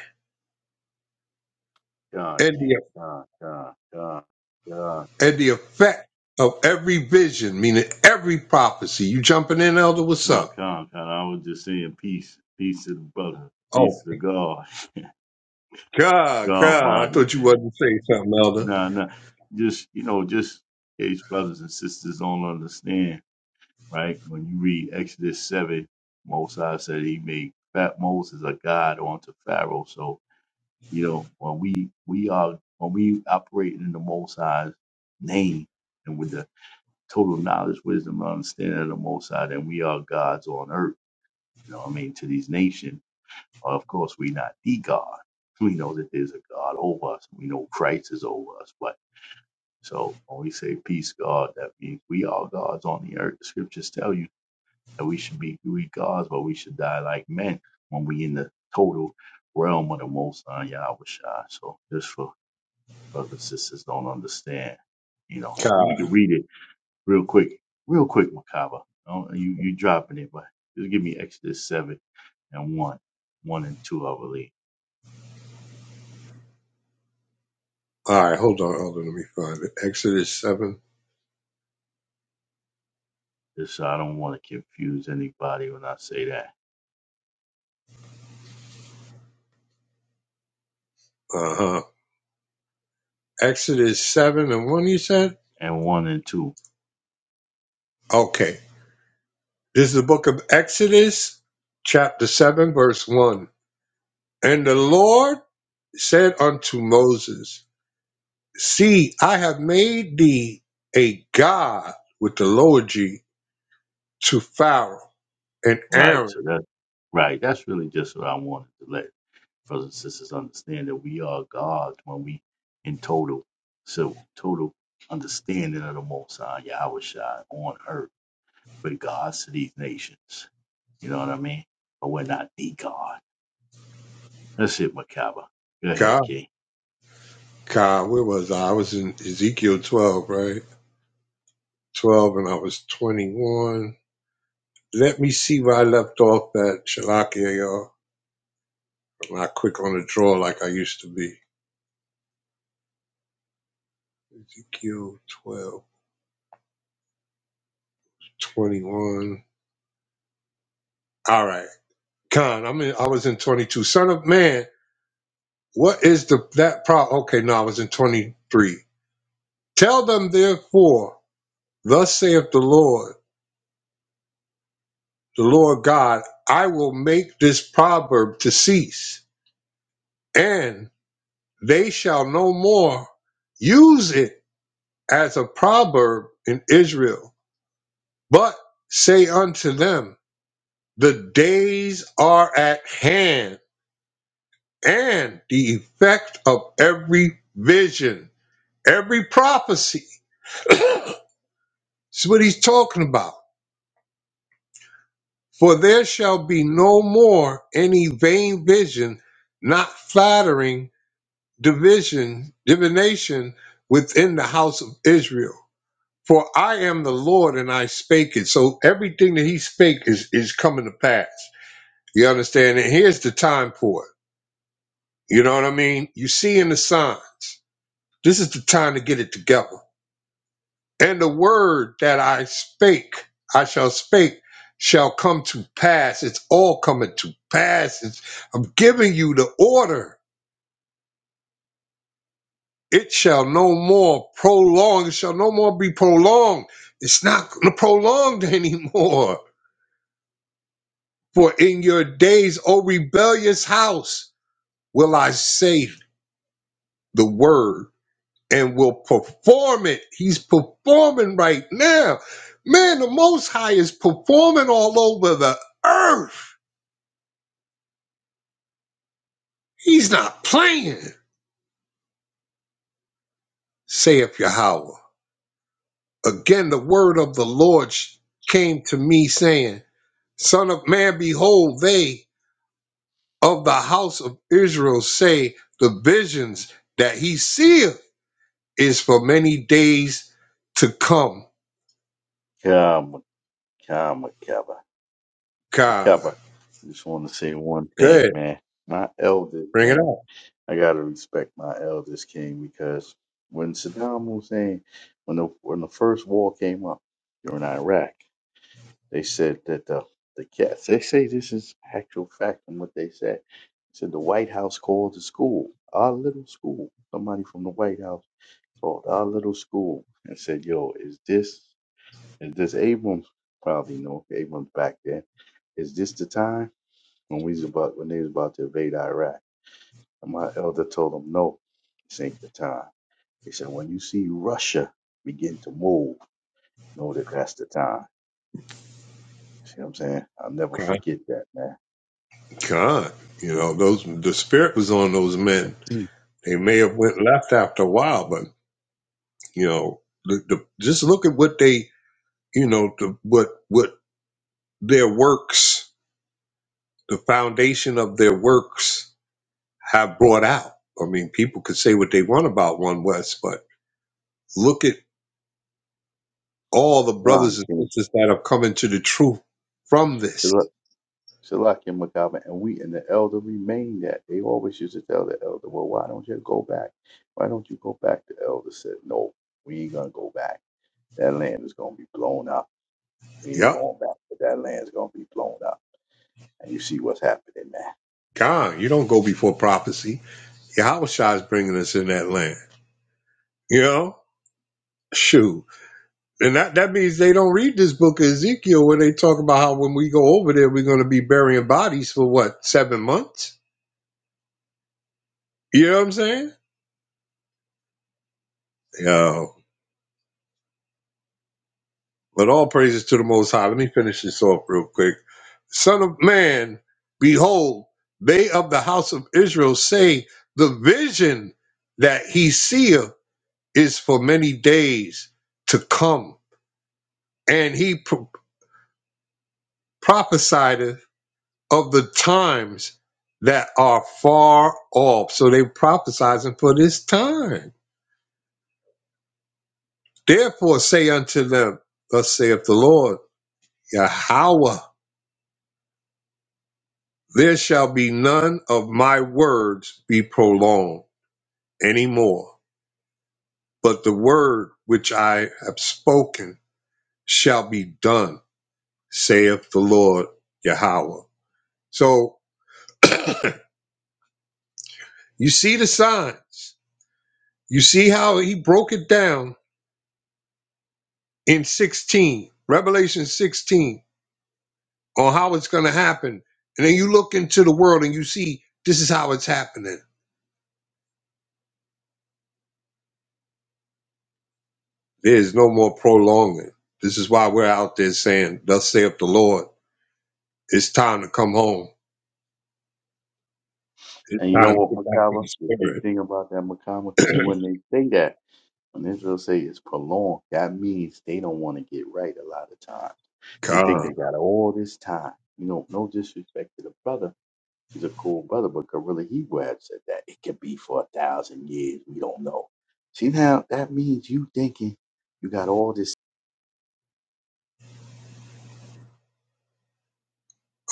God,
And the
King. God, God, God, God.
and the effect of every vision, meaning every prophecy. You jumping in, Elder? What's
No,
up?
Con, Con, I was just saying peace. Peace to the brother. Peace
Oh,
to God.
God,
God
God. I
body,
thought you
man.
wanted to say something, Elder.
Nah, nah. Just, you know, just in case brothers and sisters don't understand, right? Read Exodus 7. Moses said he made fat Moses a god unto Pharaoh. So, you know, when we we are when we operate in the Most High's name and with the total knowledge, wisdom, and understanding of the Most High, then we are gods on earth, you know what I mean, to these nations Of course, we're not the God. We know that there's a God over us. We know Christ is over us. But so when we say peace, God, that means we are gods on the earth. The scriptures tell you that we should be we gods, but we should die like men when we in the total realm of the Most High Yahweh Shai. So just for brothers and sisters don't understand, you know, we
God.
can read it real quick, real quick, Makaba. You you dropping it, but just give me Exodus seven and one, one and two, I believe.
All right, hold on, Elder. Let me find it. Exodus 7.
Just so I don't want to confuse anybody when I say that.
Uh huh. Exodus 7 and 1, you said?
And one and two.
Okay. This is the book of Exodus, chapter 7, verse 1. And the Lord said unto Moses, See, I have made thee a God with the lower G to Pharaoh And
Right.
Aaron,
So that's right. That's really just what I wanted to let brothers and sisters understand that we are God's when we in total so total understanding of the most high Yahweh Shai on earth with regards to these nations. You know what I mean? But we're not the God. That's it, Makaba. Go ahead,
God,
Key.
God, where was I? I was in Ezekiel 12, right? 12, and I was 21. Let me see where I left off that Shalakia, y'all. I'm not quick on the draw like I used to be. Ezekiel 12, 21. All right. Con, I'm in, I was in 22. Son of man, what is the that pro? Okay, no, I was in 23. Tell them therefore, thus saith the Lord, the Lord God, I will make this proverb to cease and they shall no more use it as a proverb in Israel, but say unto them, The days are at hand, and the effect of every vision, every prophecy. That's what he's talking about. For there shall be no more any vain vision, not flattering division, divination within the house of Israel. For I am the Lord and I spake it. So everything that he spake is, is coming to pass. You understand? And here's the time for it. You know what I mean? You see in the signs. This is the time to get it together. And the word that I spake, I shall spake, shall come to pass. It's all coming to pass. It's, I'm giving you the order. It shall no more prolong. It shall no more be prolonged. It's not going to prolonged anymore. For in your days, O rebellious house, will I say the word and will perform it. He's performing right now. Man, the Most High is performing all over the earth. He's not playing, saith Yahweh. Again, the word of the Lord sh- came to me, saying, Son of man, behold, they of the house of Israel say the visions that he seeth is for many days to come.
Come, come, Makaba.
God,
Makaba. I just want to say one
go ahead,
thing, man. My elders,
bring it
man.
out.
I gotta respect my eldest King, because when Saddam Hussein, when the when the first war came up during Iraq, they said that the the cats. They say this is actual fact and what they said. Said the White House called the school, our little school. Somebody from the White House called our little school and said, "Is this Abrams? Probably know Abrams back then. Is this the time when we was about when they was about to invade Iraq?" And my elder told them, "No, this ain't the time." He said, when you see Russia begin to move, know that that's the time. See what I'm saying? I'll never
God,
forget that, man.
God, you know those. The spirit was on those men.
Deep.
They may have went left after a while, but you know, the, the, just look at what they, you know, the, what what their works, the foundation of their works, have brought out. I mean, people could say what they want about One West, but look at all the brothers
John
and
King,
sisters that have come into the truth from this.
Salakia Macabre, and we and the elder remained that. They always used to tell the elder, well, why don't you go back? Why don't you go back? The elder said, no, we ain't going to go back. That land is going to be blown up. We ain't
Yep.
going back, but that land's going to blow up. And you,
God, you don't go before prophecy. Yahushua is bringing us in that land. You know? Shoot. And that, that means they don't read this book of Ezekiel where they talk about how when we go over there, we're going to be burying bodies for what, seven months? You know what I'm saying? Yeah. But all praises to the Most High. Let me finish this off real quick. Son of man, behold, they of the house of Israel say the vision that he seeth is for many days to come and he pr- prophesied of the times that are far off. So they prophesizing for this time. Therefore say unto them, Thus saith the Lord, Yahweh, there shall be none of my words be prolonged any more, but the word which I have spoken shall be done, saith the Lord Yahweh. So you see the signs. You see how he broke it down in 16, Revelation 16, on how it's going to happen. And then you look into the world and you see this is how it's happening. There's no more prolonging. This is why we're out there saying, Thus saith the Lord, it's time to come home. It's
and you know
time to
what,
get back to
Macabre?
the
The deep
spirit.
thing about that, Macabre, see, when they say that, When Israel say it's prolonged, that means they don't want to get right a lot of time. They think
God,
they got all this time. You know, no disrespect to the brother. He's a cool brother, but Gorilla Hebrew had said that it could be for a thousand years. We don't know. See now, that means you thinking you got all this.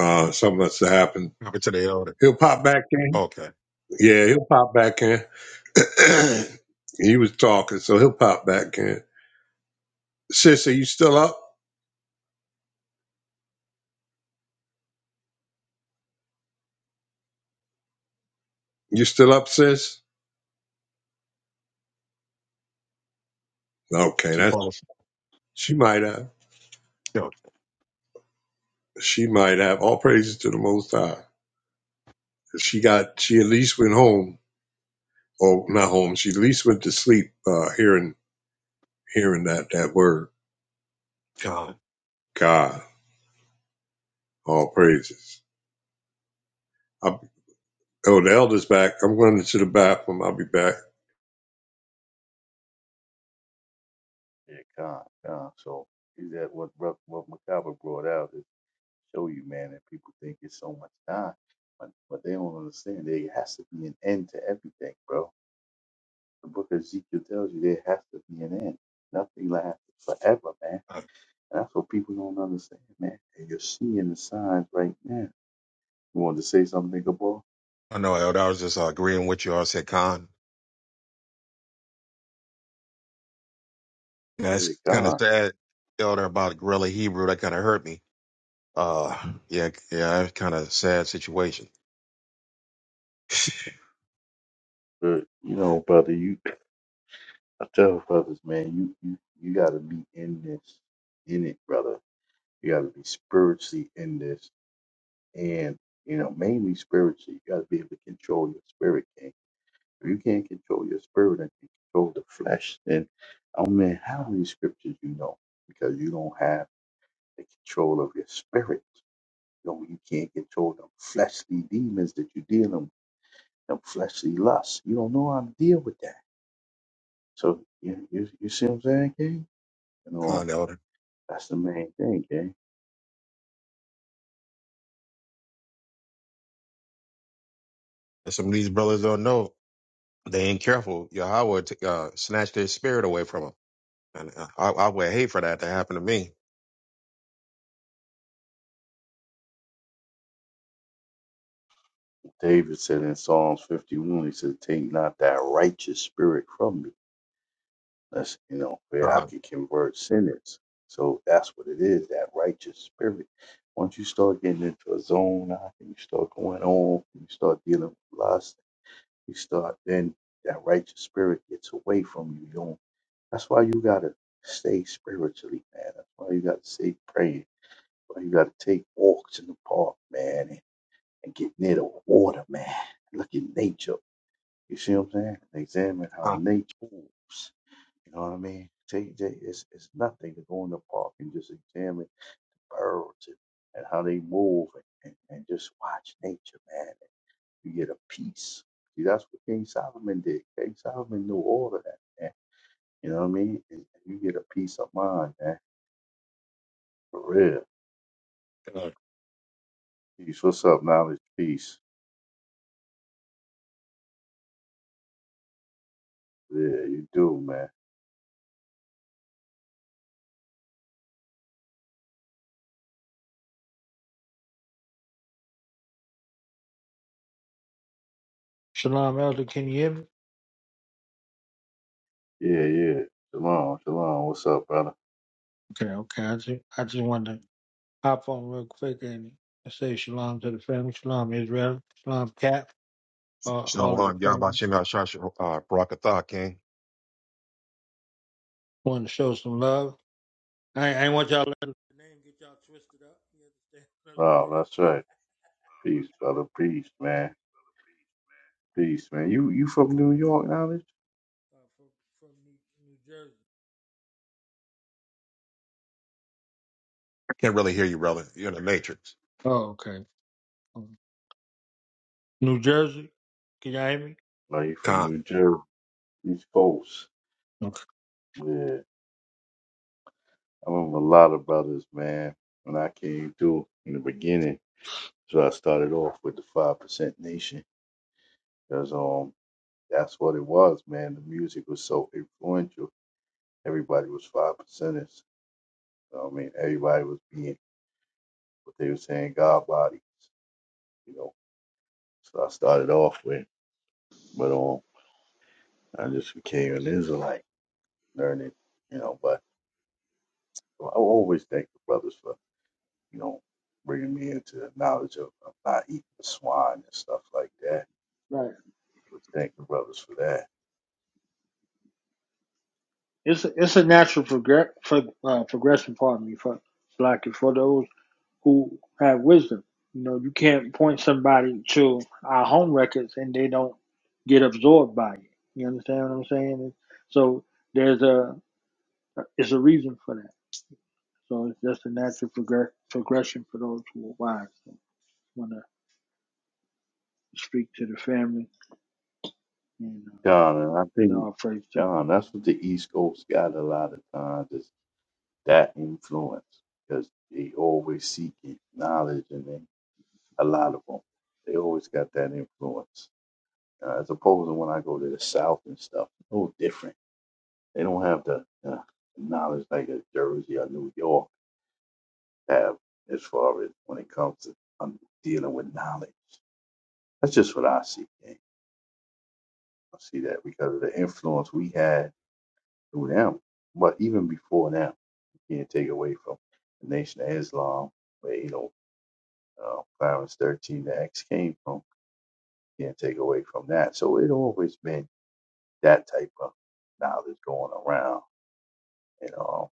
uh, something must have happened.
Over to the elder.
He'll pop back in.
Okay.
Yeah, he'll pop back in. he was talking, so he'll pop back in. Sis, are you still up? You still up, sis? Okay,
She
that's
falls.
she might have.
Yo,
She might have all praises to the Most High. She got she at least went home, or not home. She at least went to sleep uh, hearing hearing that that word
God.
God. All praises. I, oh, the elder's back. I'm running to the bathroom. I'll be back.
Yeah, con, con. So is that what Bro- what Macabre brought out is to show you, man, that people think it's so much time, but but they don't understand there has to be an end to everything, bro The book of Ezekiel tells you there has to be an end. Nothing lasts forever, man.
I,
And that's what people don't understand, man. And you're seeing the signs right now. You wanted to say something, Big boy?
I know, Elder. I was just uh, agreeing with you. I said, Con.
Yeah,
That's kind of
God.
sad. Tell her about Gorilla Hebrew. That kind of hurt me. Uh, yeah, yeah, kind of sad situation.
But you know, brother, you I tell brothers, man, you you you gotta be in this, in it, brother. You gotta be spiritually in this and you know, mainly spiritually. You gotta be able to control your spirit, If you can't control your spirit and you control the flesh, then I don't mean how many scriptures you know because you don't have the control of your spirit. You, know, you can't control them fleshly demons that you're dealing with, them fleshly lusts. You don't know how to deal with that. So you, you, you see what I'm saying, King? You know,
Con Elder.
that's the main thing, King.
And Some of these brothers don't know. They ain't careful. Yahweh t- uh, snatched their spirit away from them. And uh, I, I would hate for that to happen to me.
David said in Psalms 51, he said, Take not that righteous spirit from me That's you know where I
Uh,
can convert sinners. So that's what it is, that righteous spirit. Once you start getting into a zone, I think you start going on, you start dealing with lust, you start then that righteous spirit gets away from you. You don't that's why you gotta stay spiritually, man. That's why you gotta stay praying. That's why you gotta take walks in the park, man, and, and get near the water, man. Look at nature. You see what I'm saying? Examine how
uh,
nature moves. You know what I mean? Take, take it's it's nothing to go in the park and just examine birds and, and how they move and, and, and just watch nature, man. You get a peace. See, that's what King Solomon did. King Solomon knew all of that, man. You know what I mean? And you get a peace of mind, man. For real.
uh,
Peace. What's up, knowledge? Peace. Yeah, you do, man.
Shalom, Elder. Can you hear me?
Yeah, yeah. Shalom, shalom. What's up, brother?
Okay, okay. I just, I just wanted to hop on real quick and say shalom to the family. Shalom, Israel. Shalom, Cap. Uh, all of the
Shalom, Yahba
family.
Shem Yahshua, uh, Barakatha, King.
Want to show some love. I, I ain't want y'all to let the name get y'all twisted up. You understand what I'm
Wow,
saying?
that's right. Peace, brother. Peace, man. Peace, man. You you from New York, knowledge?
Uh, from, from New, New Jersey.
Can't really hear you, brother. You're in the Matrix.
Oh, okay. Um, New Jersey? Can y'all hear me?
No, you from
Con,
New Jersey. These folks,
Okay.
yeah, I remember a lot of brothers, man, when I came through in the beginning. So I started off with the Five Percent Nation, because um, that's what it was, man. The music was so influential. Everybody was five percenters. You know what I mean, everybody was being what they were saying, God bodies, you know. So I started off with, but um, I just became an Israelite, learning, you know. But I always thank the brothers for you know, bringing me into the knowledge of, of not eating the swine and stuff like that.
Right.
But thank the brothers for that.
It's a, it's a natural progress for uh, progression. Pardon me for black. who have wisdom. You know, you can't point somebody to our home records and they don't get absorbed by it. You understand what I'm saying? So there's a it's a reason for that. So it's just a natural progress, progression for those who are wise. So I want to speak to the family and uh,
John, and I
say
think,
our praise to
John, that's what the East Coast got a lot of times is that influence because they always seeking knowledge and they, a lot of them, they always got that influence. Uh, as opposed to when I go to the South and stuff, a little different. They don't have the uh, knowledge like a Jersey or New York have as far as when it comes to um, dealing with knowledge. That's just what I see. gang. I see that because of the influence we had through them. But even before them, you can't take away from the Nation of Islam, where, you know, uh, Clarence 13, the X came from. You can't take away from that. So it always been that type of knowledge going around, you know,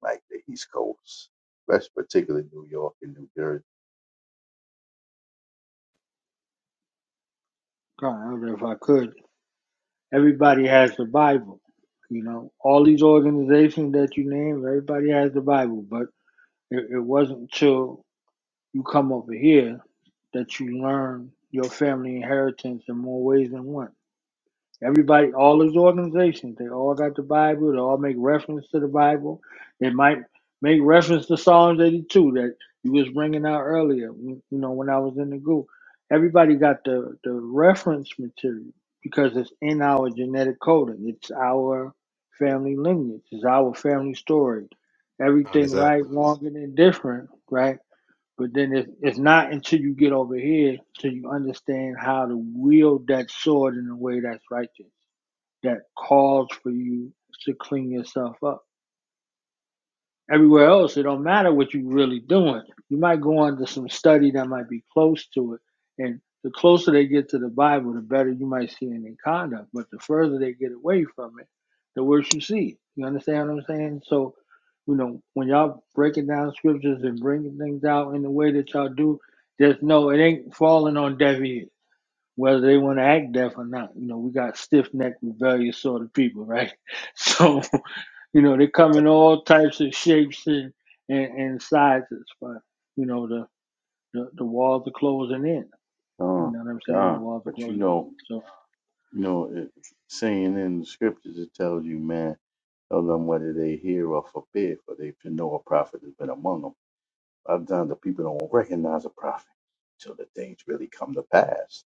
like the East Coast, especially particularly New York and New Jersey.
God. I don't know if I could. Everybody has the Bible. You know, all these organizations that you named, everybody has the Bible, but it, it wasn't till You come over here that you learn your family inheritance in more ways than one. Everybody, all those organizations, they all got the Bible. They all make reference to the Bible. They might make reference to Psalms 82 that you was bringing out earlier. You know, when I was in the group, everybody got the the reference material because it's in our genetic coding. It's our family lineage. It's our family story.
Con,
Everything right,
exactly.
wrong, and indifferent, right? But then it's, it's not until you get over here till you understand how to wield that sword in a way that's righteous, that calls for you to clean yourself up. Everywhere else, it don't matter what you're really doing. You might go on to some study that might be close to it, and the closer they get to the Bible, the better you might see in their conduct. But the further they get away from it, the worse you see. You understand what I'm saying? So, you know, when y'all breaking down scriptures and bringing things out in the way that y'all do, there's no, it ain't falling on deaf ears, whether they want to act deaf or not. You know, we got stiff necked, rebellious sort of people, right? So. You know, they come in all types of shapes and, and, and sizes, but you know, the, the, the walls are closing in. You know
Oh,
what I'm saying? The
God.
walls are
But you
closing in.
know,
So
you know, it, saying in the scriptures, it tells you, man, Tell them whether they hear or forbid, for they should know a prophet has been among them. A lot of times the people don't recognize a prophet until the things really come to pass.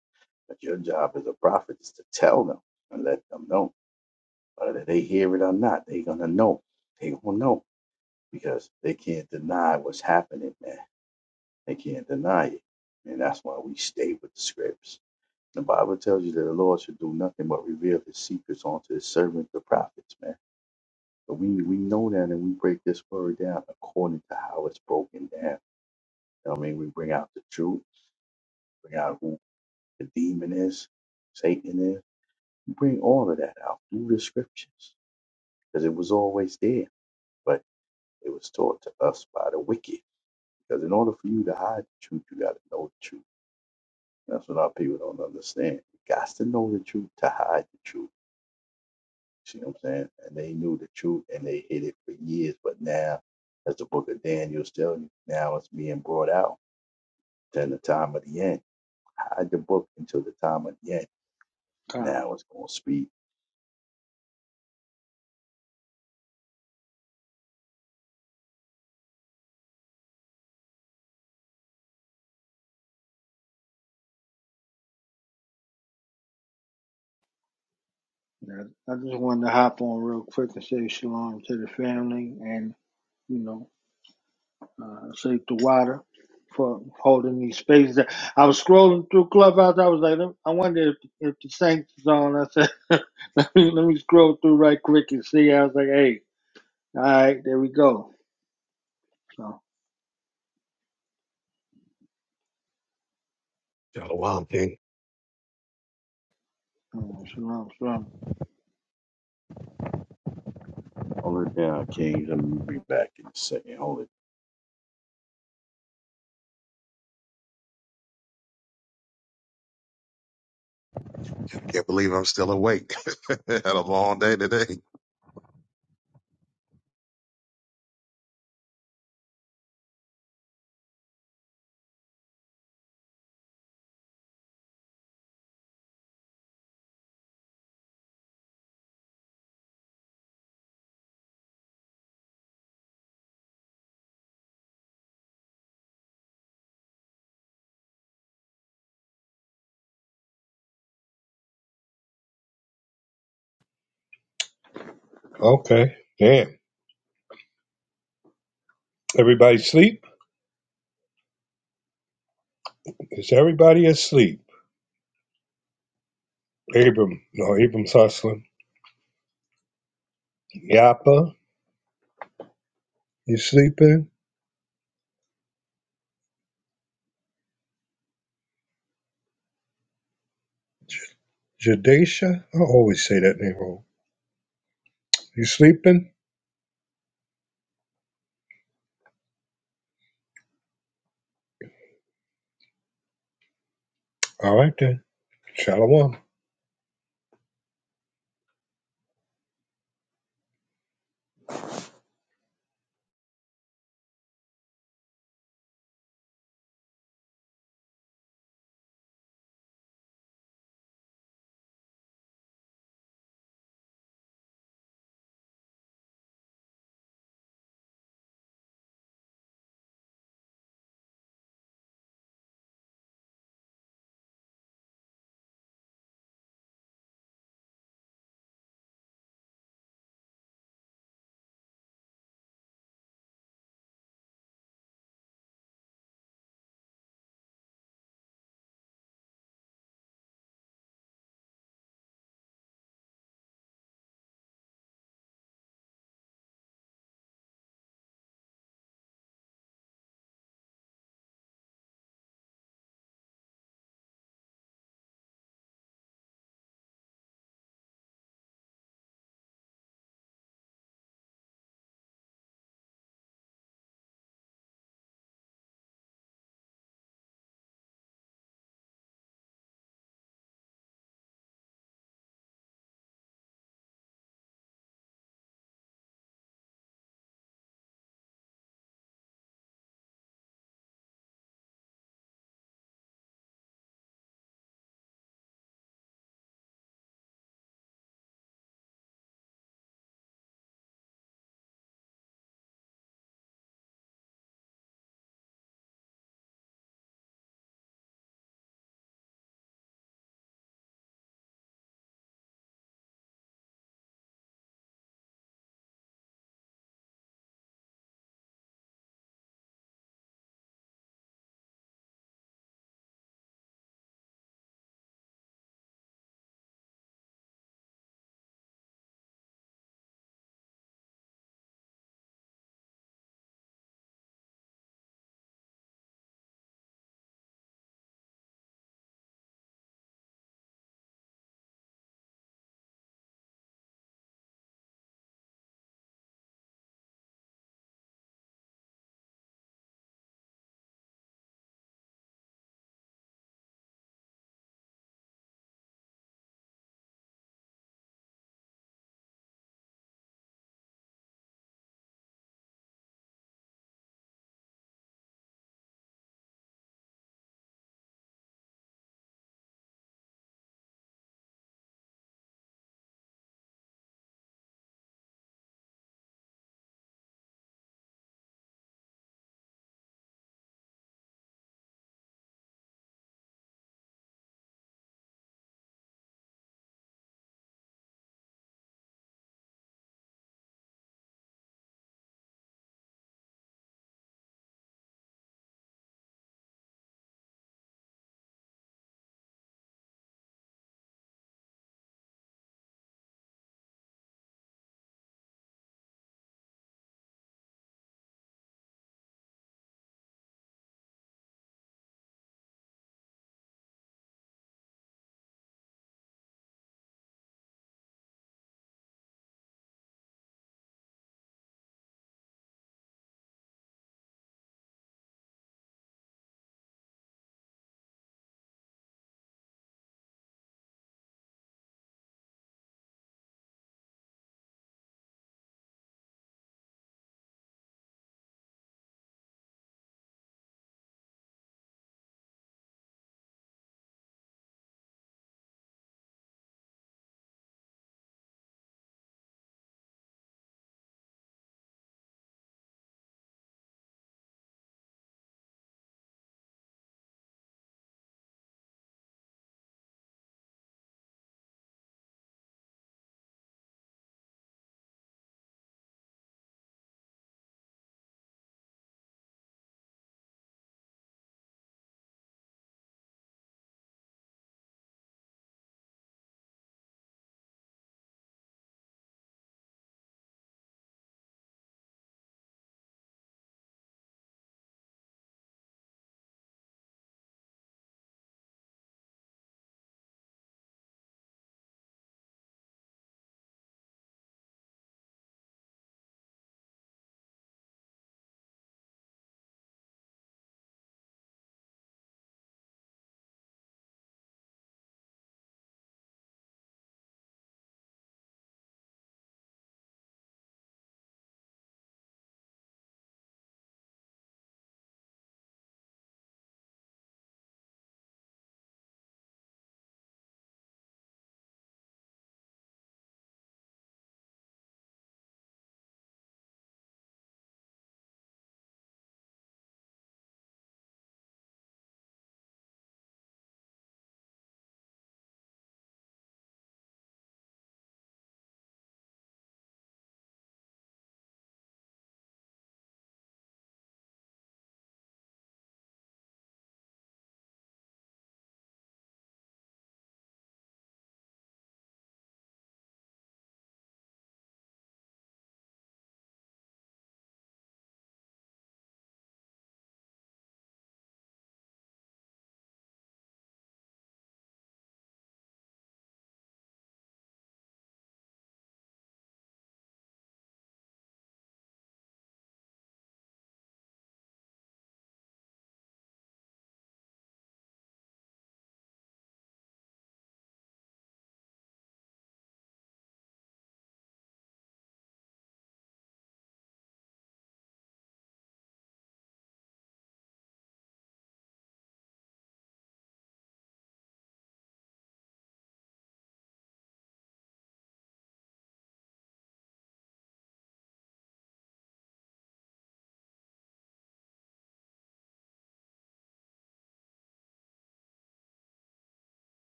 But your job as a prophet is to tell them and let them know. Whether they hear it or not, they're going to know. They will know because they can't deny what's happening, man. They can't deny it. And that's why we stay with the scripts. The Bible tells you that the Lord should do nothing but reveal his secrets unto his servants, the prophets, man. But we, we know that and we break this word down according to how it's broken down. You know what I mean, we bring out the truth, bring out who the demon is, Satan is. We bring all of that out through the scriptures because it was always there, but it was taught to us by the wicked. Because in order for you to hide the truth, you got to know the truth. That's what our people don't understand. You got to know the truth to hide the truth. See what I'm saying? And they knew the truth and they hid it for years, but now, as the book of Daniel's telling you, now it's being brought out Then the time of the end. Hide the book until the time of the end. And
time.
now it's be.
Yeah, I just wanted to hop on real quick and say shalom to the family and, you know, uh, say to Wada for holding these spaces. I was scrolling through Clubhouse. I was like, "Let- I wonder if, if the Saints is on. I said, let me, let me scroll through right quick and see. I was like, hey, all right, there we go. So.
Shalom, King.
Mm, shalom, shalom.
Hold it down, Kings. I'm gonna be back in a second. Hold it.
Can't believe I'm still awake. Had a long day today.
Okay. Damn. Everybody sleep? Is everybody asleep? Abram. No, Abram's hustling. Yapa, You sleeping? Jadesha? I always say that name wrong. You sleeping? All right then. Shalom.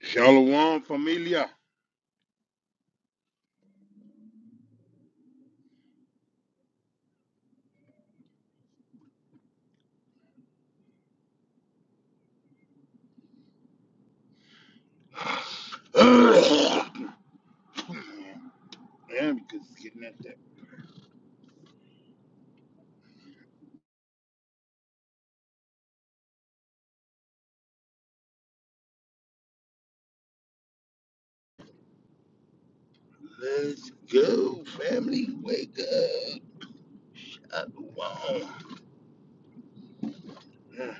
Shalom, familia. Man, because it's getting at that. Let's go, family. Wake up. I belong. Yeah.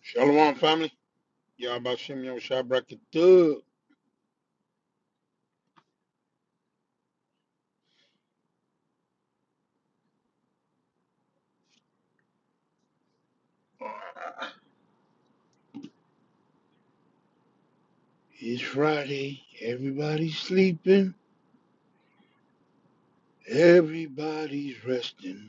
Shalom, family. Y'all about Shem Yom Shabrak it up. Ah, It's Friday. Everybody's sleeping. Everybody's resting.